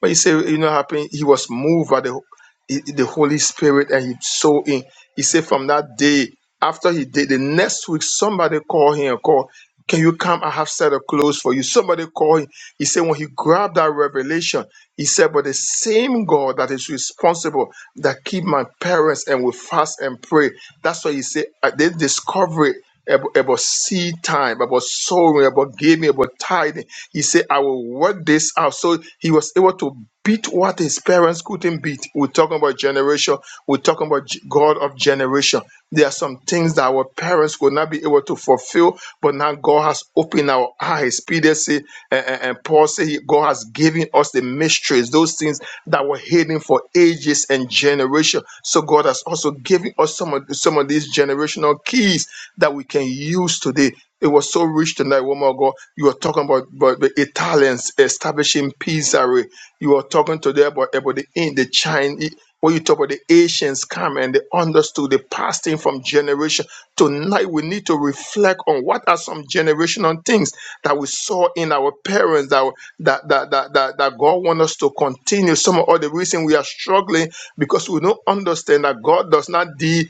S5: But he said, "You know, what happened. He was moved by the the Holy Spirit, and he sold in." He said, "From that day, after he did the next week, somebody called him and called." Can you come? I have set of clothes for you. Somebody called him. He said, when he grabbed that revelation, he said, But the same God that is responsible that keep my parents and will fast and pray. That's why he said, I did discover it about, about seed time, about sowing, about giving, about tithing. He said, I will work this out. So he was able to beat what his parents couldn't beat. We're talking about generation. We're talking about G- God of generation. There are some things that our parents could not be able to fulfill, but now God has opened our eyes. Peter said, and, and- and Paul said, he- God has given us the mysteries, those things that were hidden for ages and generation. So God has also given us some of, some of these generations generational keys that we can use today. It was so rich tonight, one more ago, You were talking about, about the Italians establishing pizzeria. You were talking today about, about the in the Chinese. When you talk about the Asians come and they understood the passing from generation. Tonight we need to reflect on what are some generational things that we saw in our parents that that that that, that, that God wants us to continue. Some of all the reason we are struggling because we don't understand that God does not deal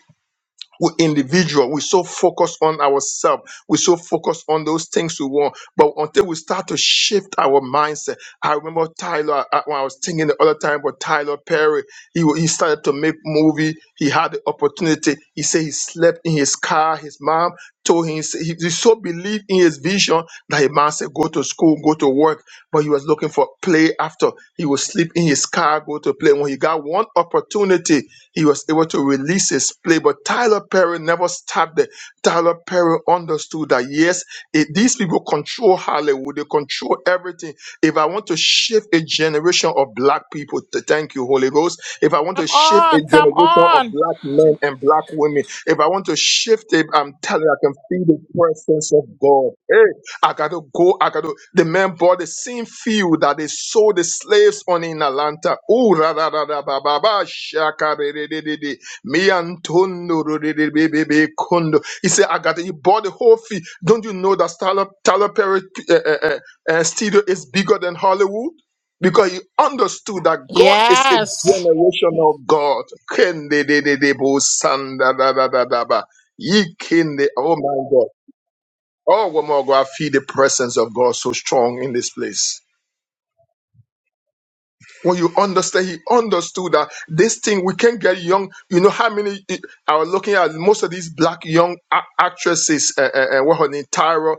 S5: we individual we so focused on ourselves we so focused on those things we want but until we start to shift our mindset i remember tyler uh, when i was thinking the other time but tyler perry he, wa- he started to make movie he had the opportunity he said he slept in his car his mom told him he, said he he so believed in his vision that his mom said go to school go to work but he was looking for play after he would sleep in his car go to play when he got one opportunity he was able to release his play, but Tyler Perry never stopped there. Tyler Perry understood that yes, it, these people control Hollywood, they control everything. If I want to shift a generation of black people, th- thank you, Holy Ghost. If I want to
S1: Come
S5: shift a
S1: on. Come
S5: generation of
S1: on.
S5: black men and black women, if I want to shift it, I'm telling you, I can feel the presence of God. Hey, I gotta go. I gotta. The man bought the same field that they sold the slaves on in Atlanta. Ooh, ra ra ra ra ba ba ba shaka re re re re re. Me antondo ro re re be be be kondo. He said, I gotta. He bought the whole field. Don't you know that Tyler Tyler Perry uh, uh, uh, uh, studio is bigger than Hollywood? Because he understood that God is a
S1: Yes.
S5: generational God. Kende de de de bo sanda da da da da ba. Ye kende. Oh my God. Oh, one more Womago, I feel the presence of God so strong in this place. When you understand, he understood that this thing, we can't get young. You know how many I was looking at most of these black young a- actresses, uh, uh, uh, what her name, Tyra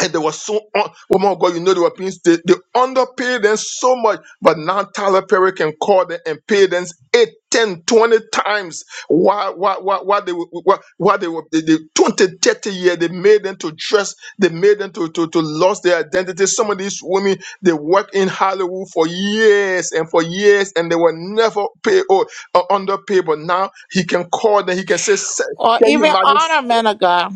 S5: and they were so un- woman of God, you know the Europeans they, they underpaid them so much, but now Tyler Perry can call them and pay them 8, 10, 20 times why why why, why they were why, why they were they, they 20, thirty years they made them to dress, they made them to, to to lose their identity. Some of these women they work in Hollywood for years and for years and they were never paid or, or underpaid, but now he can call them, he can say, "Sir,
S1: Or
S5: can you
S1: even
S5: imagine?
S1: honor men of God.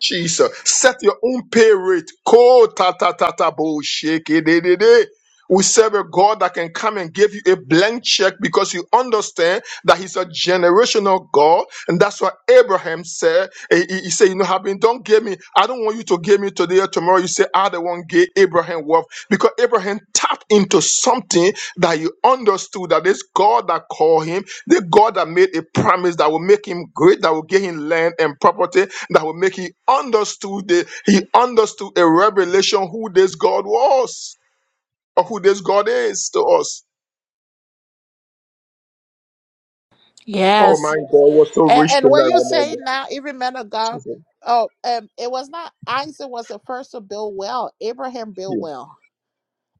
S5: Jesus. Set your own pay rate. Ko ta ta ta ta bo shake it, it, it, it. We serve a God that can come and give you a blank check because you understand that He's a generational God. And that's what Abraham said. He, he- he said, You know, having don't give me, I don't want you to give me today or tomorrow. You say, I the one gave Abraham wealth. Because Abraham tapped into something that you understood that this God that called him, the God that made a promise that will make him great, that will give him land and property, that will make he understood the, he understood a revelation who this God was or who this God is to us. Oh my
S1: Yes.
S5: God, was so
S1: And,
S5: rich
S1: and what
S5: tonight.
S1: you
S5: Oh my
S1: say
S5: God,
S1: now, even men of God,
S5: Jesus,
S1: oh, um, it was not Isaac was the first to build well. Abraham built
S5: yeah.
S1: well.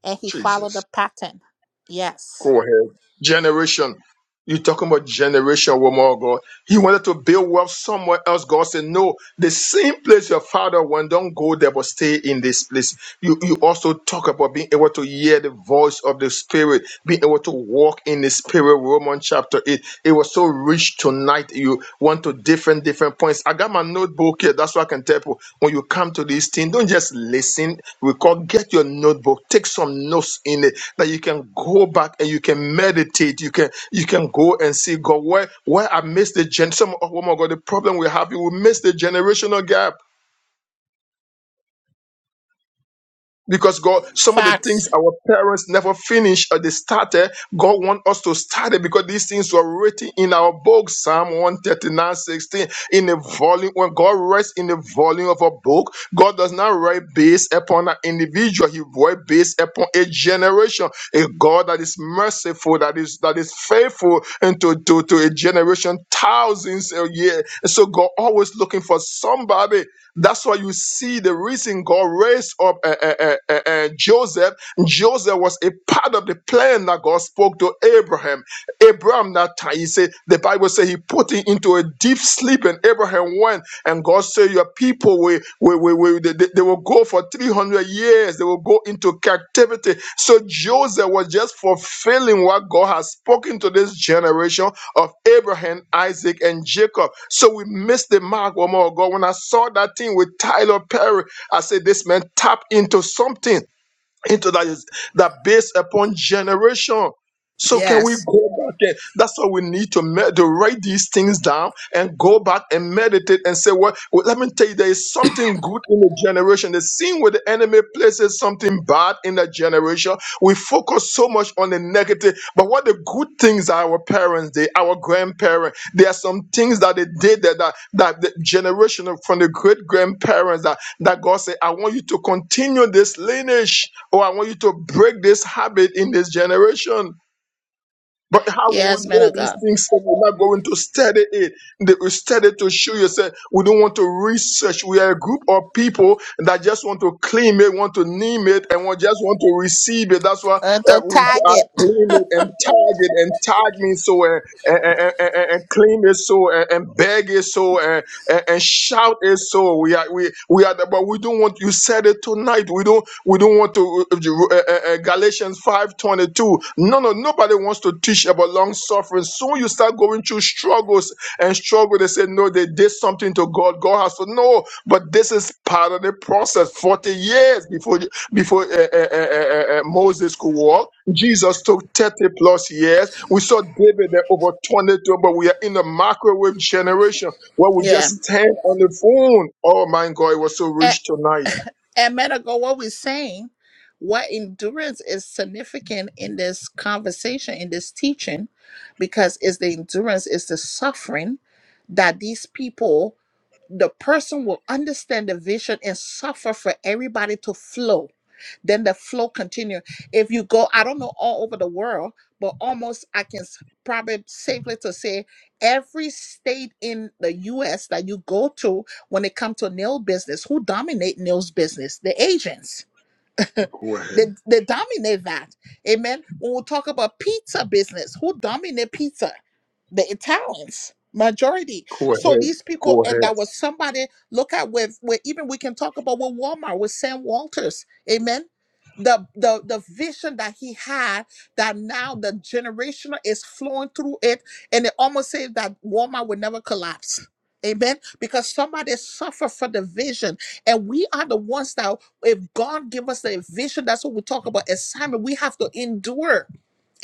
S1: And he followed
S5: Jesus.
S1: the pattern. Yes.
S5: Go ahead. Generation. you talking about generation, woman of God. He wanted to build wealth somewhere else. God said, No, the same place your father went, don't go there, but stay in this place. You, you also talk about being able to hear the voice of the Spirit, being able to walk in the Spirit. Romans chapter 8. It was so rich tonight. You went to different, different points. I got my notebook here. That's what I can tell you. When you come to this thing, don't just listen. We call get your notebook, take some notes in it that you can go back and you can meditate. You can you can go and see God where where I missed the gen. Some oh my God, the problem we have, we miss the generational gap Because God, some of the things
S1: Facts.
S5: our parents never finished or they started, God want us to start it because these things were written in our book, Psalm one thirty nine sixteen. in a volume. When God writes in the volume of a book, God does not write based upon an individual, He writes based upon a generation. A God that is merciful, that is that is faithful into to, to a generation, thousands a year. And so God always looking for somebody that's why you see the reason God raised up uh, uh, uh, uh, uh, Joseph. Joseph was a part of the plan that God spoke to Abraham. Abraham that time, he said, the Bible said he put him into a deep sleep, and Abraham went, and God said, Your people will, will, will, will- they, they- they will go for 300 years, they will go into captivity. So Joseph was just fulfilling what God has spoken to this generation of Abraham, Isaac, and Jacob. So we missed the mark, one more. God. When I saw that thing with Tyler Perry, I said, This man tapped into something. Into that is that based upon generation. So can we go
S1: Yes.
S5: back and that's why we need to, med- to write these things down and go back and meditate and say, well, well, let me tell you, there is something good in the generation. The scene where the enemy places something bad in the generation, we focus so much on the negative. But what the good things are our parents did, our grandparents, there are some things that they did that that, that the generation of- from the great grandparents that, that God said, I want you to continue this lineage, or I want you to break this habit in this generation. But how will
S1: Yes,
S5: we
S1: men
S5: know
S1: of
S5: these
S1: God.
S5: things if we're not going to study it? They will study to show yourself. We don't want to research. We are a group of people that just want to claim it, want to name it, and we just want to receive it. That's why
S1: And
S5: uh,
S1: to
S5: we
S1: target.
S5: are claim it and tag it and tag me so uh, and, and, and, and claim it so uh, and beg it so and, and shout it so we are we we are but we don't want you said it tonight we don't we don't want to uh, uh, uh, uh, uh, galatians 5 22. no no nobody wants to teach about long suffering soon you start going through struggles and struggle they say no they did something to god god has to know but this is part of the process 40 years before before uh, uh, uh, uh, uh, uh, moses could walk jesus took 30 plus years we saw david there over 22 but we are in the microwave generation well, we
S1: Yeah.
S5: just stand on the phone. Oh my God, it was so
S1: And,
S5: rich tonight.
S1: And Medical, what we're saying, what endurance is significant in this conversation, in this teaching, because it's the endurance, it's the suffering that these people, the person will understand the vision and suffer for everybody to flow. Then the flow continue. If you go, I don't know all over the world, but almost I can s- probably safely to say every state in the U.S. that you go to when it comes to nail business who dominate nails business the agents they, they dominate that. Amen. When we talk about pizza business, who dominate pizza? The Italians, majority.
S5: Go ahead,
S1: So these people,
S5: go
S1: and
S5: ahead,
S1: that was somebody, look at with, where even we can talk about with Walmart, with Sam Walters. Amen. The, the the vision that he had that now the generational is flowing through it and it almost says that Walmart will never collapse. Amen. Because somebody suffered for the vision. And we are the ones that if God give us the vision, that's what we talk about. Assignment, we have to endure.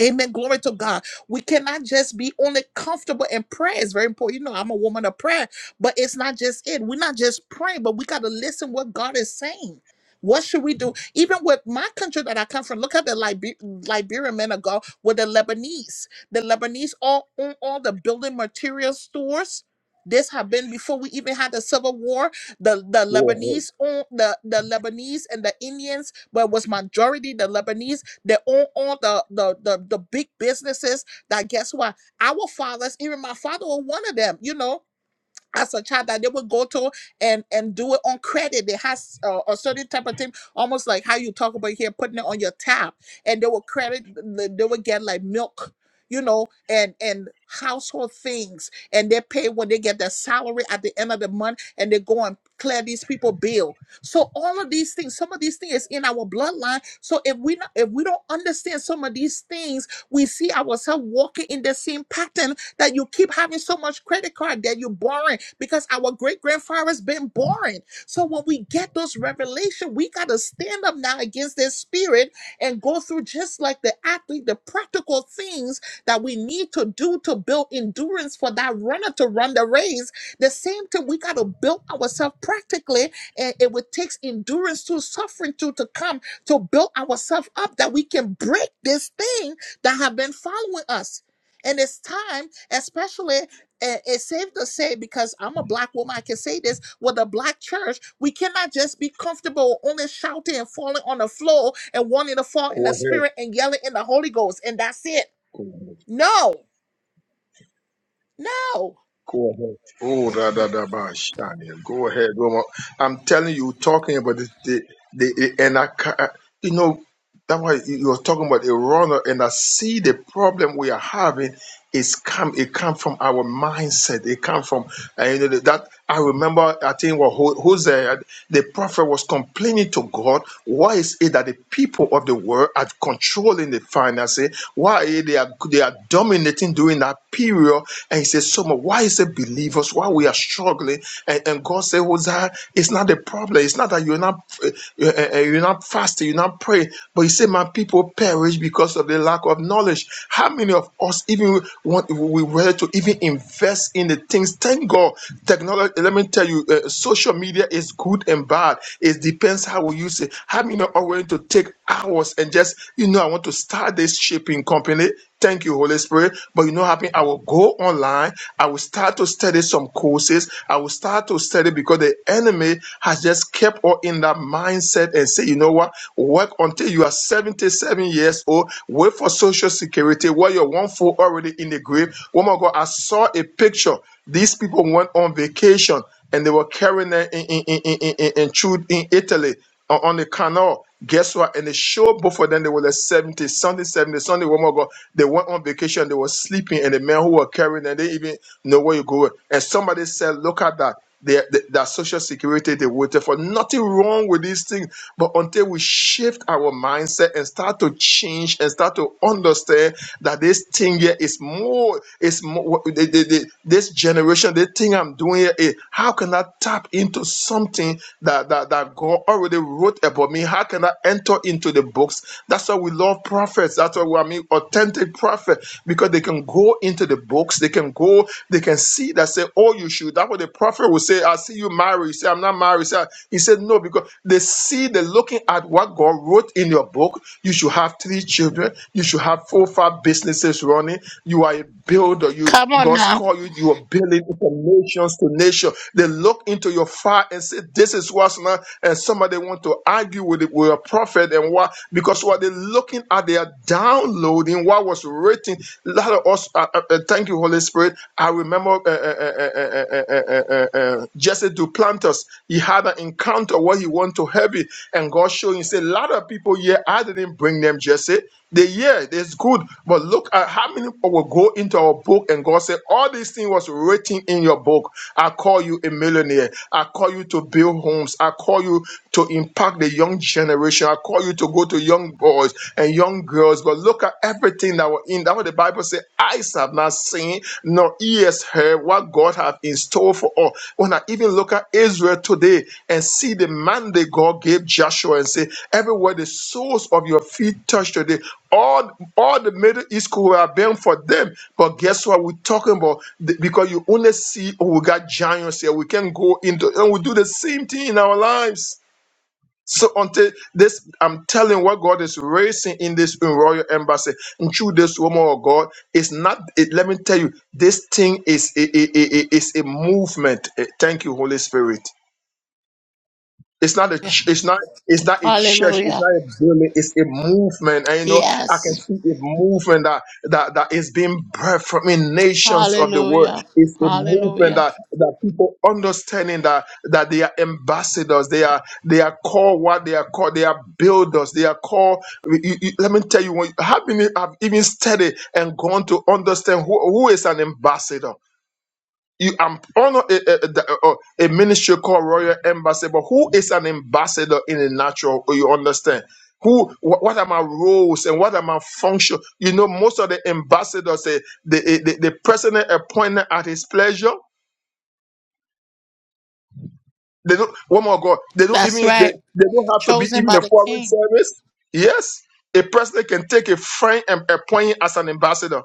S1: Amen. Glory to God. We cannot just be only comfortable in prayer. It's very important. You know, I'm a woman of prayer, but it's not just it. We're not just praying, but we got to listen what God is saying. What should we do? Even with my country that I come from, look at the Liber- Liberian men of God with the Lebanese. The Lebanese all own all the building material stores. This have been before we even had the civil war the the
S5: go ahead,
S1: Lebanese own the the Lebanese and the Indians, but it was majority the Lebanese. They own all the the the, the big businesses. That guess what? Our fathers, even my father, was one of them. You know, as a child that they would go to and and do it on credit. They has uh, a certain type of thing, almost like how you talk about here, putting it on your tab, and they would credit. They would get like milk, you know, and and household things, and they pay when they get their salary at the end of the month, and they go and clear these people bill. So all of these things, some of these things is in our bloodline. So if we not, if we don't understand some of these things, we see ourselves walking in the same pattern that you keep having so much credit card that you're borrowing because our great grandfather's been borrowing. So when we get those revelation, we got to stand up now against this spirit and go through just like the athlete, the practical things that we need to do to build endurance for that runner to run the race. The same thing, we got to build ourselves practically, and it would take endurance to suffering to to come to build ourselves up that we can break this thing that have been following us. And it's time, especially, eh, it's safe to say, because I'm a black woman, I can say this with a black church, we cannot just be comfortable only shouting and falling on the floor and wanting to fall in
S5: go
S1: the
S5: ahead,
S1: spirit and yelling in the Holy Ghost, and that's it.
S5: go ahead,
S1: No, no.
S5: go ahead. Oh, da da da ba, Shania. Go ahead, Roma. I'm telling you, talking about the the, the and I, ca- you know. That's why you you was talking about a runner, and I see the problem we are having is come. It come from our mindset. It come from uh, you know that I remember. I think what Ho- Hosea, the prophet, was complaining to God. Why is it that the people of the world are controlling the finances? Why are they are they are dominating during that period? And he says, "So much. Why is it believers? Why we are struggling?" And, and God said, "Hosea, it's not the problem. It's not that you're not you, eh, eh, not fast, you not pray. But you say, My people perish because of the lack of knowledge. How many of us even want we were to even invest in the things? Thank God, technology. Let me tell you, uh, social media is good and bad. It depends how we use it. How many are willing to take hours and just, you know, I want to start this shipping company. Thank you, Holy Spirit. But you know, what happen, I will go online. I will start to study some courses. I will start to study because the the enemy has just kept her in that mindset and say, you know what, work until you are 77 years old, wait for social security, while you're one foot already in the grave. Woman of God, I saw a picture. These people went on vacation and they were carrying them in, in, in, in, in, in, in Italy on on the canal. Guess what? And the show of them they were like 70, Sunday 70, Sunday one more go. They went on vacation, they were sleeping, and the men who were carrying them, they even know where you go. And somebody said, Look at that. They, they, that social security they waited for. Nothing wrong with these things. But until we shift our mindset and start to change and start to understand that this thing here is more, is more they, they, they, this generation, the thing I'm doing here is how can I tap into something that, that, that God already wrote about me? me? How can I enter into the books? That's why we love prophets. That's why we, I mean authentic prophet because they can go into the books. They can go. They can see that say, "Oh, you should." That's what the prophet will say. I see you married. You say, "I'm not married." You say, he said, "No," because they see. They're looking at what God wrote in your book. You should have three children. You should have four, five businesses running. You are a builder. You
S1: Come on
S5: God's
S1: now.
S5: called you. You are building from nations to nation. They look into your fire and say, "This is what's not." And somebody want to to argue with, it, with a prophet and what because what they're looking at, they are downloading what was written. A lot of us, uh, uh, uh, thank you, Holy Spirit. I remember uh, uh, uh, uh, uh, uh, uh, uh, uh, uh, uh, Jesse Duplantis. He had an encounter where he went to heaven, and God showed him. Said a lot of people here, I didn't bring them, Jesse. The year is good, but look at how many people will go into our book and God said, All these things was written in your book. I call you a millionaire. I call you to build homes. I call you to impact the young generation. I call you to go to young boys and young girls. But look at everything that were in. That's what the Bible says, eyes have not seen, nor ears heard her what God have in store for us. When I even look at Israel today and see the mandate God gave Joshua and say, everywhere the soles of your feet touch today, all, all the Middle East could have been for them. But guess what? We're talking about The- because you only see, oh, we got giants here. We can go into, and we do the same thing in our lives. So until this, I'm telling what God is raising in this royal embassy, and through this woman of God, it's not. It, let me tell you, this thing is a, a, a, a- is a movement. Eh, Thank you, Holy Spirit. It's not a. ch- It's not. It's not a church. It's
S1: Hallelujah.
S5: not a building. It's a movement, and you know I can
S1: Yes.
S5: see a movement that that that is being birthed from in nations of the world.
S1: Hallelujah.
S5: It's a movement
S1: Hallelujah.
S5: that that people understanding that that they are ambassadors. They are they are called what they are called. They are builders. They are called. you- you- you- let me tell you, when I've been I've even studied and gone to understand who, who is an ambassador you I'm on a, a, a- a- ministry called Royal Embassy, but who is an ambassador in the natural? You understand? Who? Wh- what are my roles and what are my function? You know, most of the ambassadors, they, the they, the president appointed at his pleasure. They don't. One more God. They don't even.
S1: That's
S5: They,
S1: right.
S5: they don't have to be
S1: Chosen
S5: even
S1: by
S5: a
S1: the
S5: foreign
S1: King.
S5: service. Yes, a president can take a friend and appoint him as an ambassador.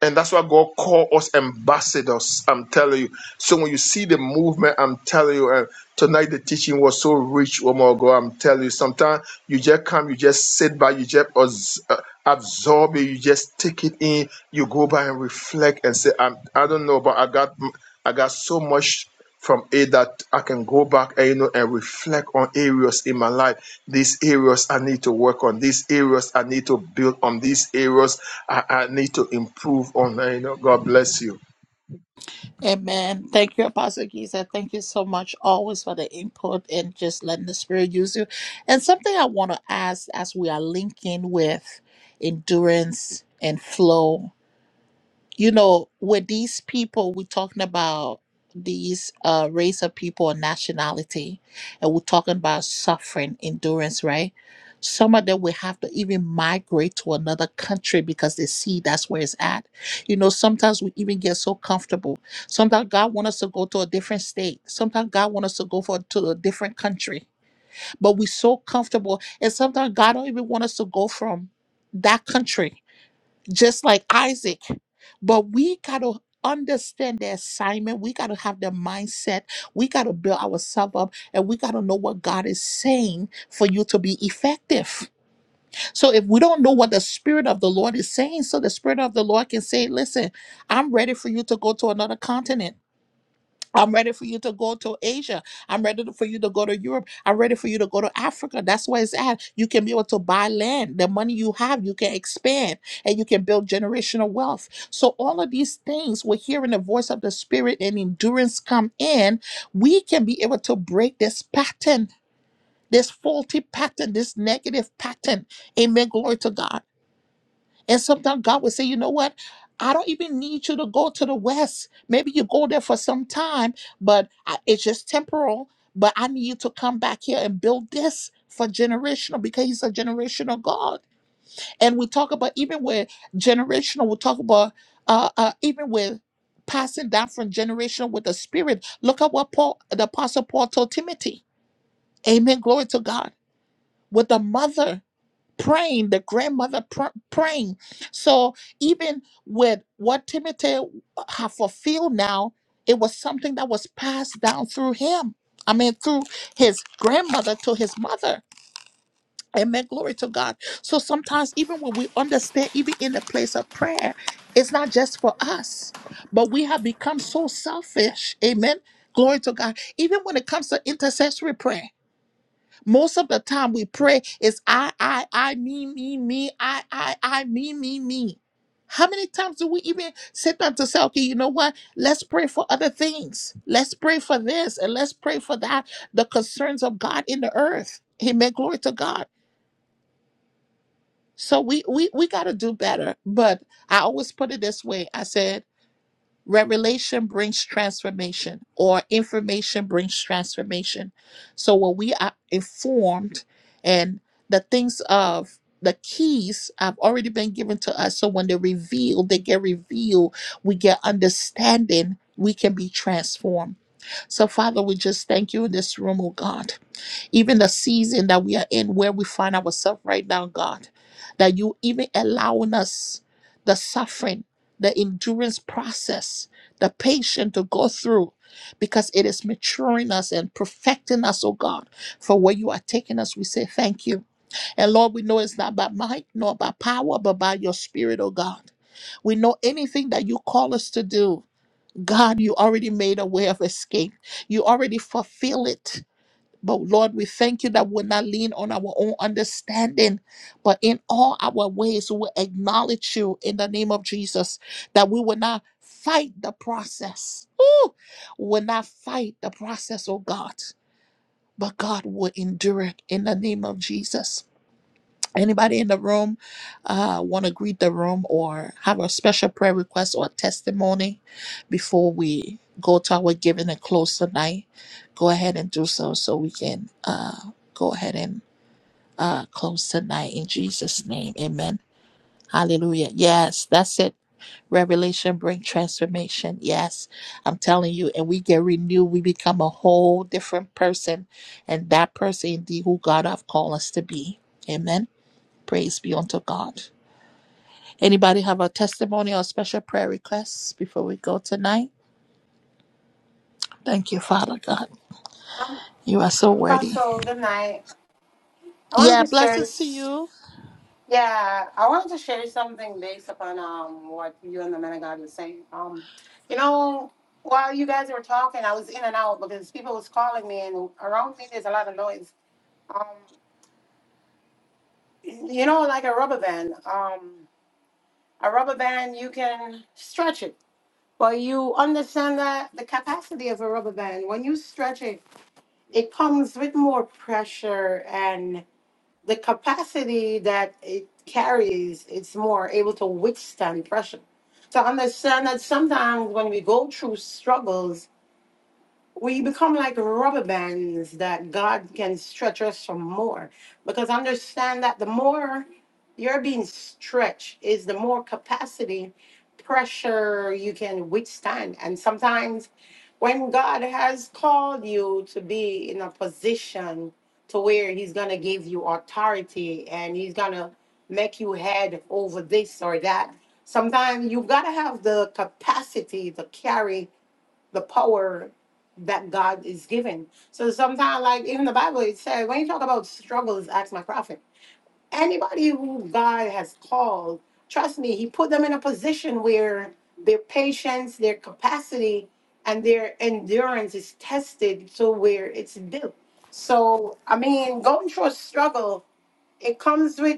S5: And that's why God called us ambassadors. I'm telling you. So when you see the movement, I'm telling you. And tonight the teaching was so rich. Oh my God, I'm telling you. Sometimes you just come, you just sit by, you just abs- uh, absorb it, you just take it in. You go by and reflect and say, I'm, I don't know, but I got, I got so much from it that I can go back and you know and reflect on areas in my life. These areas I need to work on. These areas I need to build on. These areas I, I need to improve on. You know, God bless you.
S1: Amen. Thank you, Apostle Giza. Thank you so much always for the input and just letting the Spirit use you. And something I want to ask as we are linking with endurance and flow you know, with these people, we're talking about these uh, race of people or nationality, and we're talking about suffering, endurance, right? Some of them will have to even migrate to another country because they see that's where it's at. You know, sometimes we even get so comfortable. Sometimes God wants us to go to a different state. Sometimes God wants us to go for to a different country. But we're so comfortable, and sometimes God don't even want us to go from that country just like Isaac. But we got to understand the assignment. We got to have the mindset. We got to build ourselves up and we got to know what God is saying for you to be effective. So if we don't know what the Spirit of the Lord is saying, so the Spirit of the Lord can say, listen, I'm ready for you to go to another continent. I'm ready for you to go to Asia. I'm ready to- for you to go to Europe. I'm ready for you to go to Africa. That's where it's at. You can be able to buy land. The money you have, you can expand and you can build generational wealth. So, all of these things, we're hearing the voice of the Spirit and endurance come in. We can be able to break this pattern, this faulty pattern, this negative pattern. Amen. Glory to God. And sometimes God will say, you know what? I don't even need you to go to the West. Maybe you go there for some time, but I, it's just temporal. But I need you to come back here and build this for generational because He's a generational God. And we talk about even with generational, we talk about uh, uh, even with passing down from generation with the Spirit. Look at what Paul, the Apostle Paul, told Timothy. Amen. Glory to God. With the mother praying, the grandmother pr- praying. So even with what Timothy have fulfilled now, it was something that was passed down through him. I mean, through his grandmother to his mother. Amen. Glory to God. So sometimes, even when we understand, even in the place of prayer, it's not just for us, but we have become so selfish. Amen. Glory to God. Even when it comes to intercessory prayer. Most of the time we pray is I, I, I, me, me, me, I, I, I, me, me, me. How many times do we even sit down to say, okay, you know what? Let's pray for other things. Let's pray for this and let's pray for that. The concerns of God in the earth. Amen. Glory to God. So we we we gotta do better. But I always put it this way. I said Revelation brings transformation, or information brings transformation. So when we are informed, and the things of the keys have already been given to us, so when they're revealed, they get revealed, we get understanding, we can be transformed. So, Father, we just thank you in this room, oh God even the season that we are in where we find ourselves right now, God, that you even allowing us the suffering, the endurance process, the patience to go through because it is maturing us and perfecting us, oh God, for where you are taking us. We say thank you. And Lord, we know it's not by might nor by power, but by your spirit, oh God. We know anything that you call us to do. God, you already made a way of escape. You already fulfill it but Lord, we thank you that we're not lean on our own understanding, but in all our ways, we will acknowledge you in the name of Jesus, that we will not fight the process. Ooh, we will not fight the process, oh God, but God will endure it in the name of Jesus. Anybody in the room uh, want to greet the room or have a special prayer request or testimony before we go to our giving and close tonight? Go ahead and do so so we can uh, go ahead and uh, close tonight in Jesus' name. Amen. Hallelujah. Yes, that's it. Revelation bring transformation. Yes, I'm telling you, and we get renewed. We become a whole different person, and that person indeed who God have called us to be. Amen. Praise be unto God. Anybody have a testimony or special prayer requests before we go tonight? Thank you, Father God. You are so worthy.
S6: Apostle, good night. I wanted
S1: Yeah,
S6: to share,
S1: blessings to
S6: s-
S1: you.
S6: yeah, I wanted to share something based upon um what you and the man of God were saying. Um, you know, while you guys were talking, I was in and out because people was calling me, and around me there's a lot of noise. Um, you know, like a rubber band. Um, a rubber band, you can stretch it Well, you understand that the capacity of a rubber band, when you stretch it, it comes with more pressure and the capacity that it carries, it's more able to withstand pressure. To understand that sometimes when we go through struggles, we become like rubber bands that God can stretch us some more. Because understand that the more you're being stretched is the more capacity, pressure you can withstand. And sometimes when God has called you to be in a position to where He's gonna give you authority and He's gonna make you head over this or that. Sometimes you gotta have the capacity to carry the power that God is giving. So sometimes, like even the Bible, it said when you talk about struggles, ask my prophet. Anybody who God has called, trust me, He put them in a position where their patience, their capacity, and their endurance is tested to where it's built. So I mean, going through a struggle, it comes with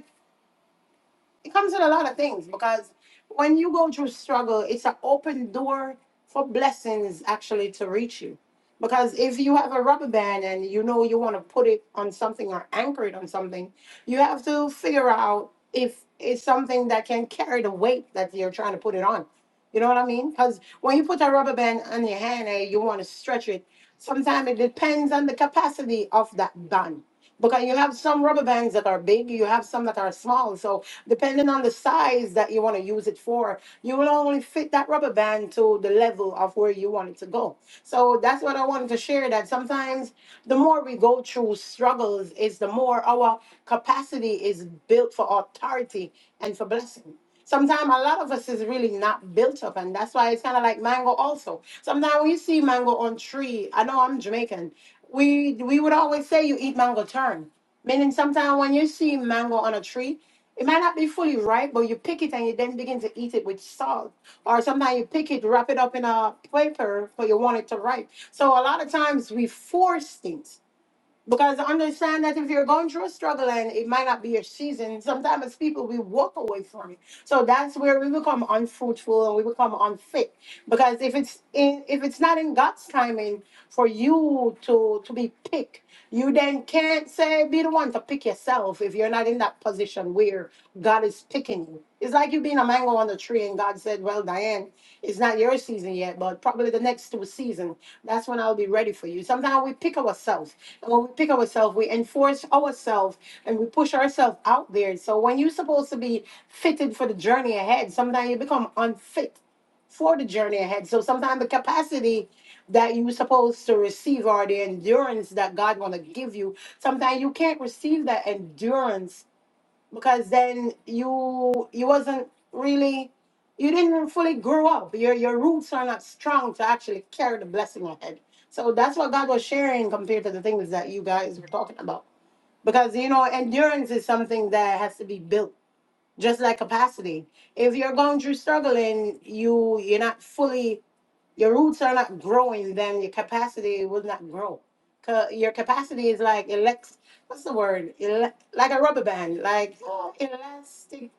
S6: it comes with a lot of things because when you go through struggle, it's an open door for blessings actually to reach you. Because if you have a rubber band and you know you want to put it on something or anchor it on something, you have to figure out if it's something that can carry the weight that you're trying to put it on. You know what I mean? Because when you put a rubber band on your hand and you want to stretch it, sometimes it depends on the capacity of that band. Because you have some rubber bands that are big, you have some that are small. So Depending on the size that you want to use it for, you will only fit that rubber band to the level of where you want it to go. So that's what I wanted to share that sometimes the more we go through struggles is the more our capacity is built for authority and for blessing. Sometimes a lot of us is really not built up, and that's why it's kind of like mango. Also, sometimes when you see mango on tree, I know I'm Jamaican. We we would always say you eat mango turn, meaning sometimes when you see mango on a tree. It might not be fully ripe, but you pick it and you then begin to eat it with salt. Or sometimes you pick it, wrap it up in a paper, but you want it to ripe. So a lot of times we force things. Because understand that if you're going through a struggle and it might not be your season, sometimes as people we walk away from it. So that's where we become unfruitful and we become unfit. Because if it's in if it's not in God's timing for you to to be picked, you then can't say be the one to pick yourself if you're not in that position where God is picking you. It's like you being a mango on the tree and God said, Well, Diane, it's not your season yet, but probably the next season. That's when I'll be ready for you. Sometimes we pick ourselves. And when we pick ourselves, we enforce ourselves and we push ourselves out there. So when you're supposed to be fitted for the journey ahead, sometimes you become unfit for the journey ahead. So sometimes the capacity that you were supposed to receive or the endurance that God want to give you, sometimes you can't receive that endurance because then you you wasn't really you didn't fully grow up your your roots are not strong to actually carry the blessing ahead so that's what god was sharing compared to the things that you guys were talking about because you know endurance is something that has to be built just like capacity if you're going through struggling you you're not fully your roots are not growing, then your capacity will not grow. grow. 'Cause Your capacity is like elect, what's the word? Ele- like a rubber band, like uh, elastic.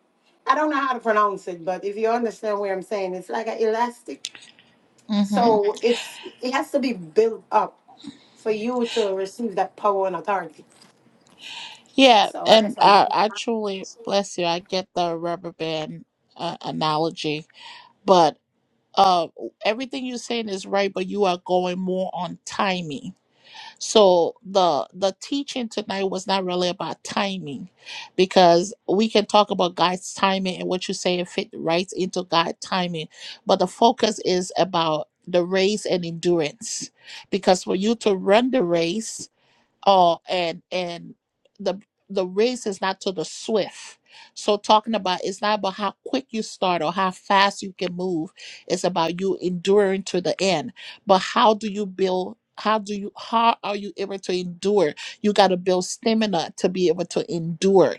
S6: I don't know how to pronounce it, but if you understand what I'm saying, it's like an elastic. So
S1: hmm
S6: Mhm. it's it has to be built up for you to receive that power and authority.
S1: Yeah,
S6: So I guess
S1: and
S6: I'm.
S1: I, I truly bless you. I get the rubber band uh, analogy, but uh, everything you're saying is right. But you are going more on timing So the the teaching tonight was not really about timing because we can talk about God's timing and what you say it fit right into God's timing. But the focus is about the race and endurance. Because for you to run the race, Oh, and and the the race is not to the swift. So talking about it's not about how quick you start or how fast you can move. It's about you enduring to the end. But how do you build how do you how are you able to endure? You got to build stamina to be able to endure.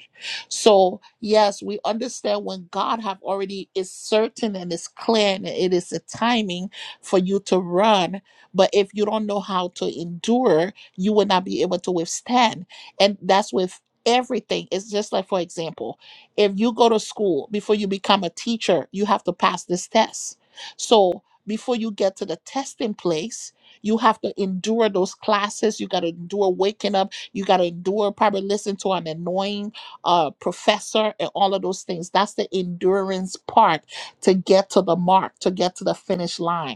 S1: So yes, we understand when God have already is certain and is clear and it is a timing for you to run. But if you don't know how to endure, you will not be able to withstand. And that's with everything. It's just like, for example, if you go to school, before you become a teacher, you have to pass this test. So before you get to the testing place, you have to endure those classes. You got to endure waking up. You got to endure probably listen to an annoying uh, professor and all of those things. That's the endurance part to get to the mark, to get to the finish line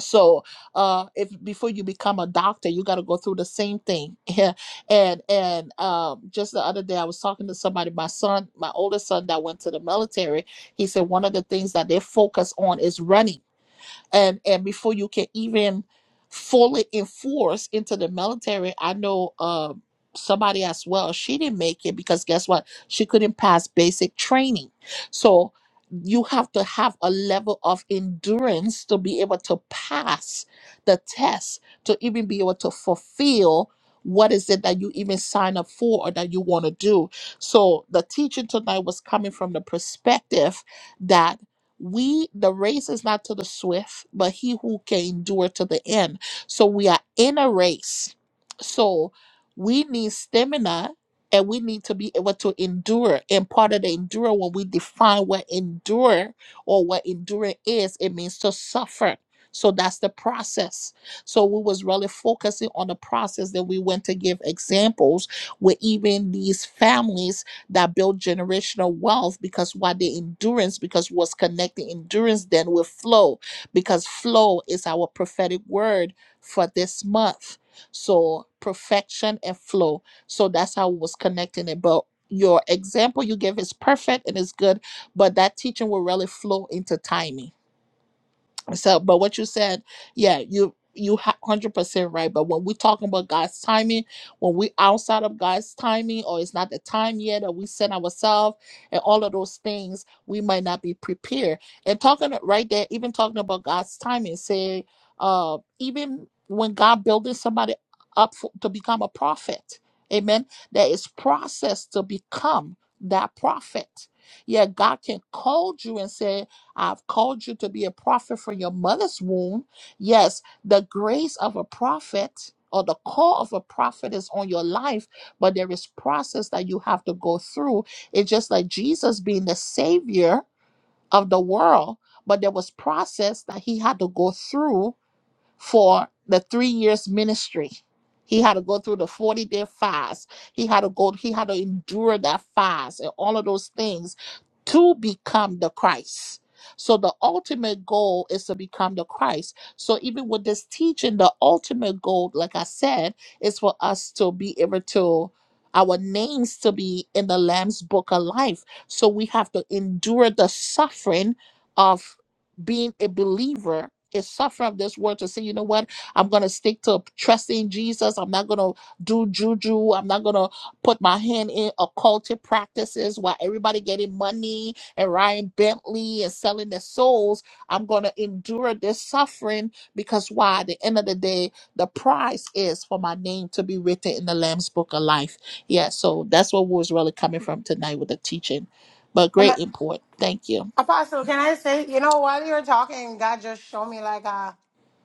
S1: so uh if before you become a doctor you got to go through the same thing and and um just the other day i was talking to somebody my son my oldest son that went to the military he said one of the things that they focus on is running and and before you can even fully enforce into the military i know um somebody as well she didn't make it because guess what she couldn't pass basic training so you have to have a level of endurance to be able to pass the test to even be able to fulfill what is it that you even sign up for or that you want to do so the teaching tonight was coming from the perspective that we the race is not to the swift but he who can endure to the end so we are in a race so we need stamina and we need to be able to endure and part of the endure when we define what endure or what enduring is it means to suffer so that's the process so we was really focusing on the process that we went to give examples with even these families that built generational wealth because what the endurance because what's connecting endurance then with flow because flow is our prophetic word for this month so perfection and flow so that's how it was connecting it but your example you give is perfect and it's good but that teaching will really flow into timing so, but what you said, yeah, you you hundred percent right. But when we talking about God's timing, when we outside of God's timing, or it's not the time yet, or we set ourselves and all of those things, we might not be prepared. And talking right there, even talking about God's timing, say, uh, even when God building somebody up for, to become a prophet, amen. There is process to become that prophet. Yeah, God can call you and say. I've called you to be a prophet from your mother's womb. Yes, the grace of a prophet or the call of a prophet is on your life, but there is process that you have to go through. It's just like Jesus being the savior of the world, but there was process that he had to go through for the three years ministry. He had to go through the 40 day fast. He had to go, he had to endure that fast and all of those things to become the Christ. So the ultimate goal is to become the Christ. So even with this teaching, the ultimate goal, like I said, is for us to be able to our names to be in the Lamb's book of life. So we have to endure the suffering of being a believer is suffering of this world to say, you know what, I'm gonna stick to trusting Jesus. I'm not gonna do juju. I'm not gonna put my hand in occultic practices while everybody getting money and riding Bentley and selling their souls. I'm gonna endure this suffering because why? At the end of the day, the price is for my name to be written in the Lamb's Book of Life. Yeah, so that's what was really coming from tonight with the teaching. But
S6: Am I?
S1: great import. Thank you.
S6: Apostle, can I say, you know, while you were talking, God just showed me like a,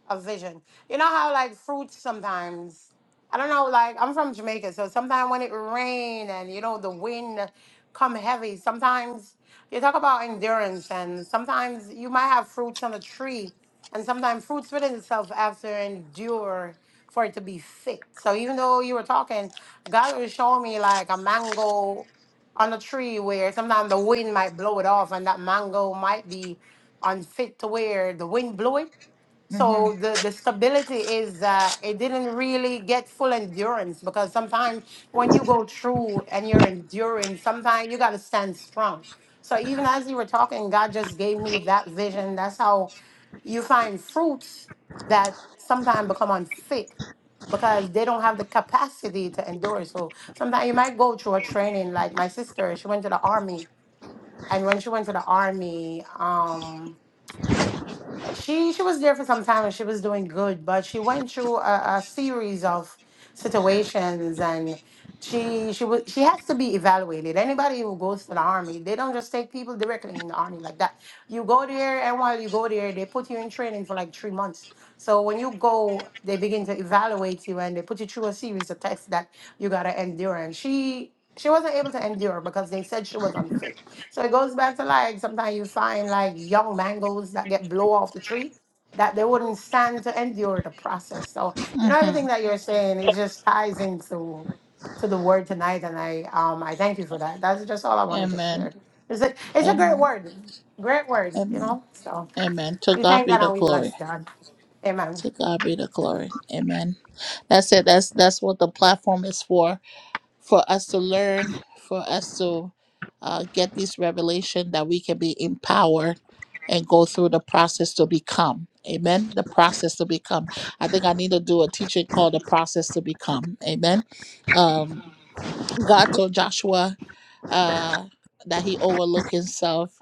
S6: a vision. You know how like fruits sometimes, I don't know, like I'm from Jamaica, so sometimes when it rain and you know the wind come heavy, sometimes you talk about endurance and sometimes you might have fruits on the tree and sometimes fruits within itself have to endure for it to be fit. So even though you were talking, God was showing me like a mango on a tree where sometimes the wind might blow it off and that mango might be unfit to where the wind blew it
S1: hmm
S6: so the, the stability is that it didn't really get full endurance because sometimes when you go through and you're enduring, sometimes you got to stand strong. So even as you were talking, God just gave me that vision. That's how you find fruits that sometimes become unfit because they don't have the capacity to endure. So sometimes you might go through a training. Like my sister, she went to the army, and when she went to the army, um she she was there for some time and she was doing good, but she went through a, a series of situations and she she was she has to be evaluated. Anybody who goes to the army, they don't just take people directly in the army like that. You go there and while you go there, they put you in training for like three months. So when you go, they begin to evaluate you and they put you through a series of tests that you gotta endure. And she she wasn't able to endure because they said she was unfit. So it goes back to like sometimes you find like young mangoes that get blow off the tree that they wouldn't stand to endure the process. So you know
S1: Mhm.
S6: everything that you're saying it just ties into to the word tonight, and I um I thank you for that. That's just all I wanted to
S1: Amen.
S6: share. It's a it's a great
S1: Amen.
S6: word, great word. You
S1: Amen.
S6: know, so
S1: Amen. To
S6: we
S1: God
S6: thank
S1: be
S6: God
S1: the
S6: and we
S1: glory.
S6: bless God. Amen.
S1: To God be the glory. Amen. That's it. That's that's what the platform is for. For us to learn, for us to uh, get this revelation that we can be empowered and go through the process to become. Amen. The process to become. I think I need to do a teaching called the process to become. Amen. Um, God told Joshua uh, that he overlooked himself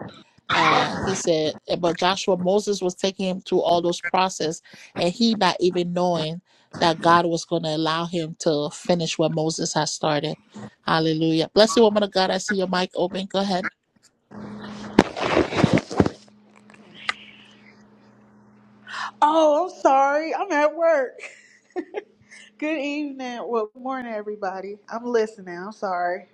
S1: uh, he said, but Joshua, Moses was taking him through all those process, and he not even knowing that God was going to allow him to finish what Moses has started. Hallelujah. Bless you, woman of God. I see your mic open. Go ahead.
S7: Oh, I'm sorry. I'm at work. Good evening. Well, good morning, everybody. I'm listening. I'm sorry.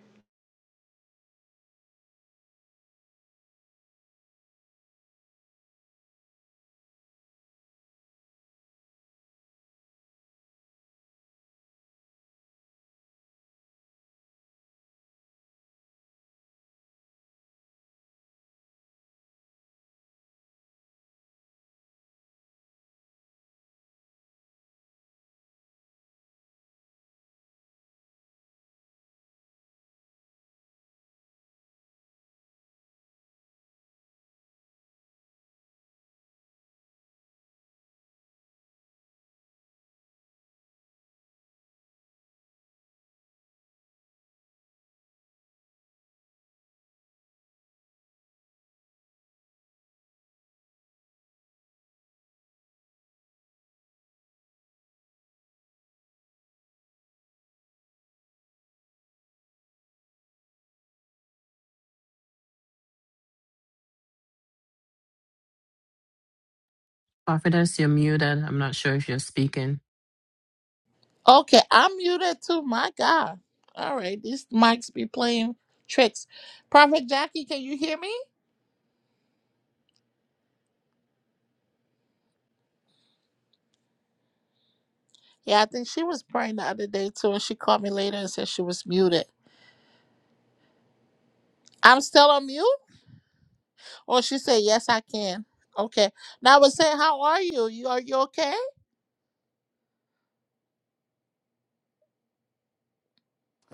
S3: Prophetess, you're muted. I'm not sure if you're speaking.
S1: Okay, I'm muted too. My God. All right, these mics be playing tricks. Prophet Jackie, can you hear me? Yeah, I think she was praying the other day too, and she called me later and said she was muted. I'm still on mute? Or she said, Yes, I can. Okay. Now I was saying, How are you? You are you okay?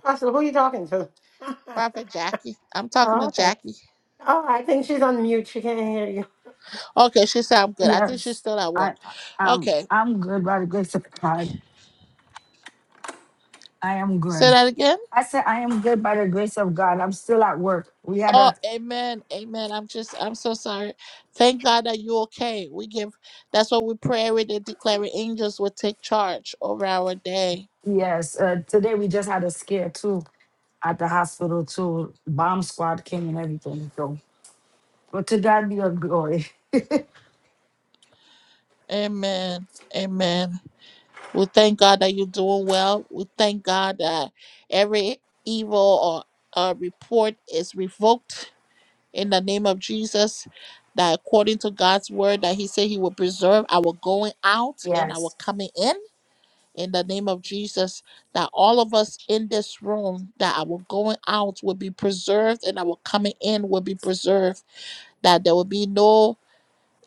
S6: Pastor, who are you talking to?
S1: Prophet Jackie. I'm talking
S6: oh,
S1: to
S6: okay.
S1: Jackie.
S6: Oh, I think she's on mute. She can't hear you.
S1: Okay, she said I'm good. I think she's
S8: Yes,
S1: still at work.
S8: I, I'm,
S1: Okay.
S8: I'm good by the grace of God. I am
S1: Say
S8: good.
S1: that again.
S8: I said I am good by the grace of God. I'm still at work. We had
S1: Oh,
S8: a
S1: amen. Amen. I'm just I'm so sorry. Thank God that you're okay. We give that's what we pray with and declaring angels will take charge over our day.
S8: yes. Uh, today we just had a scare too at the hospital too. Bomb squad came and everything. So, but to God be the glory.
S1: Amen. Amen. We thank God that you're doing well. We thank God that every evil or uh, report is revoked in the name of Jesus. That according to God's word, that He said He will preserve our going out and our
S8: Yes.
S1: coming in. In the name of Jesus, that all of us in this room, that our going out will be preserved and our coming in will be preserved. That there will be no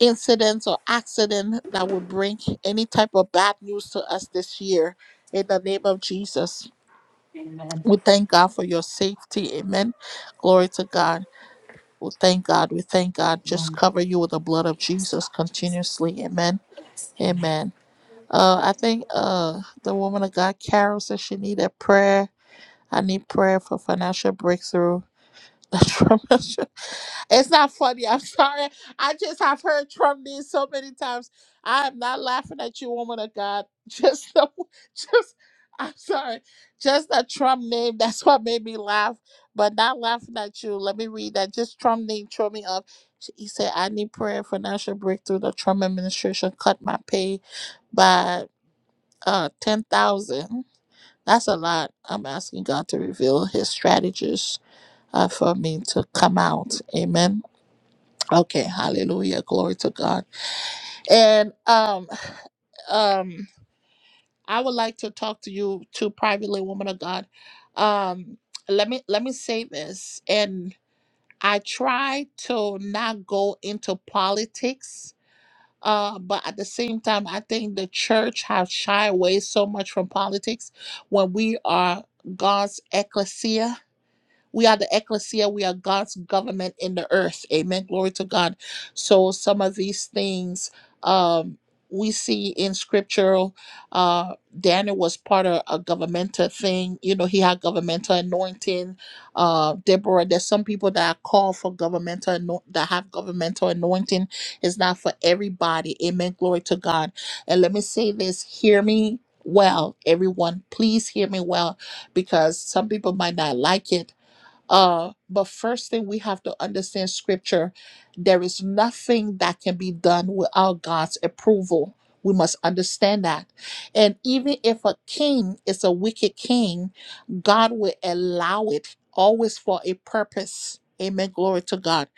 S1: incidents or accident that will bring any type of bad news to us this year in the name of jesus
S8: Amen.
S1: we thank god for your safety amen glory to god we thank god we thank god just
S8: Amen.
S1: cover you with the blood of
S8: Yes,
S1: jesus
S8: Lord Jesus.
S1: continuously amen
S8: Yes. Amen.
S1: amen uh i think uh the woman of god carol said she needed prayer i need prayer for financial breakthrough Trump. It's not funny. I'm sorry. I just have heard Trump news so many times. I am not laughing at you, woman of God. Just the, just I'm sorry. Just the Trump name. That's what made me laugh. But not laughing at you. Let me read that. Just Trump name throw me up. He said, "I need prayer for national breakthrough." The Trump administration cut my pay by uh ten thousand. That's a lot. I'm asking God to reveal His strategies uh, for me to come out. Amen. Okay, hallelujah. Glory to God. And um um I would like to talk to you too privately, woman of God. Um let me let me say this and I try to not go into politics. Uh, but at the same time, I think the church has shied away so much from politics when we are God's ecclesia We are the ecclesia. We are God's government in the earth. Amen. Glory to God. So some of these things um, we see in scriptural. Uh, Daniel was part of a governmental thing. You know, he had governmental anointing. Uh, Deborah, there's some people that are called for governmental ano- that have governmental anointing. It's not for everybody. Amen. Glory to God. And let me say this. Hear me well, everyone. Please hear me well because some people might not like it. Uh, but first thing we have to understand scripture, there is nothing that can be done without God's approval. We must understand that. And even if a king is a wicked king, God will allow it always for a purpose. Amen. Glory to God.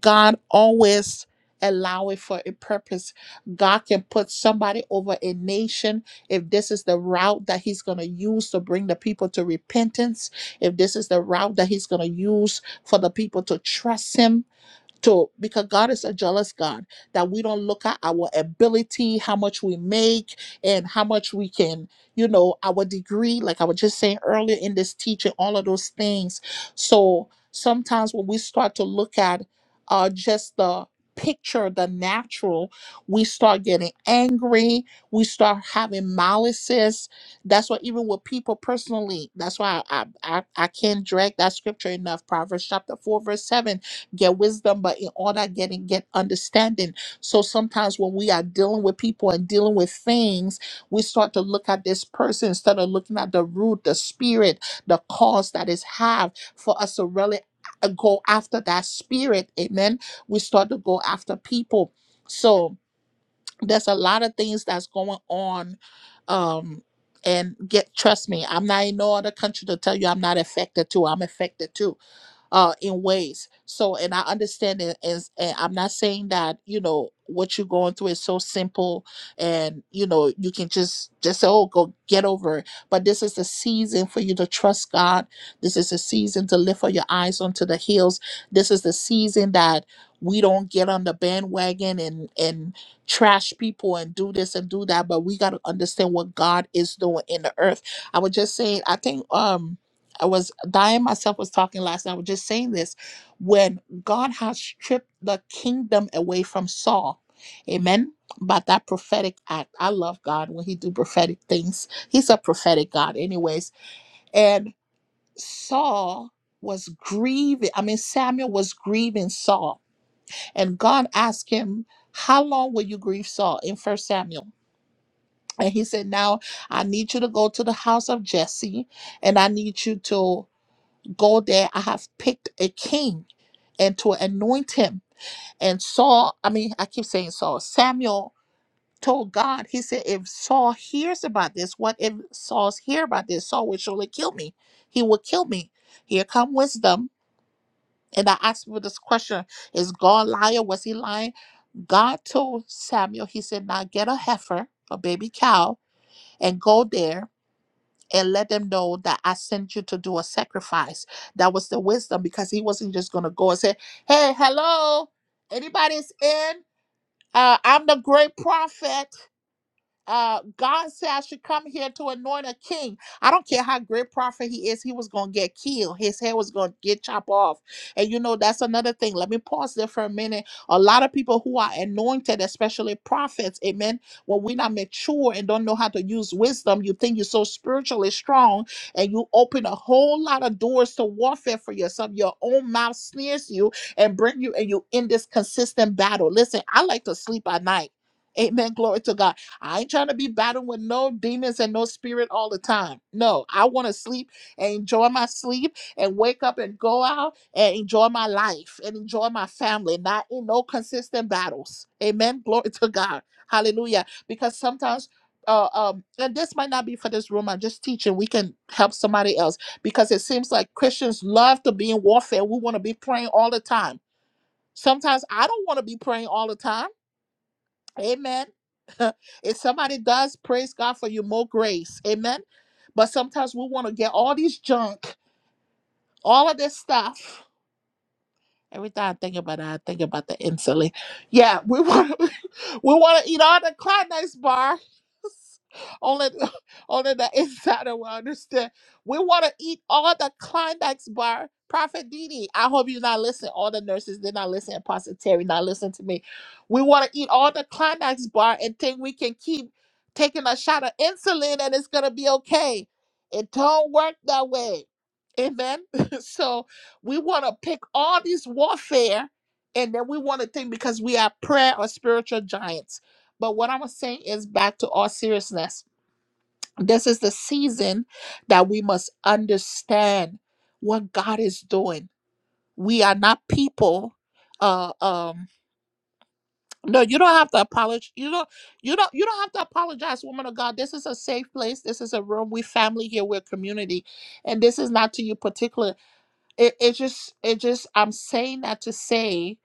S1: God always allow it for a purpose. God can put somebody over a nation if this is the route that he's going to use to bring the people to repentance if this is the route that he's going to use for the people to trust him to because God is a jealous God that we don't look at our ability, how much we make, and how much we can, you know, our degree, like I was just saying earlier in this teaching, all of those things. So sometimes when we start to look at uh just the picture, the natural, we start getting angry, we start having malices. That's why even with people personally, that's why I I, I I can't drag that scripture enough. Proverbs chapter 4, verse 7 get wisdom, but in order getting get understanding. So sometimes when we are dealing with people and dealing with things, we start to look at this person instead of looking at the root, the spirit, the cause that is have for us to really a- go after that spirit. Amen. We start to go after people. So there's a lot of things that's going on. Um and get trust me, I'm not in no other country to tell you I'm not affected too. I'm affected too uh in ways so and i understand it is and i'm not saying that you know what you're going through is so simple and you know you can just just say oh go get over it but this is a season for you to trust god this is a season to lift up your eyes onto the hills this is the season that we don't get on the bandwagon and and trash people and do this and do that but we got to understand what god is doing in the earth i was just saying i think um I was Diane myself was talking last night. I was just saying this when God has stripped the kingdom away from Saul. Amen. But that prophetic act, I love God when He do prophetic things. He's a prophetic God, anyways. And Saul was grieving. I mean, Samuel was grieving Saul, and God asked him, "How long will you grieve Saul?" In First Samuel, and he said, "Now I need you to go to the house of Jesse, and I need you to." go there. I have picked a king and to anoint him. And Saul, I mean, I keep saying Saul, Samuel told God, he said, if Saul hears about this, what if Saul's hear about this? Saul will surely kill me. He will kill me. Here come wisdom. And I asked for this question Is God liar? Was he lying? God told Samuel, he said, now get a heifer, a baby cow, and go there and let them know that I sent you to do a sacrifice. That was the wisdom because he wasn't just going to go and say, Hey, hello, anybody's in? Uh, I'm the great prophet. Uh, God said, I should come here to anoint a king. I don't care how great prophet he is, he was going to get killed. His head was going to get chopped off. And you know, that's another thing. Let me pause there for a minute. A lot of people who are anointed, especially prophets, amen, when we're not mature and don't know how to use wisdom, you think you're so spiritually strong and you open a whole lot of doors to warfare for yourself. Your own mouth sneers you and bring you, and you in this consistent battle. Listen, I like to sleep at night. Amen. Glory to God. I ain't trying to be battling with no demons and no spirit all the time. No, I want to sleep and enjoy my sleep and wake up and go out and enjoy my life and enjoy my family, not in no consistent battles. Amen. Glory to God. Hallelujah. Because sometimes. Uh, um, and this might not be for this room. I'm just teaching. We can help somebody else because it seems like Christians love to be in warfare. We want to be praying all the time. Sometimes I don't want to be praying all the time. Amen. if somebody does, praise God for you, more grace. Amen. But sometimes we want to get all these junk, all of this stuff. Every time I think about it, I think about the insulin. Yeah, we want we want to eat all the Kleenex bars. Only, the- only the insider will understand. We want to eat all the Kleenex bar. Prophet Didi, I hope you're not listening. All the nurses, they're not listening. Pastor Terry, not listening to me. We want to eat all the Kleenex bar and think we can keep taking a shot of insulin and it's going to be okay. It don't work that way. Amen. so, we want to pick all these warfare and then we want to think because we are prayer or spiritual giants. But what I'm saying is back to all seriousness. This is the season that we must understand what God is doing. We are not people. Uh, um, no, you don't have to apologize. You don't. You don't. You don't have to apologize, woman of God. This is a safe place. This is a room. We family here. We're community, and this is not to you particular it, it just it just i'm saying that to say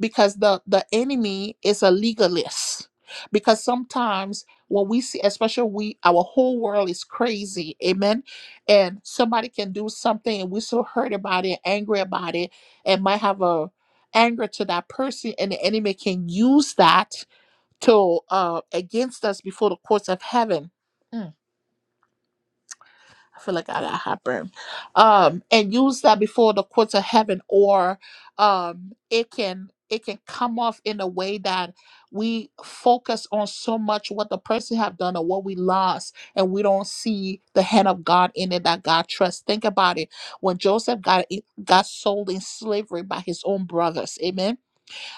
S1: because the the enemy is a legalist because sometimes when we see especially we our whole world is crazy amen and somebody can do something and we're so hurt about it angry about it and might have a anger to that person and the enemy can use that to uh against us before the courts of heaven I feel like I got heartburn. Um, and use that before the courts of heaven, or um, it can it can come off in a way that we focus on so much what the person have done or what we lost, and we don't see the hand of God in it that God trusts. Think about it. When Joseph got got sold in slavery by his own brothers, Amen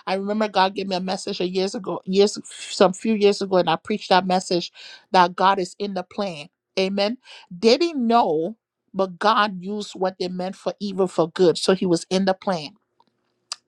S1: I remember God gave me a message a years ago, years some few years ago, and I preached that message that God is in the plan. Amen. They didn't know, but God used what they meant for evil for good. So he was in the plan.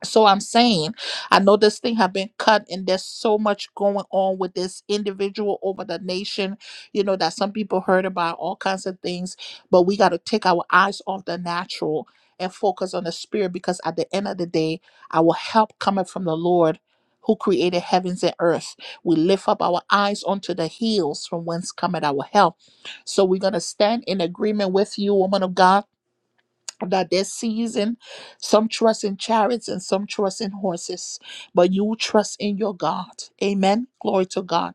S1: So I'm saying, I know this thing have been cut, and there's so much going on with this individual over the nation. You know that some people heard about all kinds of things, but we got to take our eyes off the natural and focus on the spirit, because at the end of the day, our help coming from the Lord, who created heavens and earth. We lift up our eyes onto the hills from whence cometh our help. So we're gonna stand in agreement with you, woman of God that this season some trust in chariots and some trust in horses but you trust in your god amen glory to god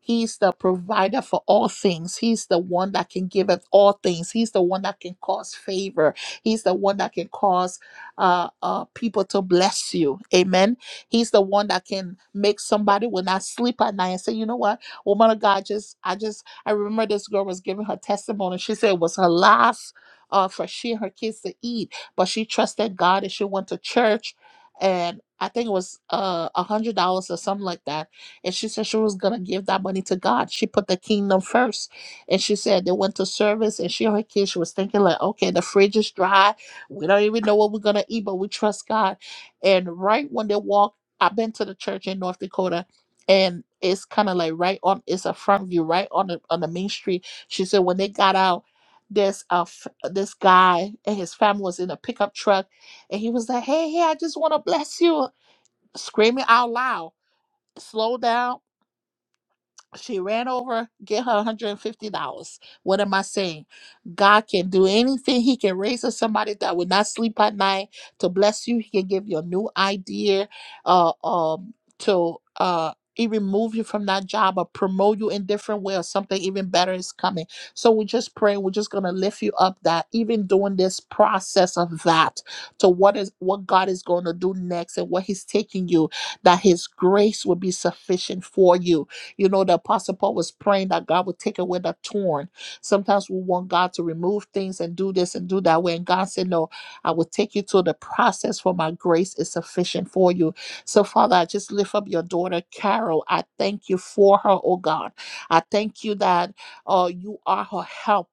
S1: He's the provider for all things. He's the one that can give us all things. He's the one that can cause favor. He's the one that can cause uh, uh, people to bless you. Amen. He's the one that can make somebody will not sleep at night and say, you know what, woman of God, just I just I remember this girl was giving her testimony. She said it was her last uh, for she and her kids to eat, but she trusted God and she went to church, and I think it was uh a hundred dollars or something like that and she said she was gonna give that money to God. She put the kingdom first, and she said they went to service, and she and her kids. She was thinking like, okay, the fridge is dry. We don't even know what we're gonna eat, but we trust God. And right when they walked, I've been to the church in North Dakota, and it's kind of like right on. It's a front view, right on the on the main street. She said when they got out. This uh, f- this guy and his family was in a pickup truck, and he was like, "Hey, hey, I just want to bless you," screaming out loud. Slow down, she ran over, get her $150. What am I saying? God can do anything. He can raise up somebody that will not sleep at night to bless you. He can give you a new idea uh, um, to uh, even move you from that job or promote you in different way or something even better is coming. So we just pray. We're just going to lift you up that even during this process of that to what is what God is going to do next and what he's taking you, that his grace will be sufficient for you you know, the Apostle Paul was praying that God would take away the thorn. Sometimes we want God to remove things and do this and do that way. And God said, No, I will take you through the process, for my grace is sufficient for you. So, Father, I just lift up your daughter, Carol. I thank you for her, oh God. I thank you that uh, you are her help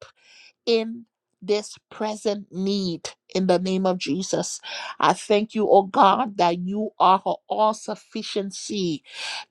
S1: in this present need in the name of Jesus. I thank you, oh God, that you are her all sufficiency.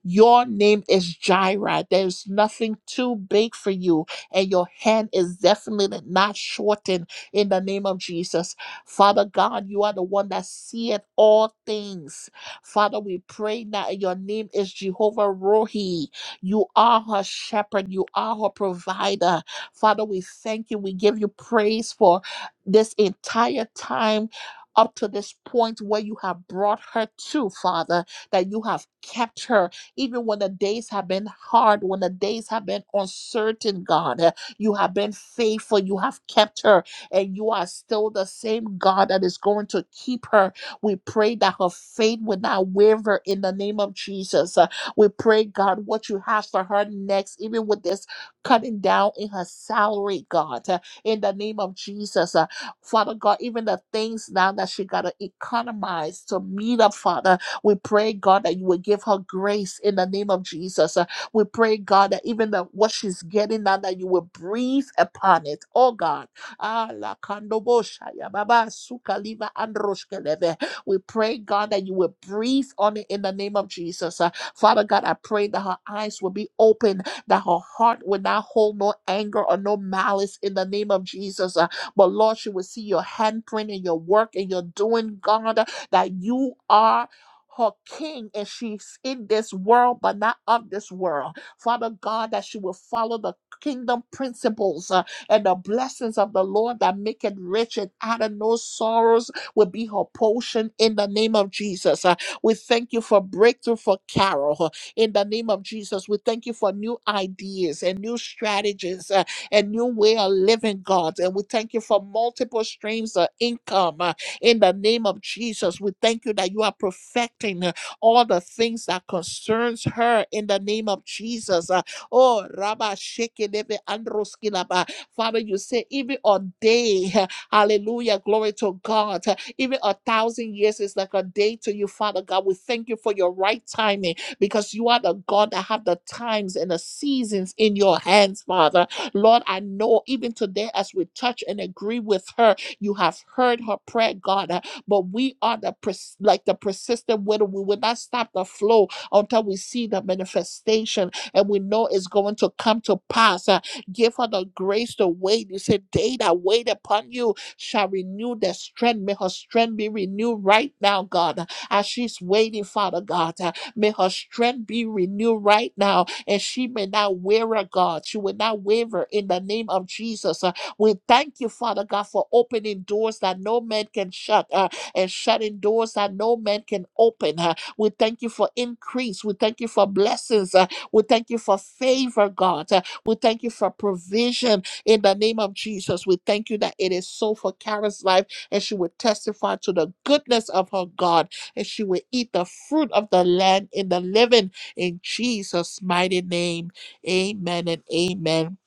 S1: Your name is Jireh. There's nothing too big for you, and your hand is definitely not shortened in the name of Jesus. Father God, you are the one that seeth all things. Father, we pray now, and your name is Jehovah Rohi. You are her shepherd, you are her provider. Father, we thank you. We give you praise for this entire time. Up to this point where you have brought her to, Father, that you have kept her, even when the days have been hard, when the days have been uncertain, God, uh, you have been faithful, you have kept her, and you are still the same God that is going to keep her. We pray that her faith will not waver in the name of Jesus. Uh, we pray, God, what you have for her next, even with this cutting down in her salary, God, uh, in the name of Jesus. uh, Father God, even the things now that she got to economize to meet up, Father, we pray, God, that you will give her grace in the name of Jesus. uh, we pray, God, that even the, what she's getting now, that you will breathe upon it. Oh, God. Ah, la kandobo shaya baba suka liva androshkeleve. We pray, God, that you will breathe on it in the name of Jesus. Uh, Father God, I pray that her eyes will be open that her heart would not hold no anger or no malice in the name of Jesus. Uh, but Lord, she will see your handprint and your work and your doing, God, uh, that you are. Her king, and she's in this world, but not of this world. Father God, that she will follow the kingdom principles uh, and the blessings of the Lord that make it rich and out of no sorrows will be her portion in the name of Jesus. Uh, we thank you for breakthrough for Carol in the name of Jesus. We thank you for new ideas and new strategies uh, and new way of living, God. And we thank you for multiple streams of income uh, in the name of Jesus. We thank you that you are perfecting uh, all the things that concerns her in the name of Jesus. Uh, oh, Rabba Shekinebe Androskilaba. Father, you say even a day, hallelujah, glory to God. uh, Even a thousand years is like a day to you, Father God. We thank you for your right timing because you are the God that have the times and the seasons in your hands, Father. Lord, I know even today as we touch and agree with her, you have heard her prayer, God. Uh, But we are the pers- like the persistent widow. We will not stop the flow until we see the manifestation and we know it's going to come to pass. Uh, Give her the grace to wait. You said, They that wait upon you shall renew their strength. May her strength be renewed right now, God, as she's waiting, Father God. uh. May her strength be renewed right now, and she may not waver, God. She will not waver in the name of Jesus. Uh, We thank you, Father God, for opening doors that no man can shut uh, and shutting doors that no man can open. uh. We thank you for increase. We thank you for blessings. uh. We thank you for favor, God. Uh, We thank you for provision in the name of Jesus. We thank you that it is so for Kara's life, and she will testify to the goodness of her God and she will eat the fruit of the land in the living in Jesus' mighty name. Amen and amen.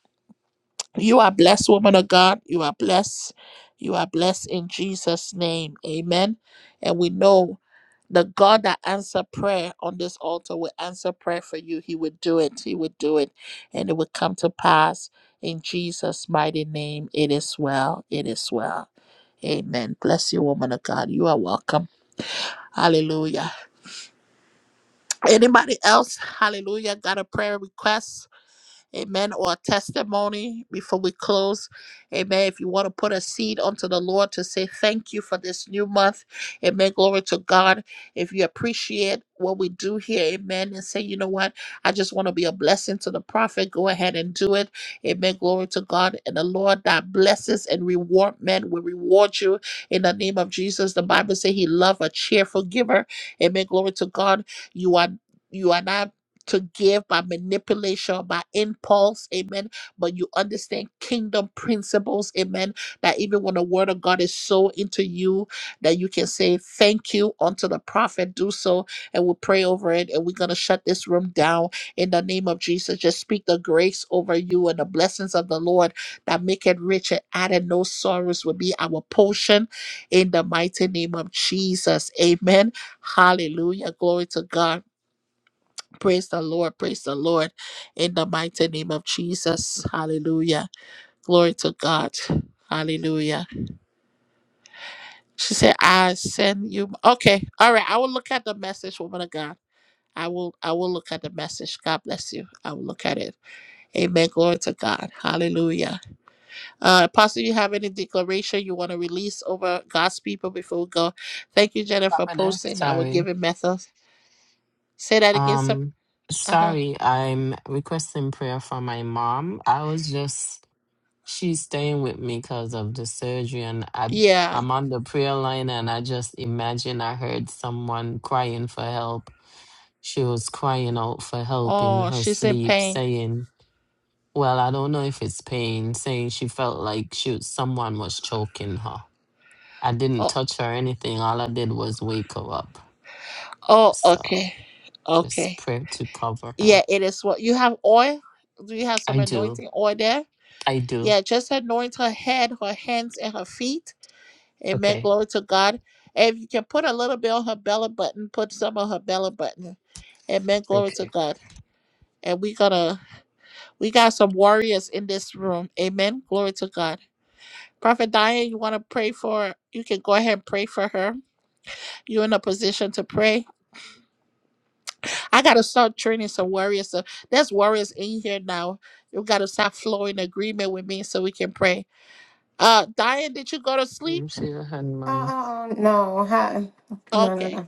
S1: You are blessed, woman of God. You are blessed. You are blessed in Jesus' name. Amen. And we know the God that answered prayer on this altar will answer prayer for you. He would do it. He would do it. And it would come to pass in Jesus' mighty name. It is well. It is well. Amen. Bless you, woman of God. You are welcome. Hallelujah. Anybody else? Hallelujah. Got a prayer request? Amen. Or a testimony before we close. Amen. If you want to put a seed unto the Lord to say thank you for this new month. Amen. Glory to God. If you appreciate what we do here, amen. And say, you know what? I just want to be a blessing to the prophet. Go ahead and do it. Amen. Glory to God. And the Lord that blesses and reward men will reward you in the name of Jesus. The Bible says he loved a cheerful giver. Amen. Glory to God. You are you are not to give by manipulation, by impulse, amen. But you understand kingdom principles, amen. That even when the word of God is so into you, that you can say thank you unto the prophet, do so, and we'll pray over it. And we're going to shut this room down in the name of Jesus. Just speak the grace over you and the blessings of the Lord that make it rich and added no sorrows will be our portion in the mighty name of Jesus, amen. Hallelujah. Glory to God. Praise the Lord. Praise the Lord. In the mighty name of Jesus. Hallelujah. Glory to God. Hallelujah. She said, I send you. Okay. All right. I will look at the message, woman of God. I will I will look at the message. God bless you. I will look at it. Amen. Glory to God. Hallelujah. Uh Apostle, you have any declaration you want to release over God's people before we go? Thank you, Jennifer, for
S3: Prophetess,
S1: posting our
S3: sorry.
S1: giving methods. Say that again. sir.
S3: Um,
S1: Uh huh.
S3: sorry, I'm requesting prayer for my mom. I was just she's staying with me because of the surgery, and I
S1: Yeah.
S3: I'm on the prayer line, and I just imagine I heard someone crying for help. She was crying out for help in
S1: Oh,
S3: her
S1: she's in
S3: sleep,
S1: pain.
S3: saying, "Well, I don't know if it's pain," saying she felt like she someone was choking her I didn't
S1: Oh,
S3: touch her or anything. All I did was wake her up.
S1: Oh,
S3: So
S1: okay.
S3: just
S1: Okay.
S3: pray to cover her.
S1: Yeah, it is what you have oil. Do you have some
S3: I do.
S1: anointing oil there?
S3: I do.
S1: Yeah, just anoint her head, her hands, and her feet. Amen.
S3: Okay.
S1: Glory to God. And if you can put a little bit on her belly button, put some on her belly button. Amen. Glory to
S3: Okay.
S1: God. And we gotta we got some warriors in this room. Amen. Glory to God. Prophet Diane, you wanna pray for you can go ahead and pray for her. You're in a position to pray. I gotta start training some warriors. So there's warriors in here now. You gotta start flowing agreement with me so we can pray. Uh Diane, did you go to sleep?
S3: You see your hand, mommy.
S6: Oh, no. Hi. No, no,
S1: Okay.
S6: no.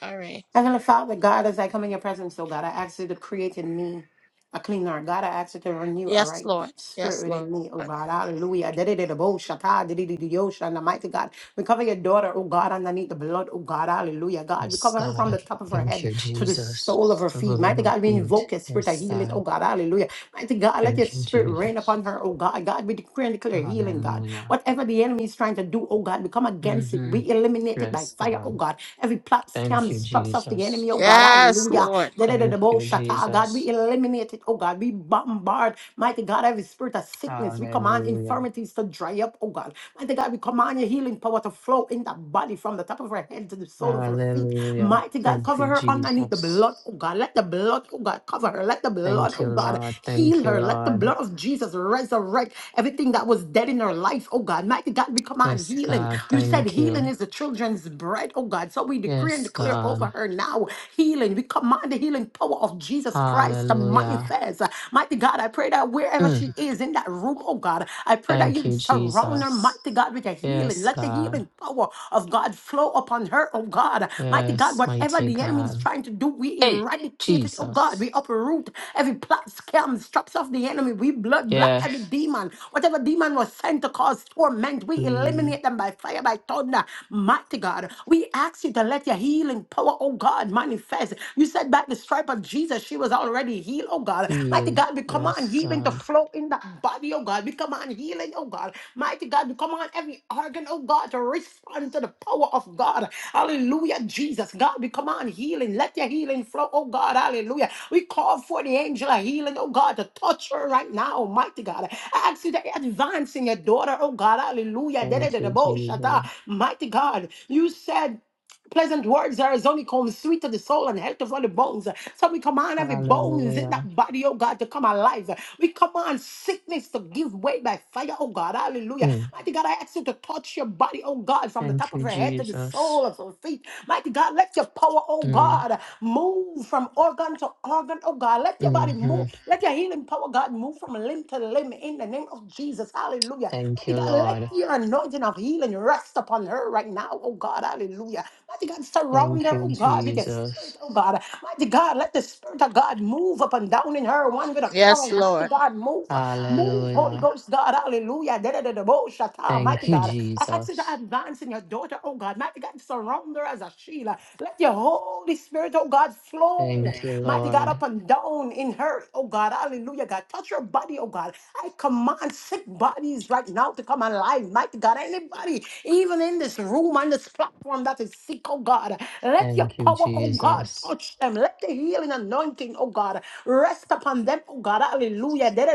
S1: All right.
S6: Heavenly Father, God, as I come in your presence, oh God, I ask you to create in me a clean heart. God, I ask you to renew a
S1: Yes,
S6: right
S1: Lord.
S6: spirit
S1: Yes, Lord.
S6: within me, oh God. Hallelujah. Da-da-da-da-bo, shata, da-da-da-da-yo, shana. Mighty God, we cover your daughter, oh God, underneath the blood, oh God. Hallelujah. God, we
S3: Yes,
S6: cover her from the
S3: God.
S6: top of her
S3: Thank
S6: head
S3: you,
S6: to the
S3: Jesus.
S6: sole of her feet.
S3: Soul of
S6: Mighty
S3: my
S6: God, we
S3: feet.
S6: invoke your spirit of
S3: Yes,
S6: healing, oh
S3: God.
S6: God. Hallelujah. Mighty God, let your
S3: Thank you,
S6: spirit rain
S3: Jesus.
S6: upon her, oh God. God, we decree and declare healing, God.
S3: Hallelujah.
S6: Whatever the enemy is trying to do, oh God, we come against it.
S3: hmm
S6: We eliminate it by
S3: Yes,
S6: fire, oh
S3: God.
S6: God. Every plot, scam,
S3: Thank you,
S6: traps of the
S3: Jesus.
S6: enemy, oh God.
S1: Yes,
S6: Hallelujah.
S1: Lord.
S3: Thank
S6: Da-da-da-da-bo,
S3: you,
S6: shata, God, we
S3: Jesus.
S6: eliminate it, oh God. We bombard, mighty God, every spirit of sickness. We command
S3: Hallelujah.
S6: infirmities to dry up, oh God. Mighty God, we command your healing power to flow in that body from the top of her head to the sole of her feet.
S3: Hallelujah.
S6: Mighty God,
S3: Thank
S6: cover
S3: you,
S6: her underneath the
S3: Jesus.
S6: blood, oh God. Let the blood, oh God, cover her. Let the blood,
S3: Thank
S6: oh
S3: you,
S6: God,
S3: Lord. Thank
S6: heal
S3: you,
S6: her. Let the
S3: Lord.
S6: blood of Jesus resurrect everything that was dead in her life, oh God. Mighty God, we command
S3: Yes,
S6: healing.
S3: God.
S6: You said
S3: Thank
S6: healing
S3: you.
S6: is the children's bread, oh God. So we decree and
S3: Yes,
S6: declare
S3: God.
S6: over her now healing. We command the healing power of Jesus Christ to
S3: Hallelujah.
S6: manifest. Mighty God, I pray that wherever she
S3: Mm.
S6: is in that room, oh God, I pray that
S3: Thank
S6: you
S3: you,
S6: surround around her,
S3: Jesus.
S6: mighty God, with a healing.
S3: Yes,
S6: Let the
S3: God.
S6: healing power of God flow upon her, oh God. Mighty God,
S3: Yes,
S6: whatever
S3: mighty
S6: the enemy is
S3: God.
S6: trying to do, we
S3: Hey,
S6: eradicate it, oh God.
S3: Jesus.
S6: We uproot every plot, scam, straps of the enemy. We blood block every
S3: Yes.
S6: demon. Whatever demon was sent to cause torment, we
S3: Mm.
S6: eliminate them by fire, by thunder. Mighty God, we ask you to let your healing power, oh God, manifest. You said by the stripe of Jesus, she was already healed heal, oh God. Mighty
S3: Heal.
S6: God, we command
S3: Yes,
S6: healing to
S3: God.
S6: flow in that body, oh God. We command healing, oh God. Mighty God, we command every organ, oh God, to respond to the power of God. Hallelujah, Jesus. God, we command healing. Let your healing flow, oh God. Hallelujah. We call for the angel of healing, oh God, to touch her right now, Almighty God. I ask you to advance in your daughter, oh God. Hallelujah.
S3: Thank you, Jesus.
S6: Da-da-da-da-bo-shata. Mighty God, you said Pleasant words are as only come sweet to the soul and health of all the bones. So we command every bones in
S3: Hallelujah.
S6: that body, oh God, to come alive. We command sickness to give way by fire, oh God. Hallelujah.
S3: Mm.
S6: Mighty God, I ask you to touch your body, oh God, from the
S3: Thank
S6: top of
S3: you,
S6: your head to the
S3: Jesus.
S6: sole of your feet. Mighty God, let your power, oh
S3: Mm.
S6: God, move from organ to organ, oh God. Let your body
S3: hmm
S6: move. Let your healing power, God, move from limb to limb in the name of Jesus. Hallelujah.
S3: Thank
S6: Mighty
S3: you,
S6: God, let
S3: Lord.
S6: your anointing of healing rest upon her right now, oh God. Hallelujah. Mighty God, surround
S3: Thank
S6: her,
S3: you,
S6: oh God, with your spirit,
S3: Jesus.
S6: oh God. Mighty God, let the spirit of God move up and down in her, one with a
S1: Yes,
S6: crown. Mighty
S1: Lord.
S6: God, move. Move, Holy
S3: Hallelujah.
S6: Ghost, God, hallelujah. Da-da-da-da-bo-shata.
S3: Thank
S6: Mighty
S3: you,
S6: God, I ask you to
S3: Jesus.
S6: advance in your daughter, oh God. Mighty God, surround her as a shield. Let your Holy Spirit, oh God, flow.
S3: Thank you,
S6: Mighty God, up
S3: Lord.
S6: and down down in her, oh God, hallelujah, God. Touch her body, oh God. I command sick bodies right now to come alive, mighty God. Anybody, even in this room, on this platform that is sick, oh God, let your
S3: Thank you,
S6: power, oh God,
S3: Jesus.
S6: touch them. Let the healing anointing, oh God, rest upon them, oh God, hallelujah. da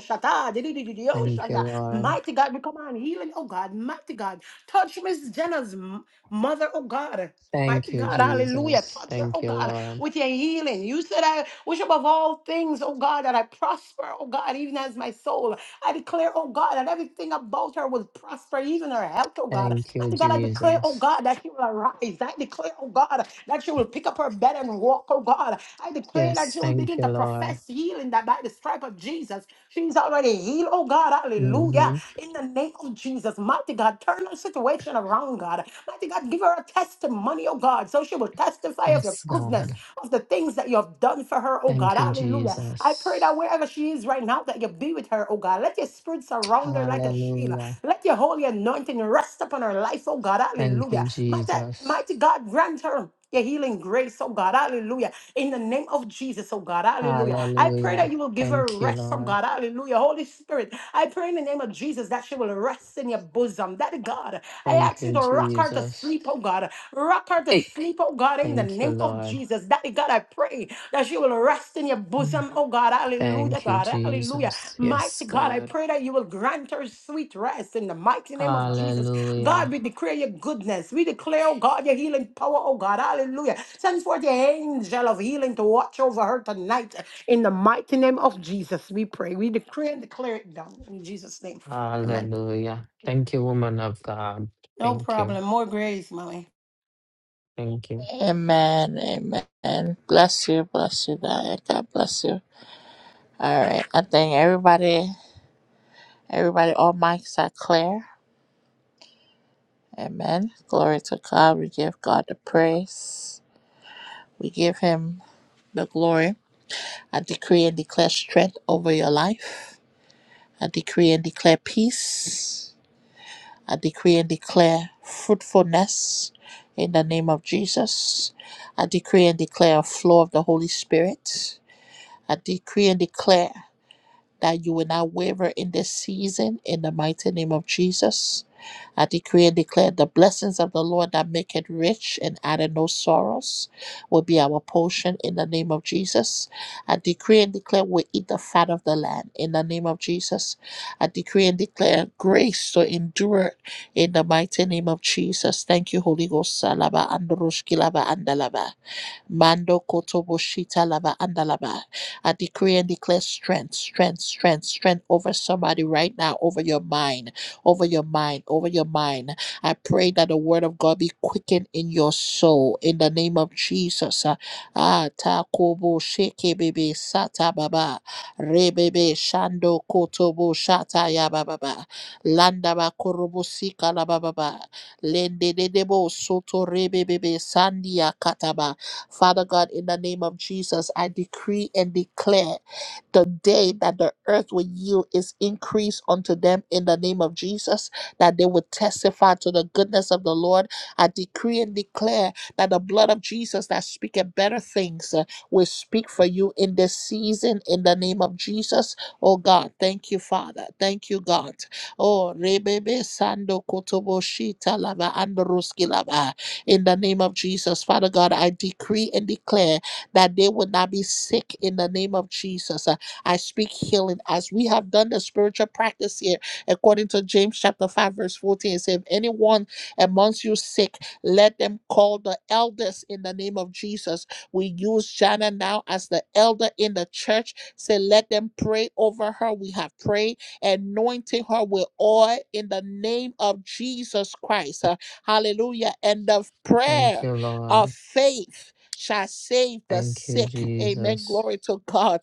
S6: shata, di
S3: Thank you,
S6: shanda.
S3: Lord.
S6: Mighty God, we command healing, oh God, mighty God. Touch Miss Jenna's m- mother, oh God.
S3: Thank
S6: Mighty
S3: you,
S6: God, hallelujah.
S3: Jesus.
S6: Touch her,
S3: Thank
S6: oh
S3: you,
S6: God
S3: Lord.
S6: with your healing. You said, I wish above all things, oh God, that I prosper, oh God, even as my soul. I declare, oh God, that everything about her will prosper, even her health, oh God.
S3: Thank you,
S6: Father God, I declare, oh
S3: Jesus.
S6: God, that she will arise. I declare, oh God, that she will pick up her bed and walk, oh God. I declare that
S3: Yes,
S6: she will
S3: thank
S6: begin to
S3: you, Lord.
S6: profess healing that by the stripe of Jesus, she's already healed, oh God. Hallelujah.
S3: hmm
S6: In the name of Jesus, mighty God, turn her situation around, God. Mighty God, give her a testimony, oh God, so she will testify of
S3: Yes,
S6: your goodness,
S3: God.
S6: of the things that you have done for her, oh God.
S3: Thank you,
S6: Hallelujah. I pray
S3: Jesus.
S6: that wherever she is right now, that you be with her, oh God. Let your spirit surround her like a shield.
S3: Hallelujah.
S6: Let your holy anointing rest upon upon her life, oh God.
S3: Thank you,
S6: Hallelujah. Mighty,
S3: Jesus.
S6: mighty God, grant her. Your healing grace, oh God, hallelujah. In the name of Jesus, oh God, hallelujah. I pray that
S3: Hallelujah.
S6: you will give her
S3: Thank you,
S6: rest, oh
S3: Lord.
S6: God, hallelujah. Holy Spirit, I pray in the name of Jesus that she will rest in your bosom. That God, I
S3: Thank
S6: ask you
S3: you,
S6: to rock her to
S3: Jesus.
S6: sleep, oh God. Rock her to
S3: Hey,
S6: sleep, oh God, in the
S3: thank you,
S6: name of
S3: Lord.
S6: Jesus. That God, I pray that she will rest in your
S3: Mm.
S6: bosom, oh God, hallelujah,
S3: Thank you,
S6: God, hallelujah.
S3: Jesus. Yes,
S6: Mighty God, I
S3: God.
S6: pray that you will grant her sweet rest in the mighty name of Jesus. God,
S3: Hallelujah.
S6: we declare your goodness. We declare, oh God, your healing power, oh God. Hallelujah. Send forth your angel of healing to watch over her tonight. In the mighty name of Jesus, we pray. We decree and declare it done. In Jesus' name. Amen.
S3: Hallelujah. Thank you, woman of God.
S6: No
S3: Thank you.
S6: problem. More grace, mommy.
S3: Thank you.
S1: Amen. Amen. Bless you. Bless you, Diane. God bless you. All right. I think everybody, everybody, all mics are clear. Amen. Glory to God. We give God the praise. We give him the glory. I decree and declare strength over your life. I decree and declare peace. I decree and declare fruitfulness in the name of Jesus. I decree and declare a flow of the Holy Spirit. I decree and declare that you will not waver in this season in the mighty name of Jesus. I decree and declare the blessings of the Lord that make it rich and added no sorrows will be our portion in the name of Jesus. I decree and declare we eat the fat of the land in the name of Jesus. I decree and declare grace to endure in the mighty name of Jesus. Thank you, Holy Ghost. Salaba androshkilaba andalaba. Mando kotobo shita lava andalaba. I decree and declare strength, strength, strength, strength over somebody right now, over your mind, over your mind, over your mind. I pray that the word of God be quickened in your soul in the name of Jesus. Ah, ah, ta kobo sheke bebe sata baba. Rebebe shando kotobo shata ya baba. ba. Landa ba korobo sika la baba. ba. Lende de debo soto rebebebe sandia kataba. Father God, in the name of Jesus, I decree and declare the day that the earth will yield its increase unto them in the name of Jesus, that they would testify to the goodness of the Lord. I decree and declare that the blood of Jesus that speaketh better things uh, will speak for you in this season in the name of Jesus. Oh God, thank you, Father. Thank you, God. Oh, rebebe sando kotobo shita lava androski lava in the name of Jesus. Father God, I decree and declare that they will not be sick in the name of Jesus. Uh, I speak healing as we have done the spiritual practice here, according to James chapter 5, verse 14. It says, If anyone amongst you sick, let them call the elders in the name of Jesus. We use Jana now as the elder in the church. Say, let them pray over her. We have prayed, anointing her with oil in the name of Jesus Christ. Uh, Hallelujah. And the
S3: Thank
S1: prayer
S3: you,
S1: of
S3: Lord.
S1: faith shall save the
S3: Thank you,
S1: sick. Amen.
S3: Jesus.
S1: Glory to God.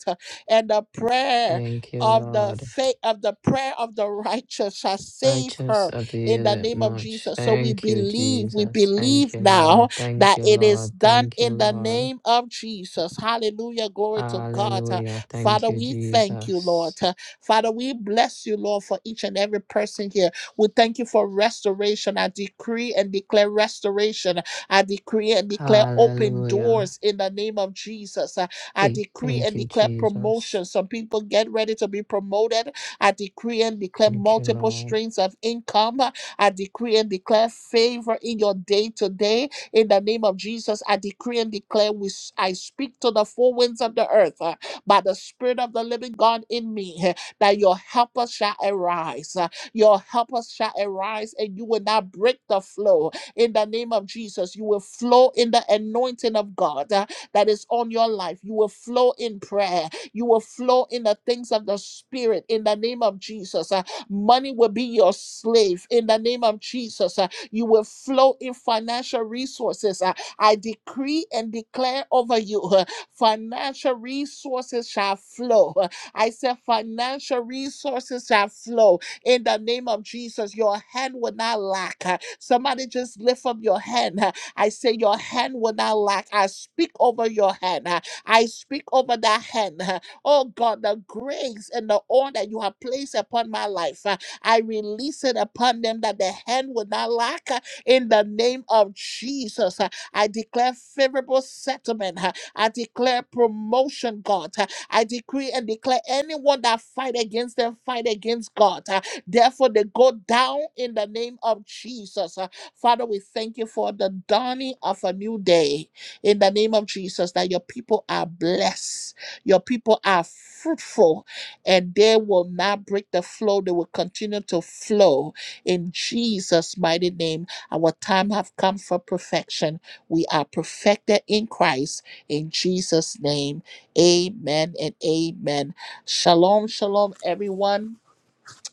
S1: And the prayer
S3: Thank you,
S1: of the
S3: Lord.
S1: faith of the prayer of the righteous shall save
S3: Righteous
S1: her in
S3: avail
S1: the
S3: it
S1: name of
S3: much.
S1: Jesus. So we
S3: Thank you,
S1: believe, we
S3: Jesus. Thank
S1: believe
S3: you,
S1: now
S3: Lord. Thank
S1: that
S3: you,
S1: it is
S3: Lord.
S1: done
S3: Thank you,
S1: in the
S3: Lord.
S1: name of Jesus. Hallelujah. Glory to God. Uh,
S3: Hallelujah. Thank
S1: Father,
S3: you,
S1: we thank you,
S3: Jesus.
S1: Lord. Uh, Father, we bless you, Lord, for each and every person here. We thank you for restoration. I decree and declare restoration. I decree and declare open
S3: Hallelujah.
S1: doors in the name of Jesus. I I
S3: Hey,
S1: decree
S3: thank
S1: and
S3: you,
S1: declare
S3: Jesus.
S1: promotion. Some people get ready to be promoted. I decree and declare
S3: Thank you,
S1: multiple
S3: Lord.
S1: streams of income. Uh, I decree and declare favor in your day to day. In the name of Jesus, I decree and declare we, s- I speak to the four winds of the earth uh, by the Spirit of the living God in me uh, that your helper shall arise. Your helpers shall arise and you will not break the flow. In the name of Jesus, you will flow in the anointing of God uh, that is on your life. You will flow in prayer. You will flow in the things of the Spirit. In the name of Jesus, uh, money will be your slave. In the name of Jesus, uh, you will flow in financial resources. Uh, I decree and declare over you uh, financial resources shall flow. Uh, I said, financial resources shall flow in the name of Jesus, your hand will not lack. Uh, Somebody just lift up your hand. Uh, I say, Your hand will not lack. I speak over your hand. Uh, I speak over that hand. Uh, Oh God, the grace and the oil that you have placed upon my life, uh, I release it upon them that the hand will not lack. uh, In the name of Jesus, Uh, I declare favorable settlement. uh, I declare promotion, God. Uh, I decree and declare anyone that fight against them, fight against God. Uh, Therefore, they go down in the name of Jesus. Uh, Father, we thank you for the dawning of a new day in the name of Jesus, that your people are blessed, your people are fruitful, and they will not break the flow. They will continue to flow in Jesus' mighty name. Our time have come for perfection. We are perfected in Christ in Jesus' name. Amen and amen. Shalom, shalom, everyone.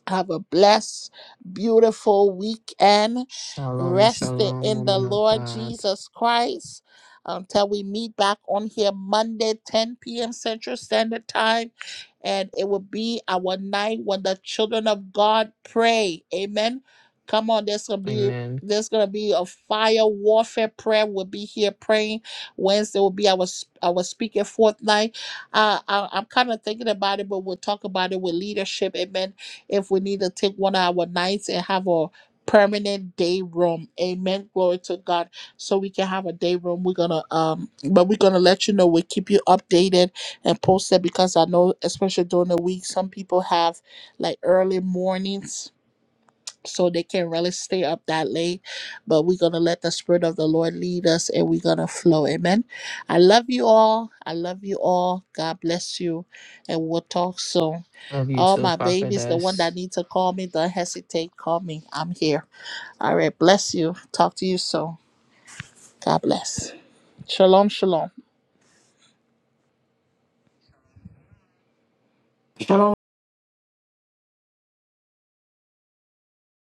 S1: Have a blessed, beautiful weekend.
S3: Shalom,
S1: Rested
S3: shalom,
S1: in the
S3: woman of
S1: Lord
S3: God.
S1: Jesus Christ until we meet back on here Monday, 10 p.m. Central Standard Time. And it will be our night when the children of God pray. Amen. Come on, there's gonna be
S3: Amen.
S1: there's gonna be a fire warfare prayer. We'll be here praying. Wednesday will be our sp- our speaking forth night. Uh, I, I'm kind of thinking about it, but we'll talk about it with leadership. Amen if we need to take one of our nights and have a permanent day room. Amen. Glory to God. So we can have a day room. We're gonna um but we're gonna let you know. We'll keep you updated and posted because I know especially during the week some people have like early mornings so they can really stay up that late. But we're going to let the Spirit of the Lord lead us and we're going to flow. Amen. I love you all. I love you all. God bless you. And we'll talk soon.
S3: Love you
S1: All
S3: too,
S1: my babies, the one
S3: prophetess.
S1: that needs to call me, don't hesitate. Call me. I'm here. All right. Bless you. Talk to you soon. God bless. Shalom, shalom.
S6: Shalom.